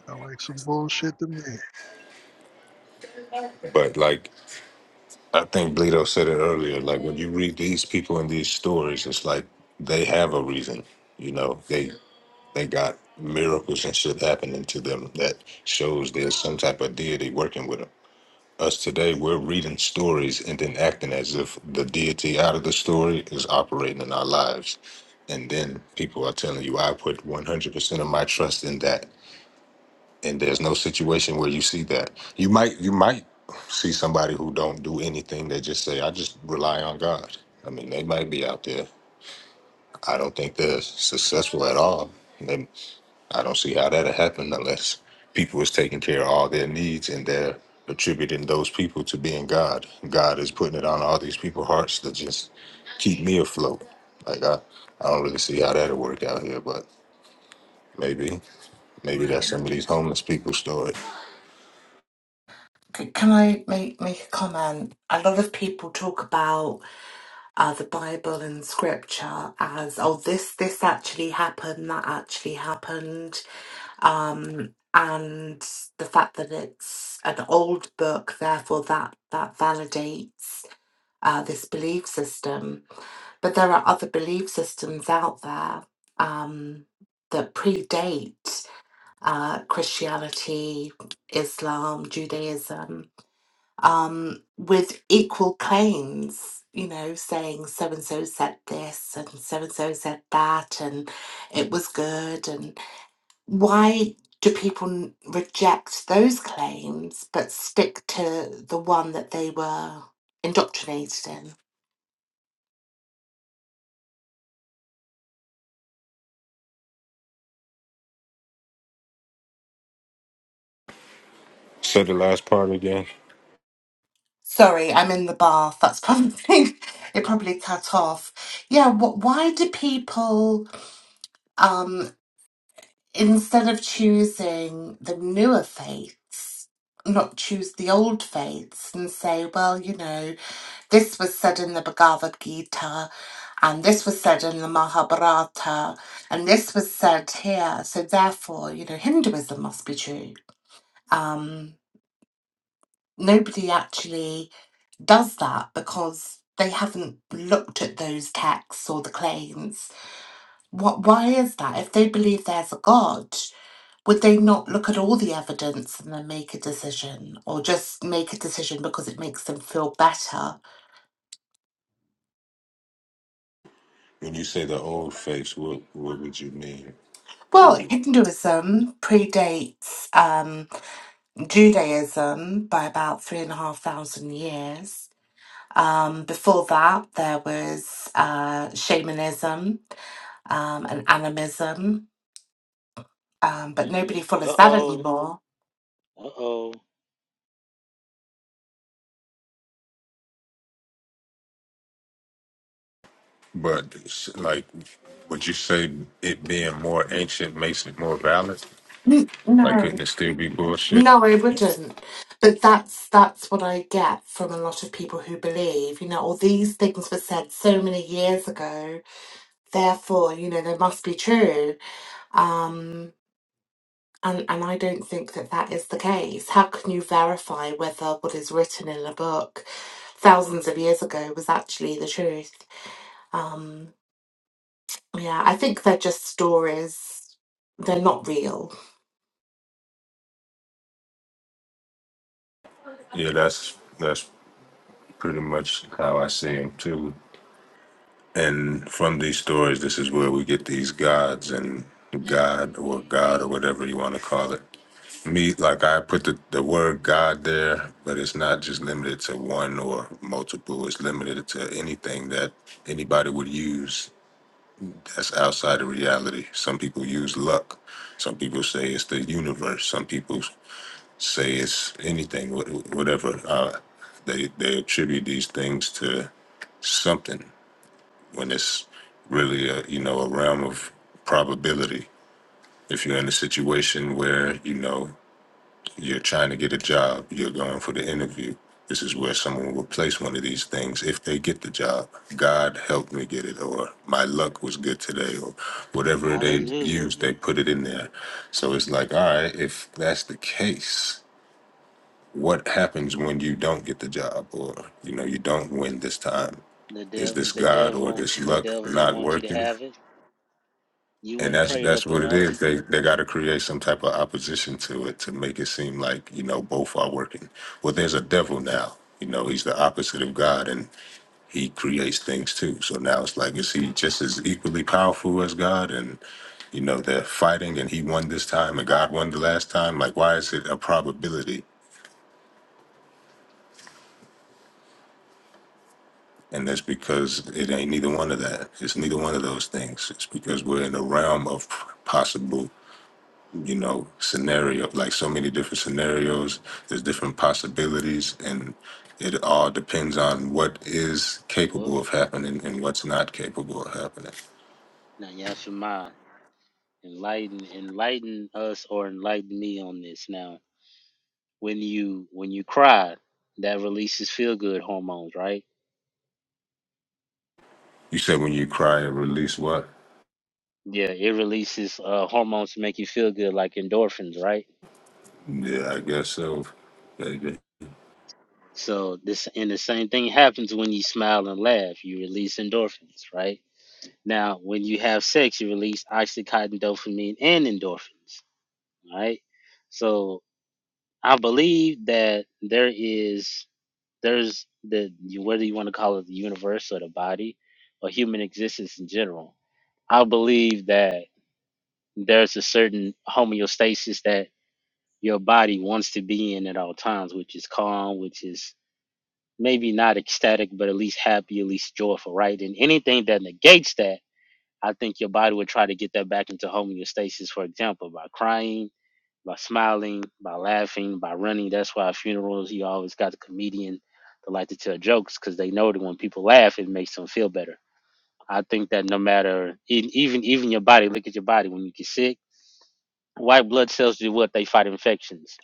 Speaker 10: Sound like some bullshit to me.
Speaker 1: But like I think Bleedo said it earlier, like when you read these people in these stories, it's like they have a reason. You know, they they got miracles and shit happening to them that shows there's some type of deity working with them. Us today, we're reading stories and then acting as if the deity out of the story is operating in our lives. And then people are telling you, I put 100% of my trust in that. And there's no situation where you see that. You might, you might see somebody who don't do anything. They just say, I just rely on God. I mean, they might be out there. I don't think they're successful at all. I don't see how that'll happen unless people is taking care of all their needs and they're attributing those people to being God. God is putting it on all these people's hearts to just keep me afloat. Like I, I don't really see how that'll work out here, but maybe, maybe
Speaker 12: Yeah.
Speaker 1: that's some of these homeless people's story.
Speaker 12: C- Can I make, make a comment? A lot of people talk about uh, the Bible and scripture as, oh, this, this actually happened, that actually happened. Um, and the fact that it's an old book, therefore that, that validates uh, this belief system. But there are other belief systems out there um, that predate uh, Christianity, Islam, Judaism um, with equal claims, you know, saying so and so said this and so and so said that and it was good. And why do people n- reject those claims but stick to the one that they were indoctrinated in?
Speaker 1: Say the last part again.
Speaker 12: Sorry, I'm in the bath. That's probably it. Probably cut off. Yeah. What? why do people? Um, instead of choosing the newer faiths, not choose the old faiths and say, well, you know, this was said in the Bhagavad Gita and this was said in the Mahabharata and this was said here. So therefore, you know, Hinduism must be true. Um, nobody actually does that because they haven't looked at those texts or the claims. What, why is that? If they believe there's a God, would they not look at all the evidence and then make a decision or just make a decision because it makes them feel better
Speaker 1: When you say the old faiths, what what would you mean?
Speaker 12: well
Speaker 1: What,
Speaker 12: hinduism predates um, judaism by about three and a half thousand years um, before that there was uh, shamanism um, and animism um, but nobody
Speaker 11: Mm-mm.
Speaker 12: follows
Speaker 11: Uh
Speaker 12: that
Speaker 11: oh.
Speaker 12: anymore
Speaker 11: Uh oh.
Speaker 1: but s- like, would you say it being more ancient makes it more valid?
Speaker 12: N-
Speaker 1: Like,
Speaker 12: no
Speaker 1: couldn't it still be bullshit?
Speaker 12: No, I wouldn't. But that's that's what I get from a lot of people who believe, you know, all these things were said so many years ago, therefore, you know, they must be true. Um, and and I don't think that that is the case. How can you verify whether what is written in a book thousands of years ago was actually the truth? Um, yeah, I think they're just stories. They're not real.
Speaker 1: Yeah, that's that's pretty much how I see him too. And from these stories, this is where we get these gods and God or God or whatever you want to call it. Me, like I put the, the word God there, but it's not just limited to one or multiple. It's limited to anything that anybody would use that's outside of reality. Some people use luck. Some people say it's the universe. Some people say it's anything, wh- whatever. Uh, they they attribute these things to something when it's really a you know a realm of probability. If you're in a situation where you know you're trying to get a job, you're going for the interview. This is where someone will place one of these things if they get the job. God helped me get it, or my luck was good today, or whatever they use, they
Speaker 11: Hallelujah.
Speaker 1: put it in there. So it's like, all right, if that's the case, what happens when you don't get the job or you know you don't win this time
Speaker 11: The
Speaker 1: is
Speaker 11: devil,
Speaker 1: this
Speaker 11: the
Speaker 1: god or
Speaker 11: devil,
Speaker 1: this
Speaker 11: the
Speaker 1: luck
Speaker 11: devil didn't
Speaker 1: not
Speaker 11: want you to
Speaker 1: working
Speaker 11: have it. You
Speaker 1: and
Speaker 11: wasn't
Speaker 1: that's
Speaker 11: prayed
Speaker 1: that's
Speaker 11: up
Speaker 1: what it
Speaker 11: enough.
Speaker 1: is they they got to create some type of opposition to it to make it seem like you know both are working well there's a devil now you know he's the opposite of god and he creates things too so now it's like is he just as equally powerful as god and you know they're fighting and he won this time and god won the last time like why is it a probability And that's because it ain't neither one of that. It's neither one of those things. It's because we're in the realm of possible, you know, scenario, like so many different scenarios. There's different possibilities, and it all depends on what is
Speaker 11: Well,
Speaker 1: capable of happening and what's not capable of happening.
Speaker 11: now Yashima, enlighten enlighten us or enlighten me on this now. When you when you cry, that releases feel good hormones, right?
Speaker 1: You said when you cry, it release what?
Speaker 11: Yeah, it releases uh, hormones to make you feel good, like endorphins, right?
Speaker 1: Yeah, I guess so. baby.
Speaker 11: So this and the same thing happens when you smile and laugh. You release endorphins, right? Now, when you have sex, you release oxytocin, dopamine, and endorphins, right? So I believe that there is. There's the whether you want to call it the universe or the body or human existence in general. I believe that there's a certain homeostasis that your body wants to be in at all times, which is calm, which is maybe not ecstatic, but at least happy, at least joyful, right? And anything that negates that, I think your body would try to get that back into homeostasis, for example, by crying by smiling, by laughing, by running. That's why at funerals you always got the comedian that like to tell jokes because they know that when people laugh, it makes them feel better. I think that no matter e- even even your body, look at your body when you get sick. White blood cells do what they fight infections,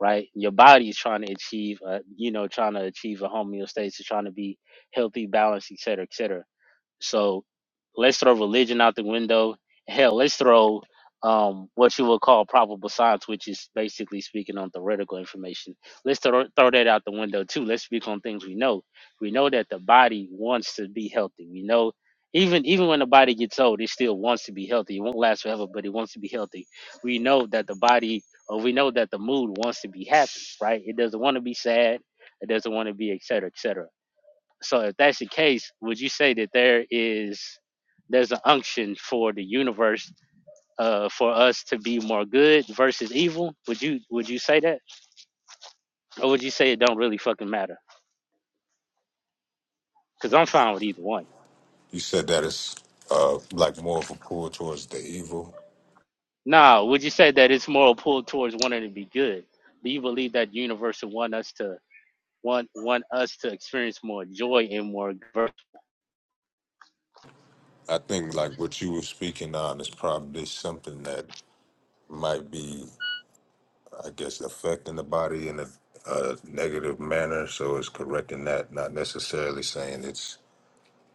Speaker 11: right? Your body is trying to achieve, uh, you know, trying to achieve a homeostasis, trying to be healthy, balanced, et cetera, et cetera. So let's throw religion out the window. Hell, let's throw um, what you would call probable science, which is basically speaking on theoretical information. Let's throw, throw that out the window too. Let's speak on things we know. We know that the body wants to be healthy. We know even even when the body gets old, it still wants to be healthy. It won't last forever, but it wants to be healthy. We know that the body, or we know that the mood wants to be happy, right? It doesn't want to be sad. It doesn't want to be et cetera, et cetera so if that's the case, would you say that there is there's an unction for the universe uh for us to be more good versus evil? Would you would you say that? Or would you say it don't really fucking matter? Cuz I'm fine with either one.
Speaker 1: You said that it's uh, like more of a pull towards the evil.
Speaker 11: Now, would you say that it's more pulled towards wanting to be good? Do you believe that universe would want us to want want us to experience more joy and more good?
Speaker 1: I think like what you were speaking on is probably something that might be, I guess, affecting the body in a, a negative manner. So it's correcting that, not necessarily saying it's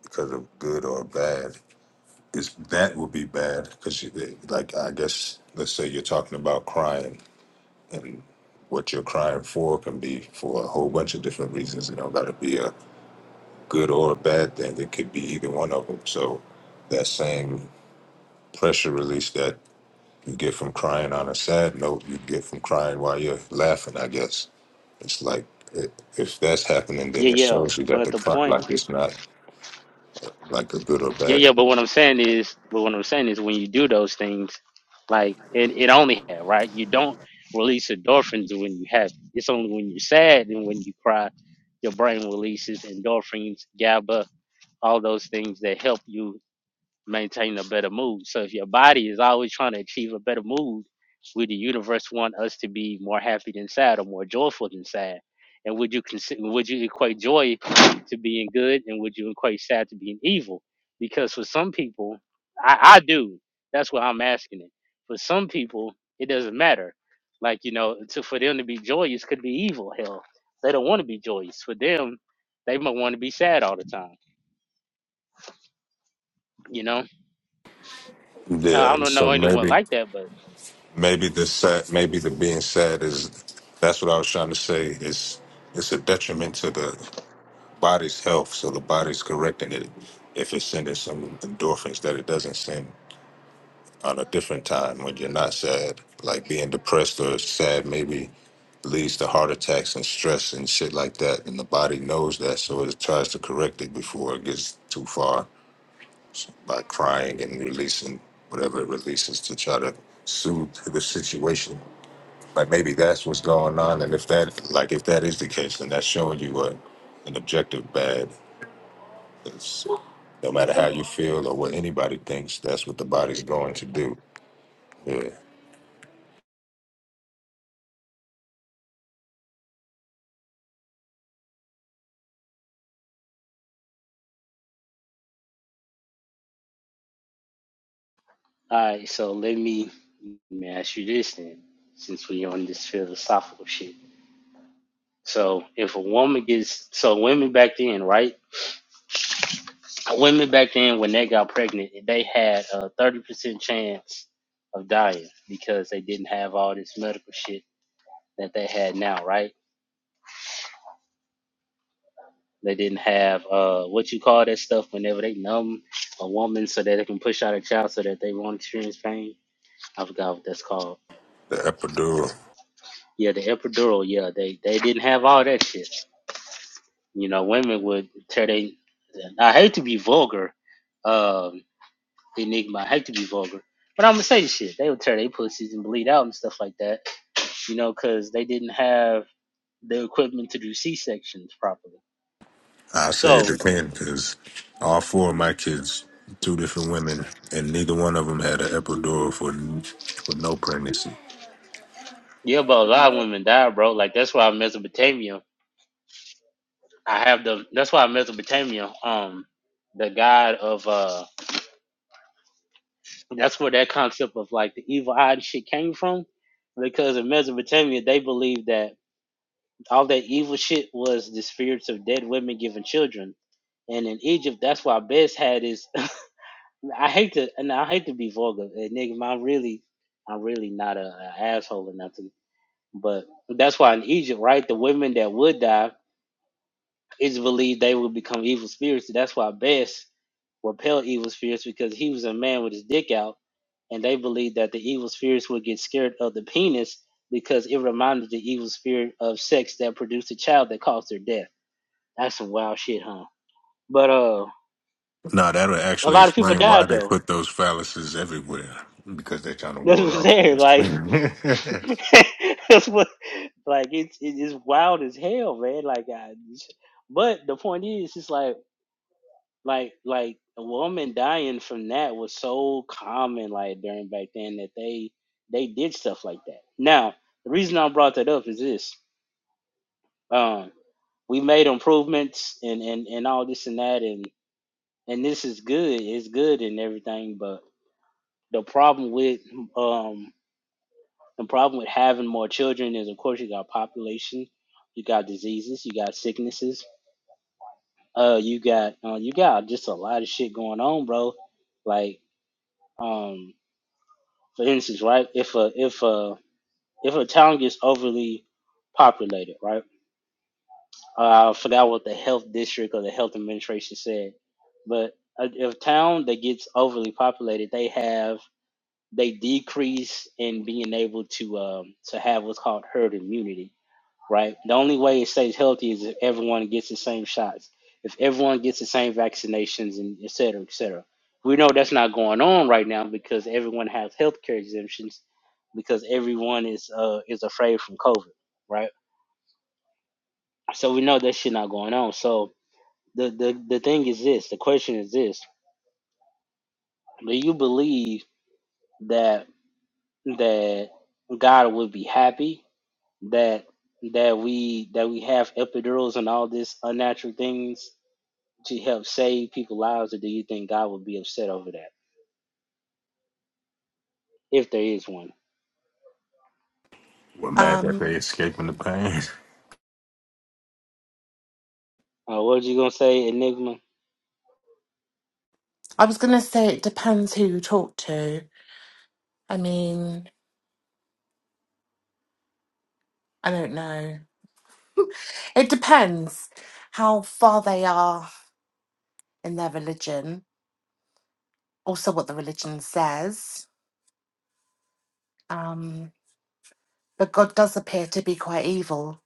Speaker 1: because of good or bad. It's that would be bad because, like, I guess, let's say you're talking about crying and what you're crying for can be for a whole bunch of different reasons. It don't got to be a good or a bad thing. It could be either one of them. So that same pressure release that You get from crying on a sad note, you get from crying while you're laughing, I guess. It's like, it, if that's happening, then
Speaker 11: Yeah,
Speaker 1: it
Speaker 11: yeah.
Speaker 1: shows you that
Speaker 11: But
Speaker 1: the
Speaker 11: the
Speaker 1: cry,
Speaker 11: point
Speaker 1: like, it's not like a good or
Speaker 11: Yeah,
Speaker 1: bad.
Speaker 11: yeah, but
Speaker 1: thing.
Speaker 11: what I'm saying is, but what I'm saying is, when you do those things, like it, it only have right. You don't release endorphins when you have. It's only when you're sad and when you cry, your brain releases endorphins, GABA, all those things that help you maintain a better mood. So if your body is always trying to achieve a better mood, would the universe want us to be more happy than sad or more joyful than sad? And would you consider would you equate joy to being good and would you equate sad to being evil? Because for some people, I, I do. That's what I'm asking it. For some people, it doesn't matter. Like, you know, to for them to be joyous could be evil. Hell. They don't want to be joyous. For them, they might want to be sad all the time. You know? Hell, I
Speaker 1: Yeah.
Speaker 11: don't know
Speaker 1: So
Speaker 11: anyone
Speaker 1: maybe,
Speaker 11: like that, but
Speaker 1: maybe the sad, maybe the being sad is, that's what I was trying to say. Is it's a detriment to the body's health. So the body's correcting it if it's sending some endorphins that it doesn't send. on a different time when you're not sad. Like being depressed or sad maybe leads to heart attacks and stress and shit like that. And the body knows that, so it tries to correct it before it gets too far by crying and releasing whatever it releases to try to soothe the situation. Like maybe that's what's going on. And if that, like, if that is the case, then that's showing you what an objective bad is. No matter how you feel or what anybody thinks, that's what the
Speaker 11: There
Speaker 1: body's
Speaker 11: we
Speaker 1: going
Speaker 11: go.
Speaker 1: to do. Yeah.
Speaker 11: All right, so let me, let me ask you this then, since we are on this philosophical shit. So if a woman gets, so women back then, right? Women back then, when they got pregnant, they had a thirty percent chance of dying because they didn't have all this medical shit that they had now, right? They didn't have uh what you call that stuff whenever they numb a woman so that they can push out a child so that they won't experience pain. I forgot what that's called
Speaker 1: The epidural.
Speaker 11: Yeah, the epidural. Yeah, they they didn't have all that shit. You know, women would tear they. I hate to be vulgar, um, enigma. I hate to be vulgar, but I'm gonna say this shit. They would tear their pussies and bleed out and stuff like that. You know, because they didn't have the equipment to do C sections properly.
Speaker 1: I say
Speaker 11: So
Speaker 1: it depends because all four of my kids, two different women, and neither one of them had an epidural for for no pregnancy.
Speaker 11: yeah, but a lot of women die, bro. Like that's why Mesopotamia. I have the. That's why Mesopotamia. Um, the god of uh And that's where that concept of like the evil eye and shit came from. Because in Mesopotamia, they believed that all that evil shit was the spirits of dead women giving children. And in Egypt, that's why Bess had his. I hate to, and I hate to be vulgar, and nigga, I'm really, I'm really not a, a asshole or nothing. But that's why in Egypt, right, the women that would die, it's believed they would become evil spirits. That's why Bess repel evil spirits because he was a man with his dick out, and they believed that the evil spirits would get scared of the penis because it reminded the evil spirit of sex that produced a child that caused their death. That's some wild shit, huh? But uh,
Speaker 1: Now that'll
Speaker 11: a
Speaker 1: actually
Speaker 11: lot of people
Speaker 1: explain why
Speaker 11: died
Speaker 1: they
Speaker 11: though.
Speaker 1: put those phalluses everywhere because they're trying to
Speaker 11: That's
Speaker 1: ward
Speaker 11: what I'm
Speaker 1: off.
Speaker 11: saying. Like, that's what, like it's it is wild as hell, man. Like, I, but the point is, it's like like like a woman dying from that was so common like during back then that they they did stuff like that. Now, the reason I brought that up is this. Um we made improvements and, and, and all this and that and, and this is good. It's good and everything, but the problem with um the problem with having more children is of course you got population, you got diseases, you got sicknesses, uh you got uh, you got just a lot of shit going on, bro. Like um for instance, right? If a if a if a town gets overly populated, right? Uh, I forgot what the health district or the health administration said, but a, if a town that gets overly populated, they have they decrease in being able to um, to have what's called herd immunity right? The only way it stays healthy is if everyone gets the same shots, if everyone gets the same vaccinations, and et cetera, et cetera. We know that's not going on right now because everyone has healthcare exemptions because everyone is uh, is afraid from COVID, right? So we know that shit not going on. So the, the the thing is this, the question is this: Do you believe that that God would be happy that that we that we have epidurals and all this unnatural things to help save people lives, or do you think God would be upset over that if there is one?
Speaker 1: We're mad that
Speaker 12: Um,
Speaker 1: they escaping the pain.
Speaker 11: Uh, what was you gonna say, Enigma?
Speaker 12: I was gonna say it depends who you talk to. I mean, I don't know. It depends how far they are in their religion, also what the religion says. Um, but God does appear to be quite evil.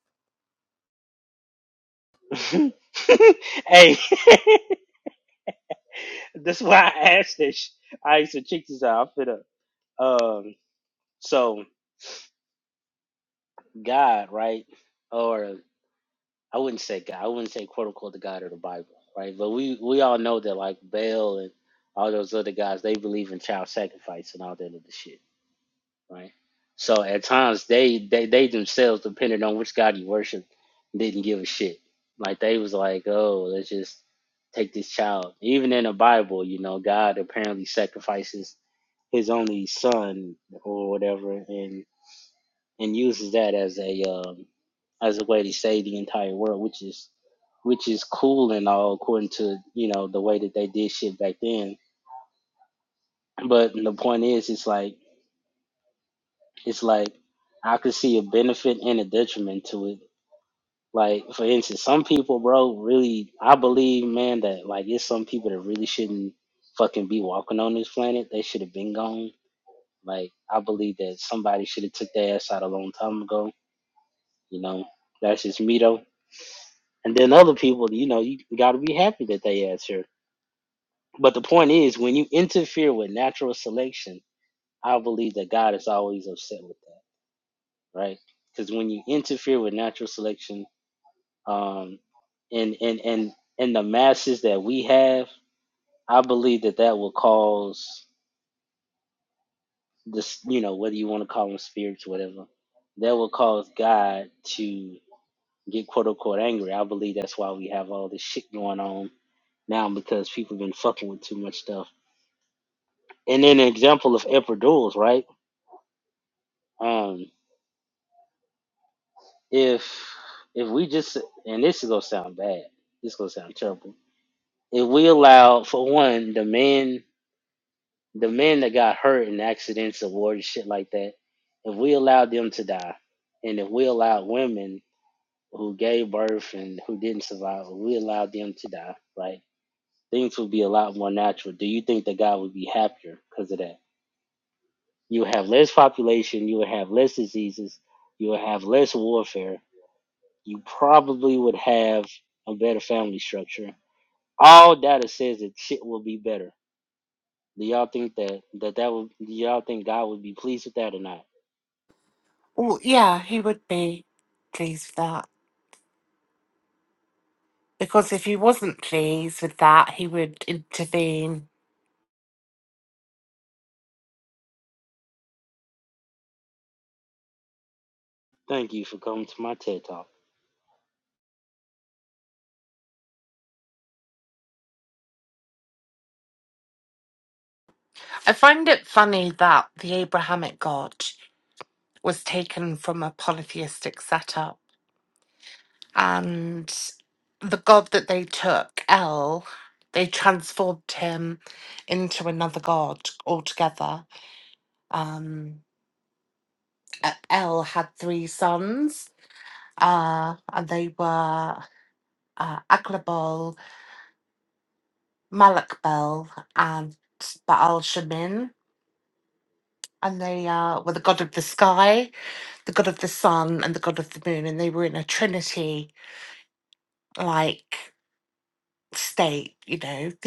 Speaker 11: hey, that's why I asked this. I used to check this out. I'm finna. Um, so God, right? Or I wouldn't say God. I wouldn't say quote unquote the God of the Bible, right? But we we all know that like Baal and all those other guys, they believe in child sacrifice and all that other shit. right? So at times they they they themselves, depending on which god you worship, didn't give a shit. Like they was like, oh, let's just take this child. Even in the Bible, you know, God apparently sacrifices His only Son or whatever, and and uses that as a um, as a way to save the entire world, which is which is cool and all according to you know the way that they did shit back then. But the point is, it's like it's like I could see a benefit and a detriment to it. Like for instance, some people, bro, really I believe, man, that like it's some people that really shouldn't fucking be walking on this planet. They should have been gone. Like I believe that somebody should have took their ass out a long time ago. You know, that's just me though. And then other people, you know, you gotta be happy that they ass here. But the point is, when you interfere with natural selection, I believe that God is always upset with that, right? Because when you interfere with natural selection, um, and and and and the masses that we have, I believe that that will cause this, you know, whether you want to call them spirits, whatever, that will cause God to get quote unquote angry. I believe that's why we have all this shit going on now because people been fucking with too much stuff. And then an example of emperor duels, right? Um, if if we just and this is gonna sound bad, this is gonna sound terrible. If we allow for one the men the men that got hurt in accidents of war and shit like that, if we allowed them to die, and if we allowed women who gave birth and who didn't survive, if we allowed them to die, right? Things would be a lot more natural. Do you think that God would be happier because of that? You would have less population, you would have less diseases, you would have less warfare, you probably would have a better family structure. All data says that shit will be better. Do y'all think that that, that would do y'all think God would be pleased with that or not?
Speaker 12: Well, yeah, he would be pleased with that. Because if he wasn't pleased with that, he would intervene.
Speaker 11: Thank you for coming to my TED Talk.
Speaker 12: I find it funny that the Abrahamic God was taken from a polytheistic setup. and the god that they took, El, they transformed him into another god altogether. Um, E- El had three sons, uh, and they were uh, Aglabol, Malakbel, and Baal Shemin. And they uh, were the god of the sky, the god of the sun, and the god of the moon, and they were in a trinity, like. state, you know.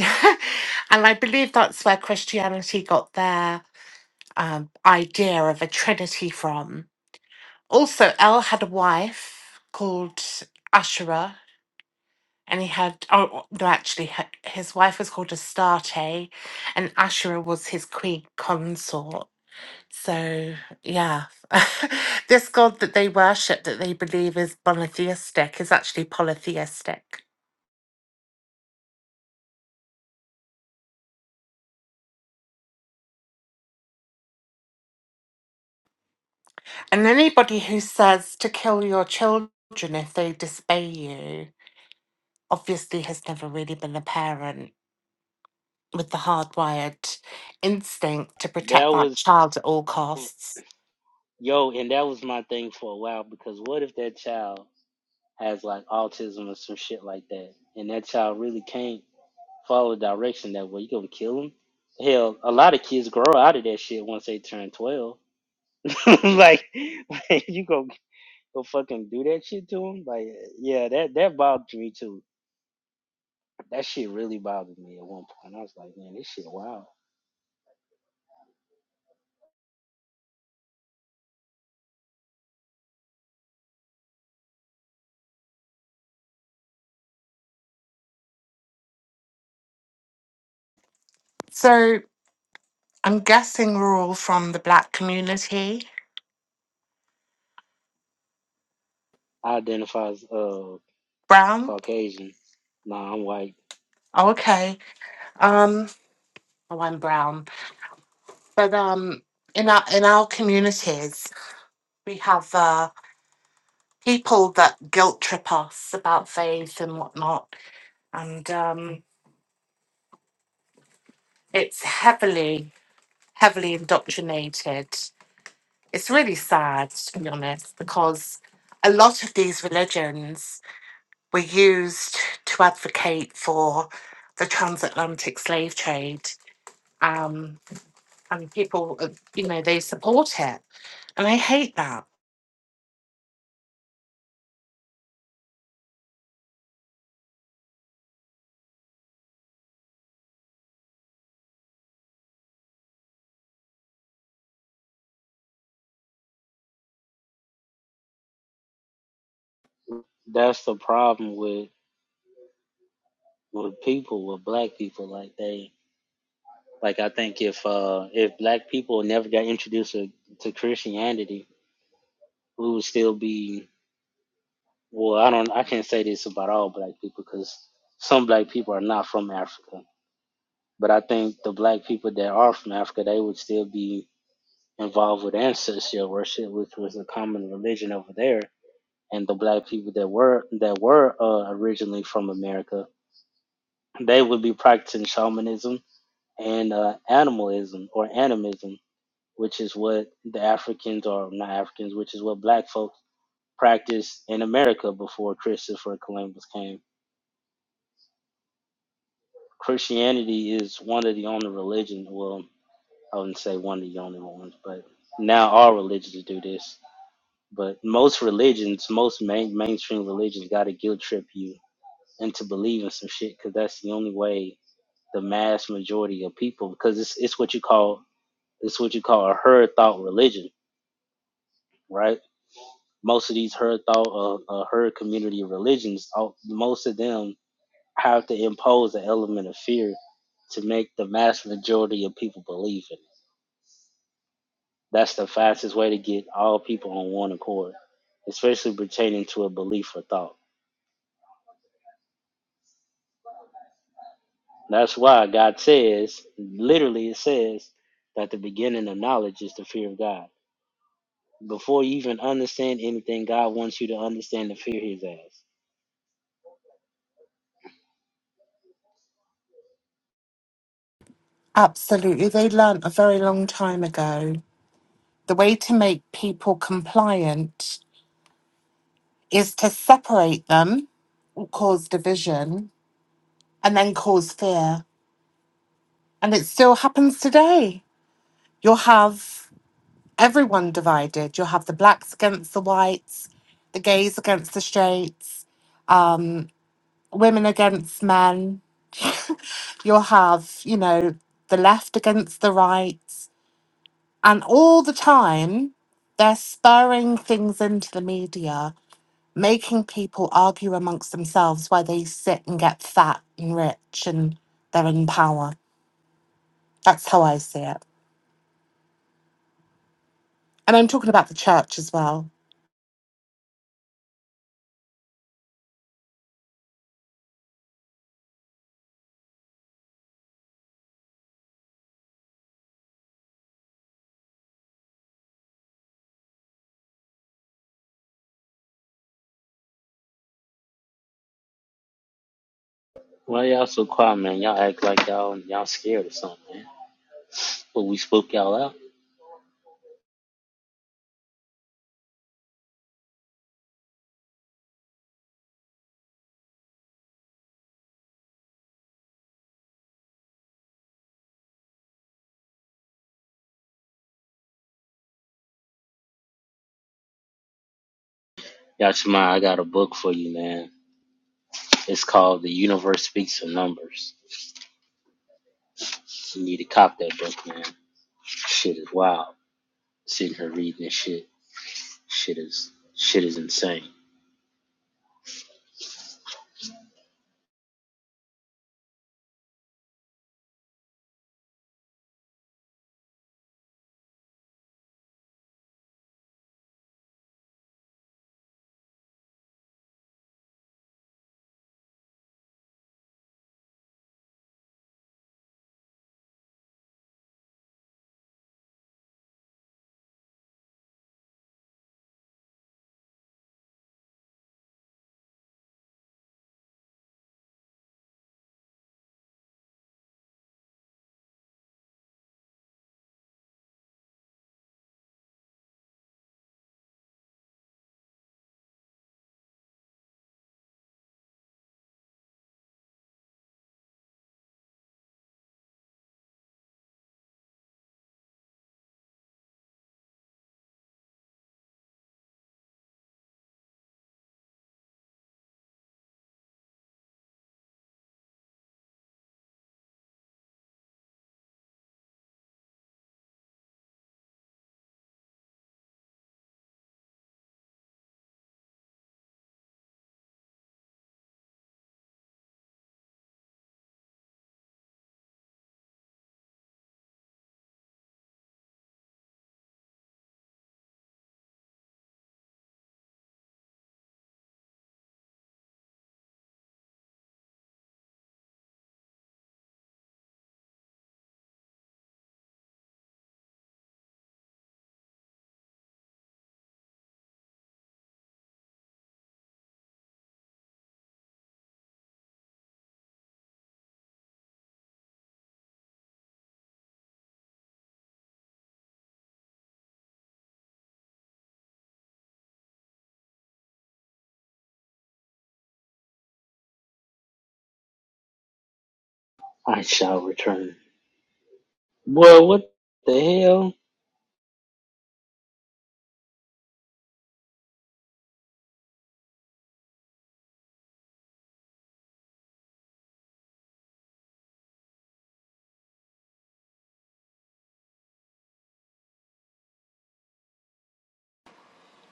Speaker 12: and I believe that's where Christianity got their um, idea of a trinity from. Also, El had a wife called Ashera, and he had, oh, no, actually, h- his wife was called Astarte, and Ashera was his queen consort. So, yeah, this god that they worship, that they believe is monotheistic, is actually polytheistic. And anybody who says to kill your children if they disobey you obviously has never really been a parent with the hardwired instinct to
Speaker 11: That
Speaker 12: protect that
Speaker 11: was,
Speaker 12: child at all costs.
Speaker 11: yo, and that was my thing for a while because what if that child has like autism or some shit like that, and that child really can't follow direction that way? You gonna kill him? Hell, a lot of kids grow out of that shit once they turn twelve. like, like, you go go fucking do that shit to him? Like, yeah, that that bothered me too. That shit really bothered me at one point. I was like, man, this shit wild.
Speaker 12: So I'm guessing we're all from the black community.
Speaker 11: I identify as uh
Speaker 12: Brown?
Speaker 11: Caucasian. Nah, I'm white.
Speaker 12: Oh, okay. Um, oh, I'm brown. But um, in our in our communities, we have uh, people that guilt trip us about faith and whatnot, and um, It's heavily, heavily indoctrinated. It's really sad, to be honest, because a lot of these religions were used to advocate for the transatlantic slave trade. Um, and people, uh, you know, they support it. And I hate that.
Speaker 11: that's the problem with with people with black people like they like i think if uh if black people never got introduced to, to christianity we would still be well i don't i can't say this about all black people because some black people are not from africa but i think the black people that are from africa they would still be involved with ancestral worship which was a common religion over there and the black people that were that were uh, originally from america they would be practicing shamanism and uh, animalism or animism, which is what the Africans or not Africans, which is what black folks practiced in America before Christopher Columbus came. Christianity is one of the only religions, well, I wouldn't say one of the only ones, but now all religions do this. But most religions, most main, mainstream religions, got to guilt trip you into believing some shit because that's the only way the mass majority of people, because it's, it's what you call it's what you call a herd thought religion right? Most of these herd thought uh, uh, herd community religions, all, most of them have to impose an element of fear to make the mass majority of people believe in it. That's the fastest way to get all people on one accord, especially pertaining to a belief or thought. That's why God says, literally, it says that the beginning of knowledge is the fear of God. Before you even understand anything, God wants you to understand the fear His ass.
Speaker 12: Absolutely. They learnt a very long time ago the way to make people compliant is to separate them, cause division, and then cause fear. And it still happens today. You'll have everyone divided. You'll have the blacks against the whites, the gays against the straights, um, women against men. You'll have, you know, the left against the right. And all the time, they're spurring things into the media, making people argue amongst themselves why they sit and get fat and rich and they're in power. That's how I see it. And I'm talking about the church as well.
Speaker 11: Why y'all so quiet, man? Y'all act like y'all y'all scared or something, man. But we spoke y'all out. Yachima, I got a book for you, man. It's called The Universe Speaks in Numbers. You need to cop that book, man. Shit is wild. Sitting here reading this shit. Shit is shit is insane. I shall return. Boy, what the hell?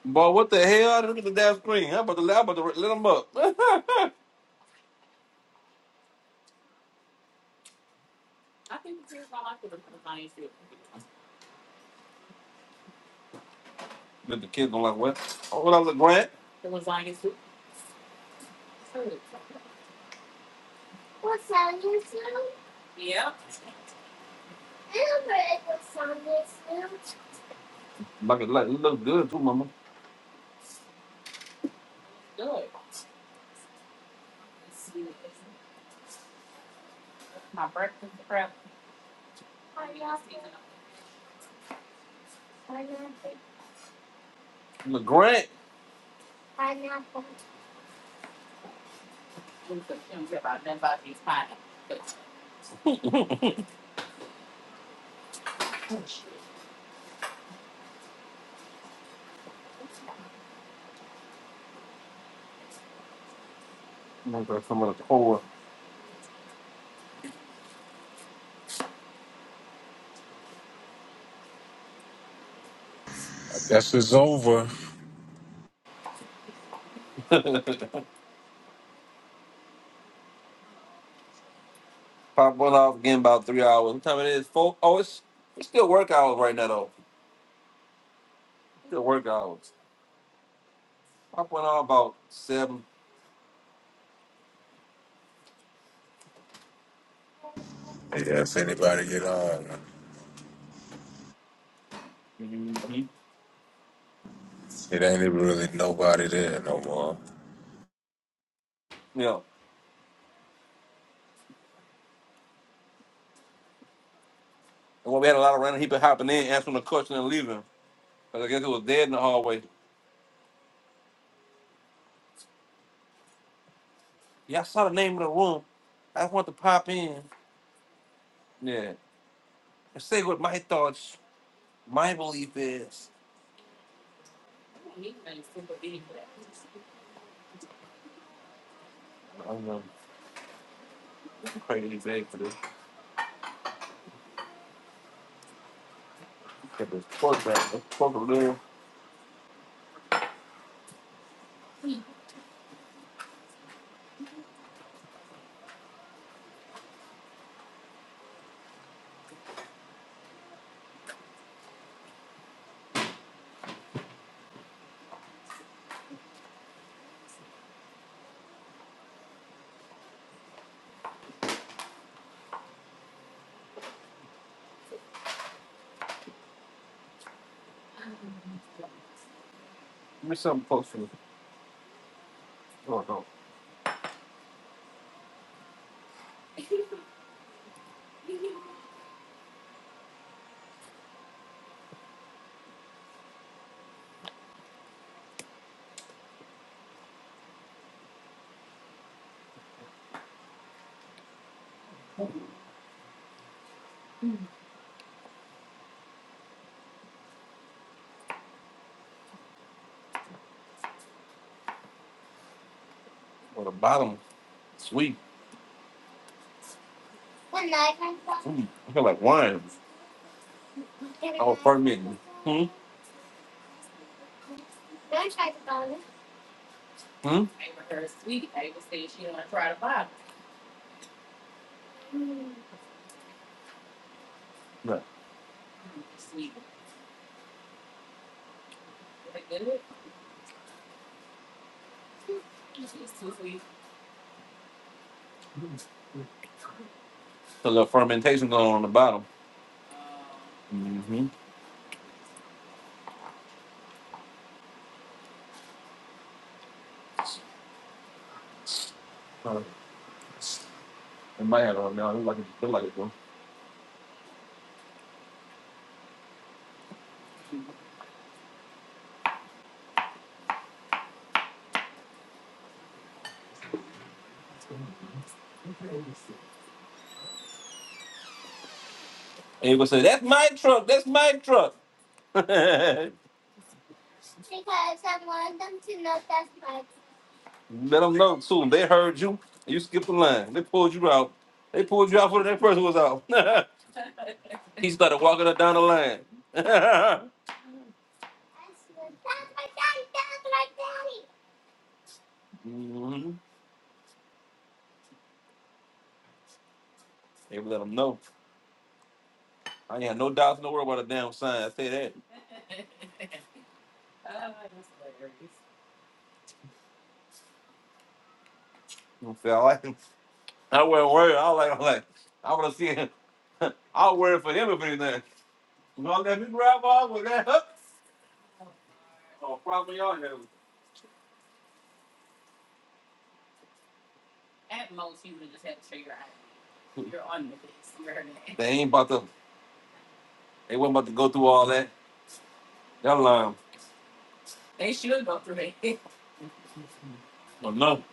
Speaker 3: Boy, what the hell? Look at the damn screen. I'm about to, i about to let them up. Let the kids don't like what? Oh, what I look Grant? Like it, like, it look good too, mama. Look Grant. I'm gonna grab some of the core.
Speaker 1: That's it's over.
Speaker 3: Pop one off again about three hours. What time it is? Four? Oh, it's it's still work hours right now though. Still work hours. Pop one off about 7
Speaker 1: Yes, anybody get on?
Speaker 3: hmm
Speaker 1: It ain't even really nobody there no more.
Speaker 3: Yeah. And when we had a lot of random people hopping in, answering the question and leaving. Because I guess it was dead in the hallway. Yeah, I saw the name of the room. I just want to pop in. Yeah. And say what my thoughts, my belief is. I don't know. I'm crazy big for this. Get this pork back. This pork over there. Give me something close to the, oh, no. oh, the bottom. Sweet. Mm. I feel like wine. Hmm? Yeah. A little fermentation going on, on the bottom. Mm-hmm. Uh, it might have on now. It look like it, look like it's going. And you gonna say, that's my truck. That's my truck. Let them know soon. They heard you. You skipped the line. They pulled you out. They pulled you out before that person was out. started walking up down the line. hmm They let them know. I ain't had no doubts in the world about a damn sign. I say that. You feel I like him. I wasn't worried. I was like, I was like, I want to see him. I was worried for him if anything. You know, let me grab on with that. Huh? Oh, problem, y'all have. They ain't about to. They wasn't about to go through all that. That line. Oh no.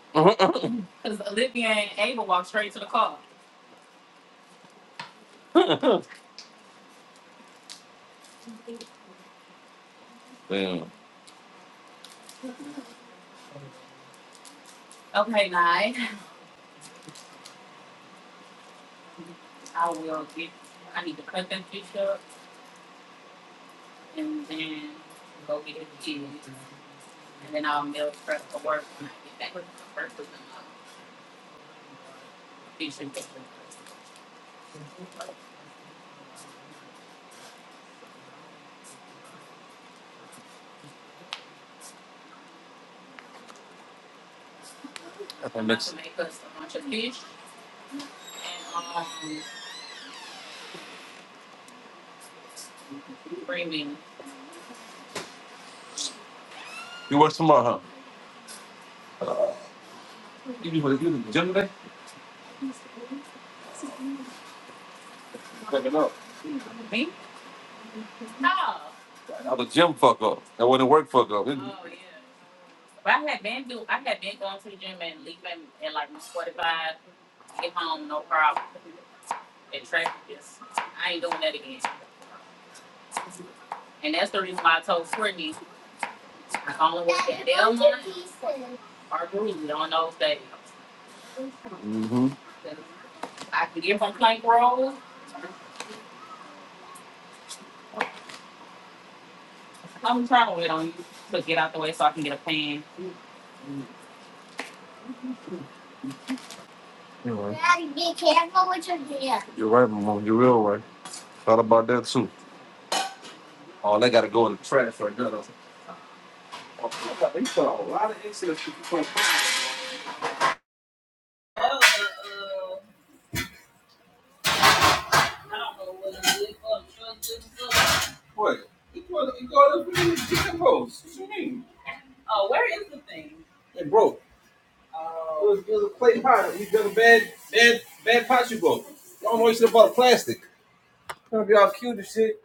Speaker 3: Mm-hmm. Damn. You work tomorrow, huh? You be you in the gym today? Fucking up. I was gym fuck up. That wasn't work fuck up. Mm-hmm. You're right, You're right, Mama. You're real right. Thought about that too. Oh, they gotta go in the trash right now. They put a lot of excellent shit in front of- What? You got you got us in the gym hoes. What you mean? Hey, bro, it was, it was a clay pot. We got a bad, bad, bad pot you broke. You don't know you should have bought a plastic. You don't get all cute and shit.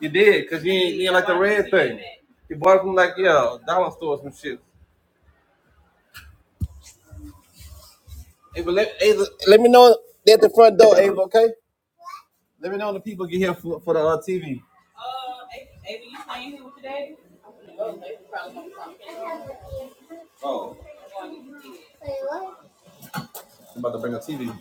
Speaker 3: You did, because you, you bought it from like, yeah, a dollar store or some shit. Ava, let, Ava, let me know they at the front door, Ava, okay? Let me know when the people get here for, for the. Uh, oh, I'm about to bring a TV.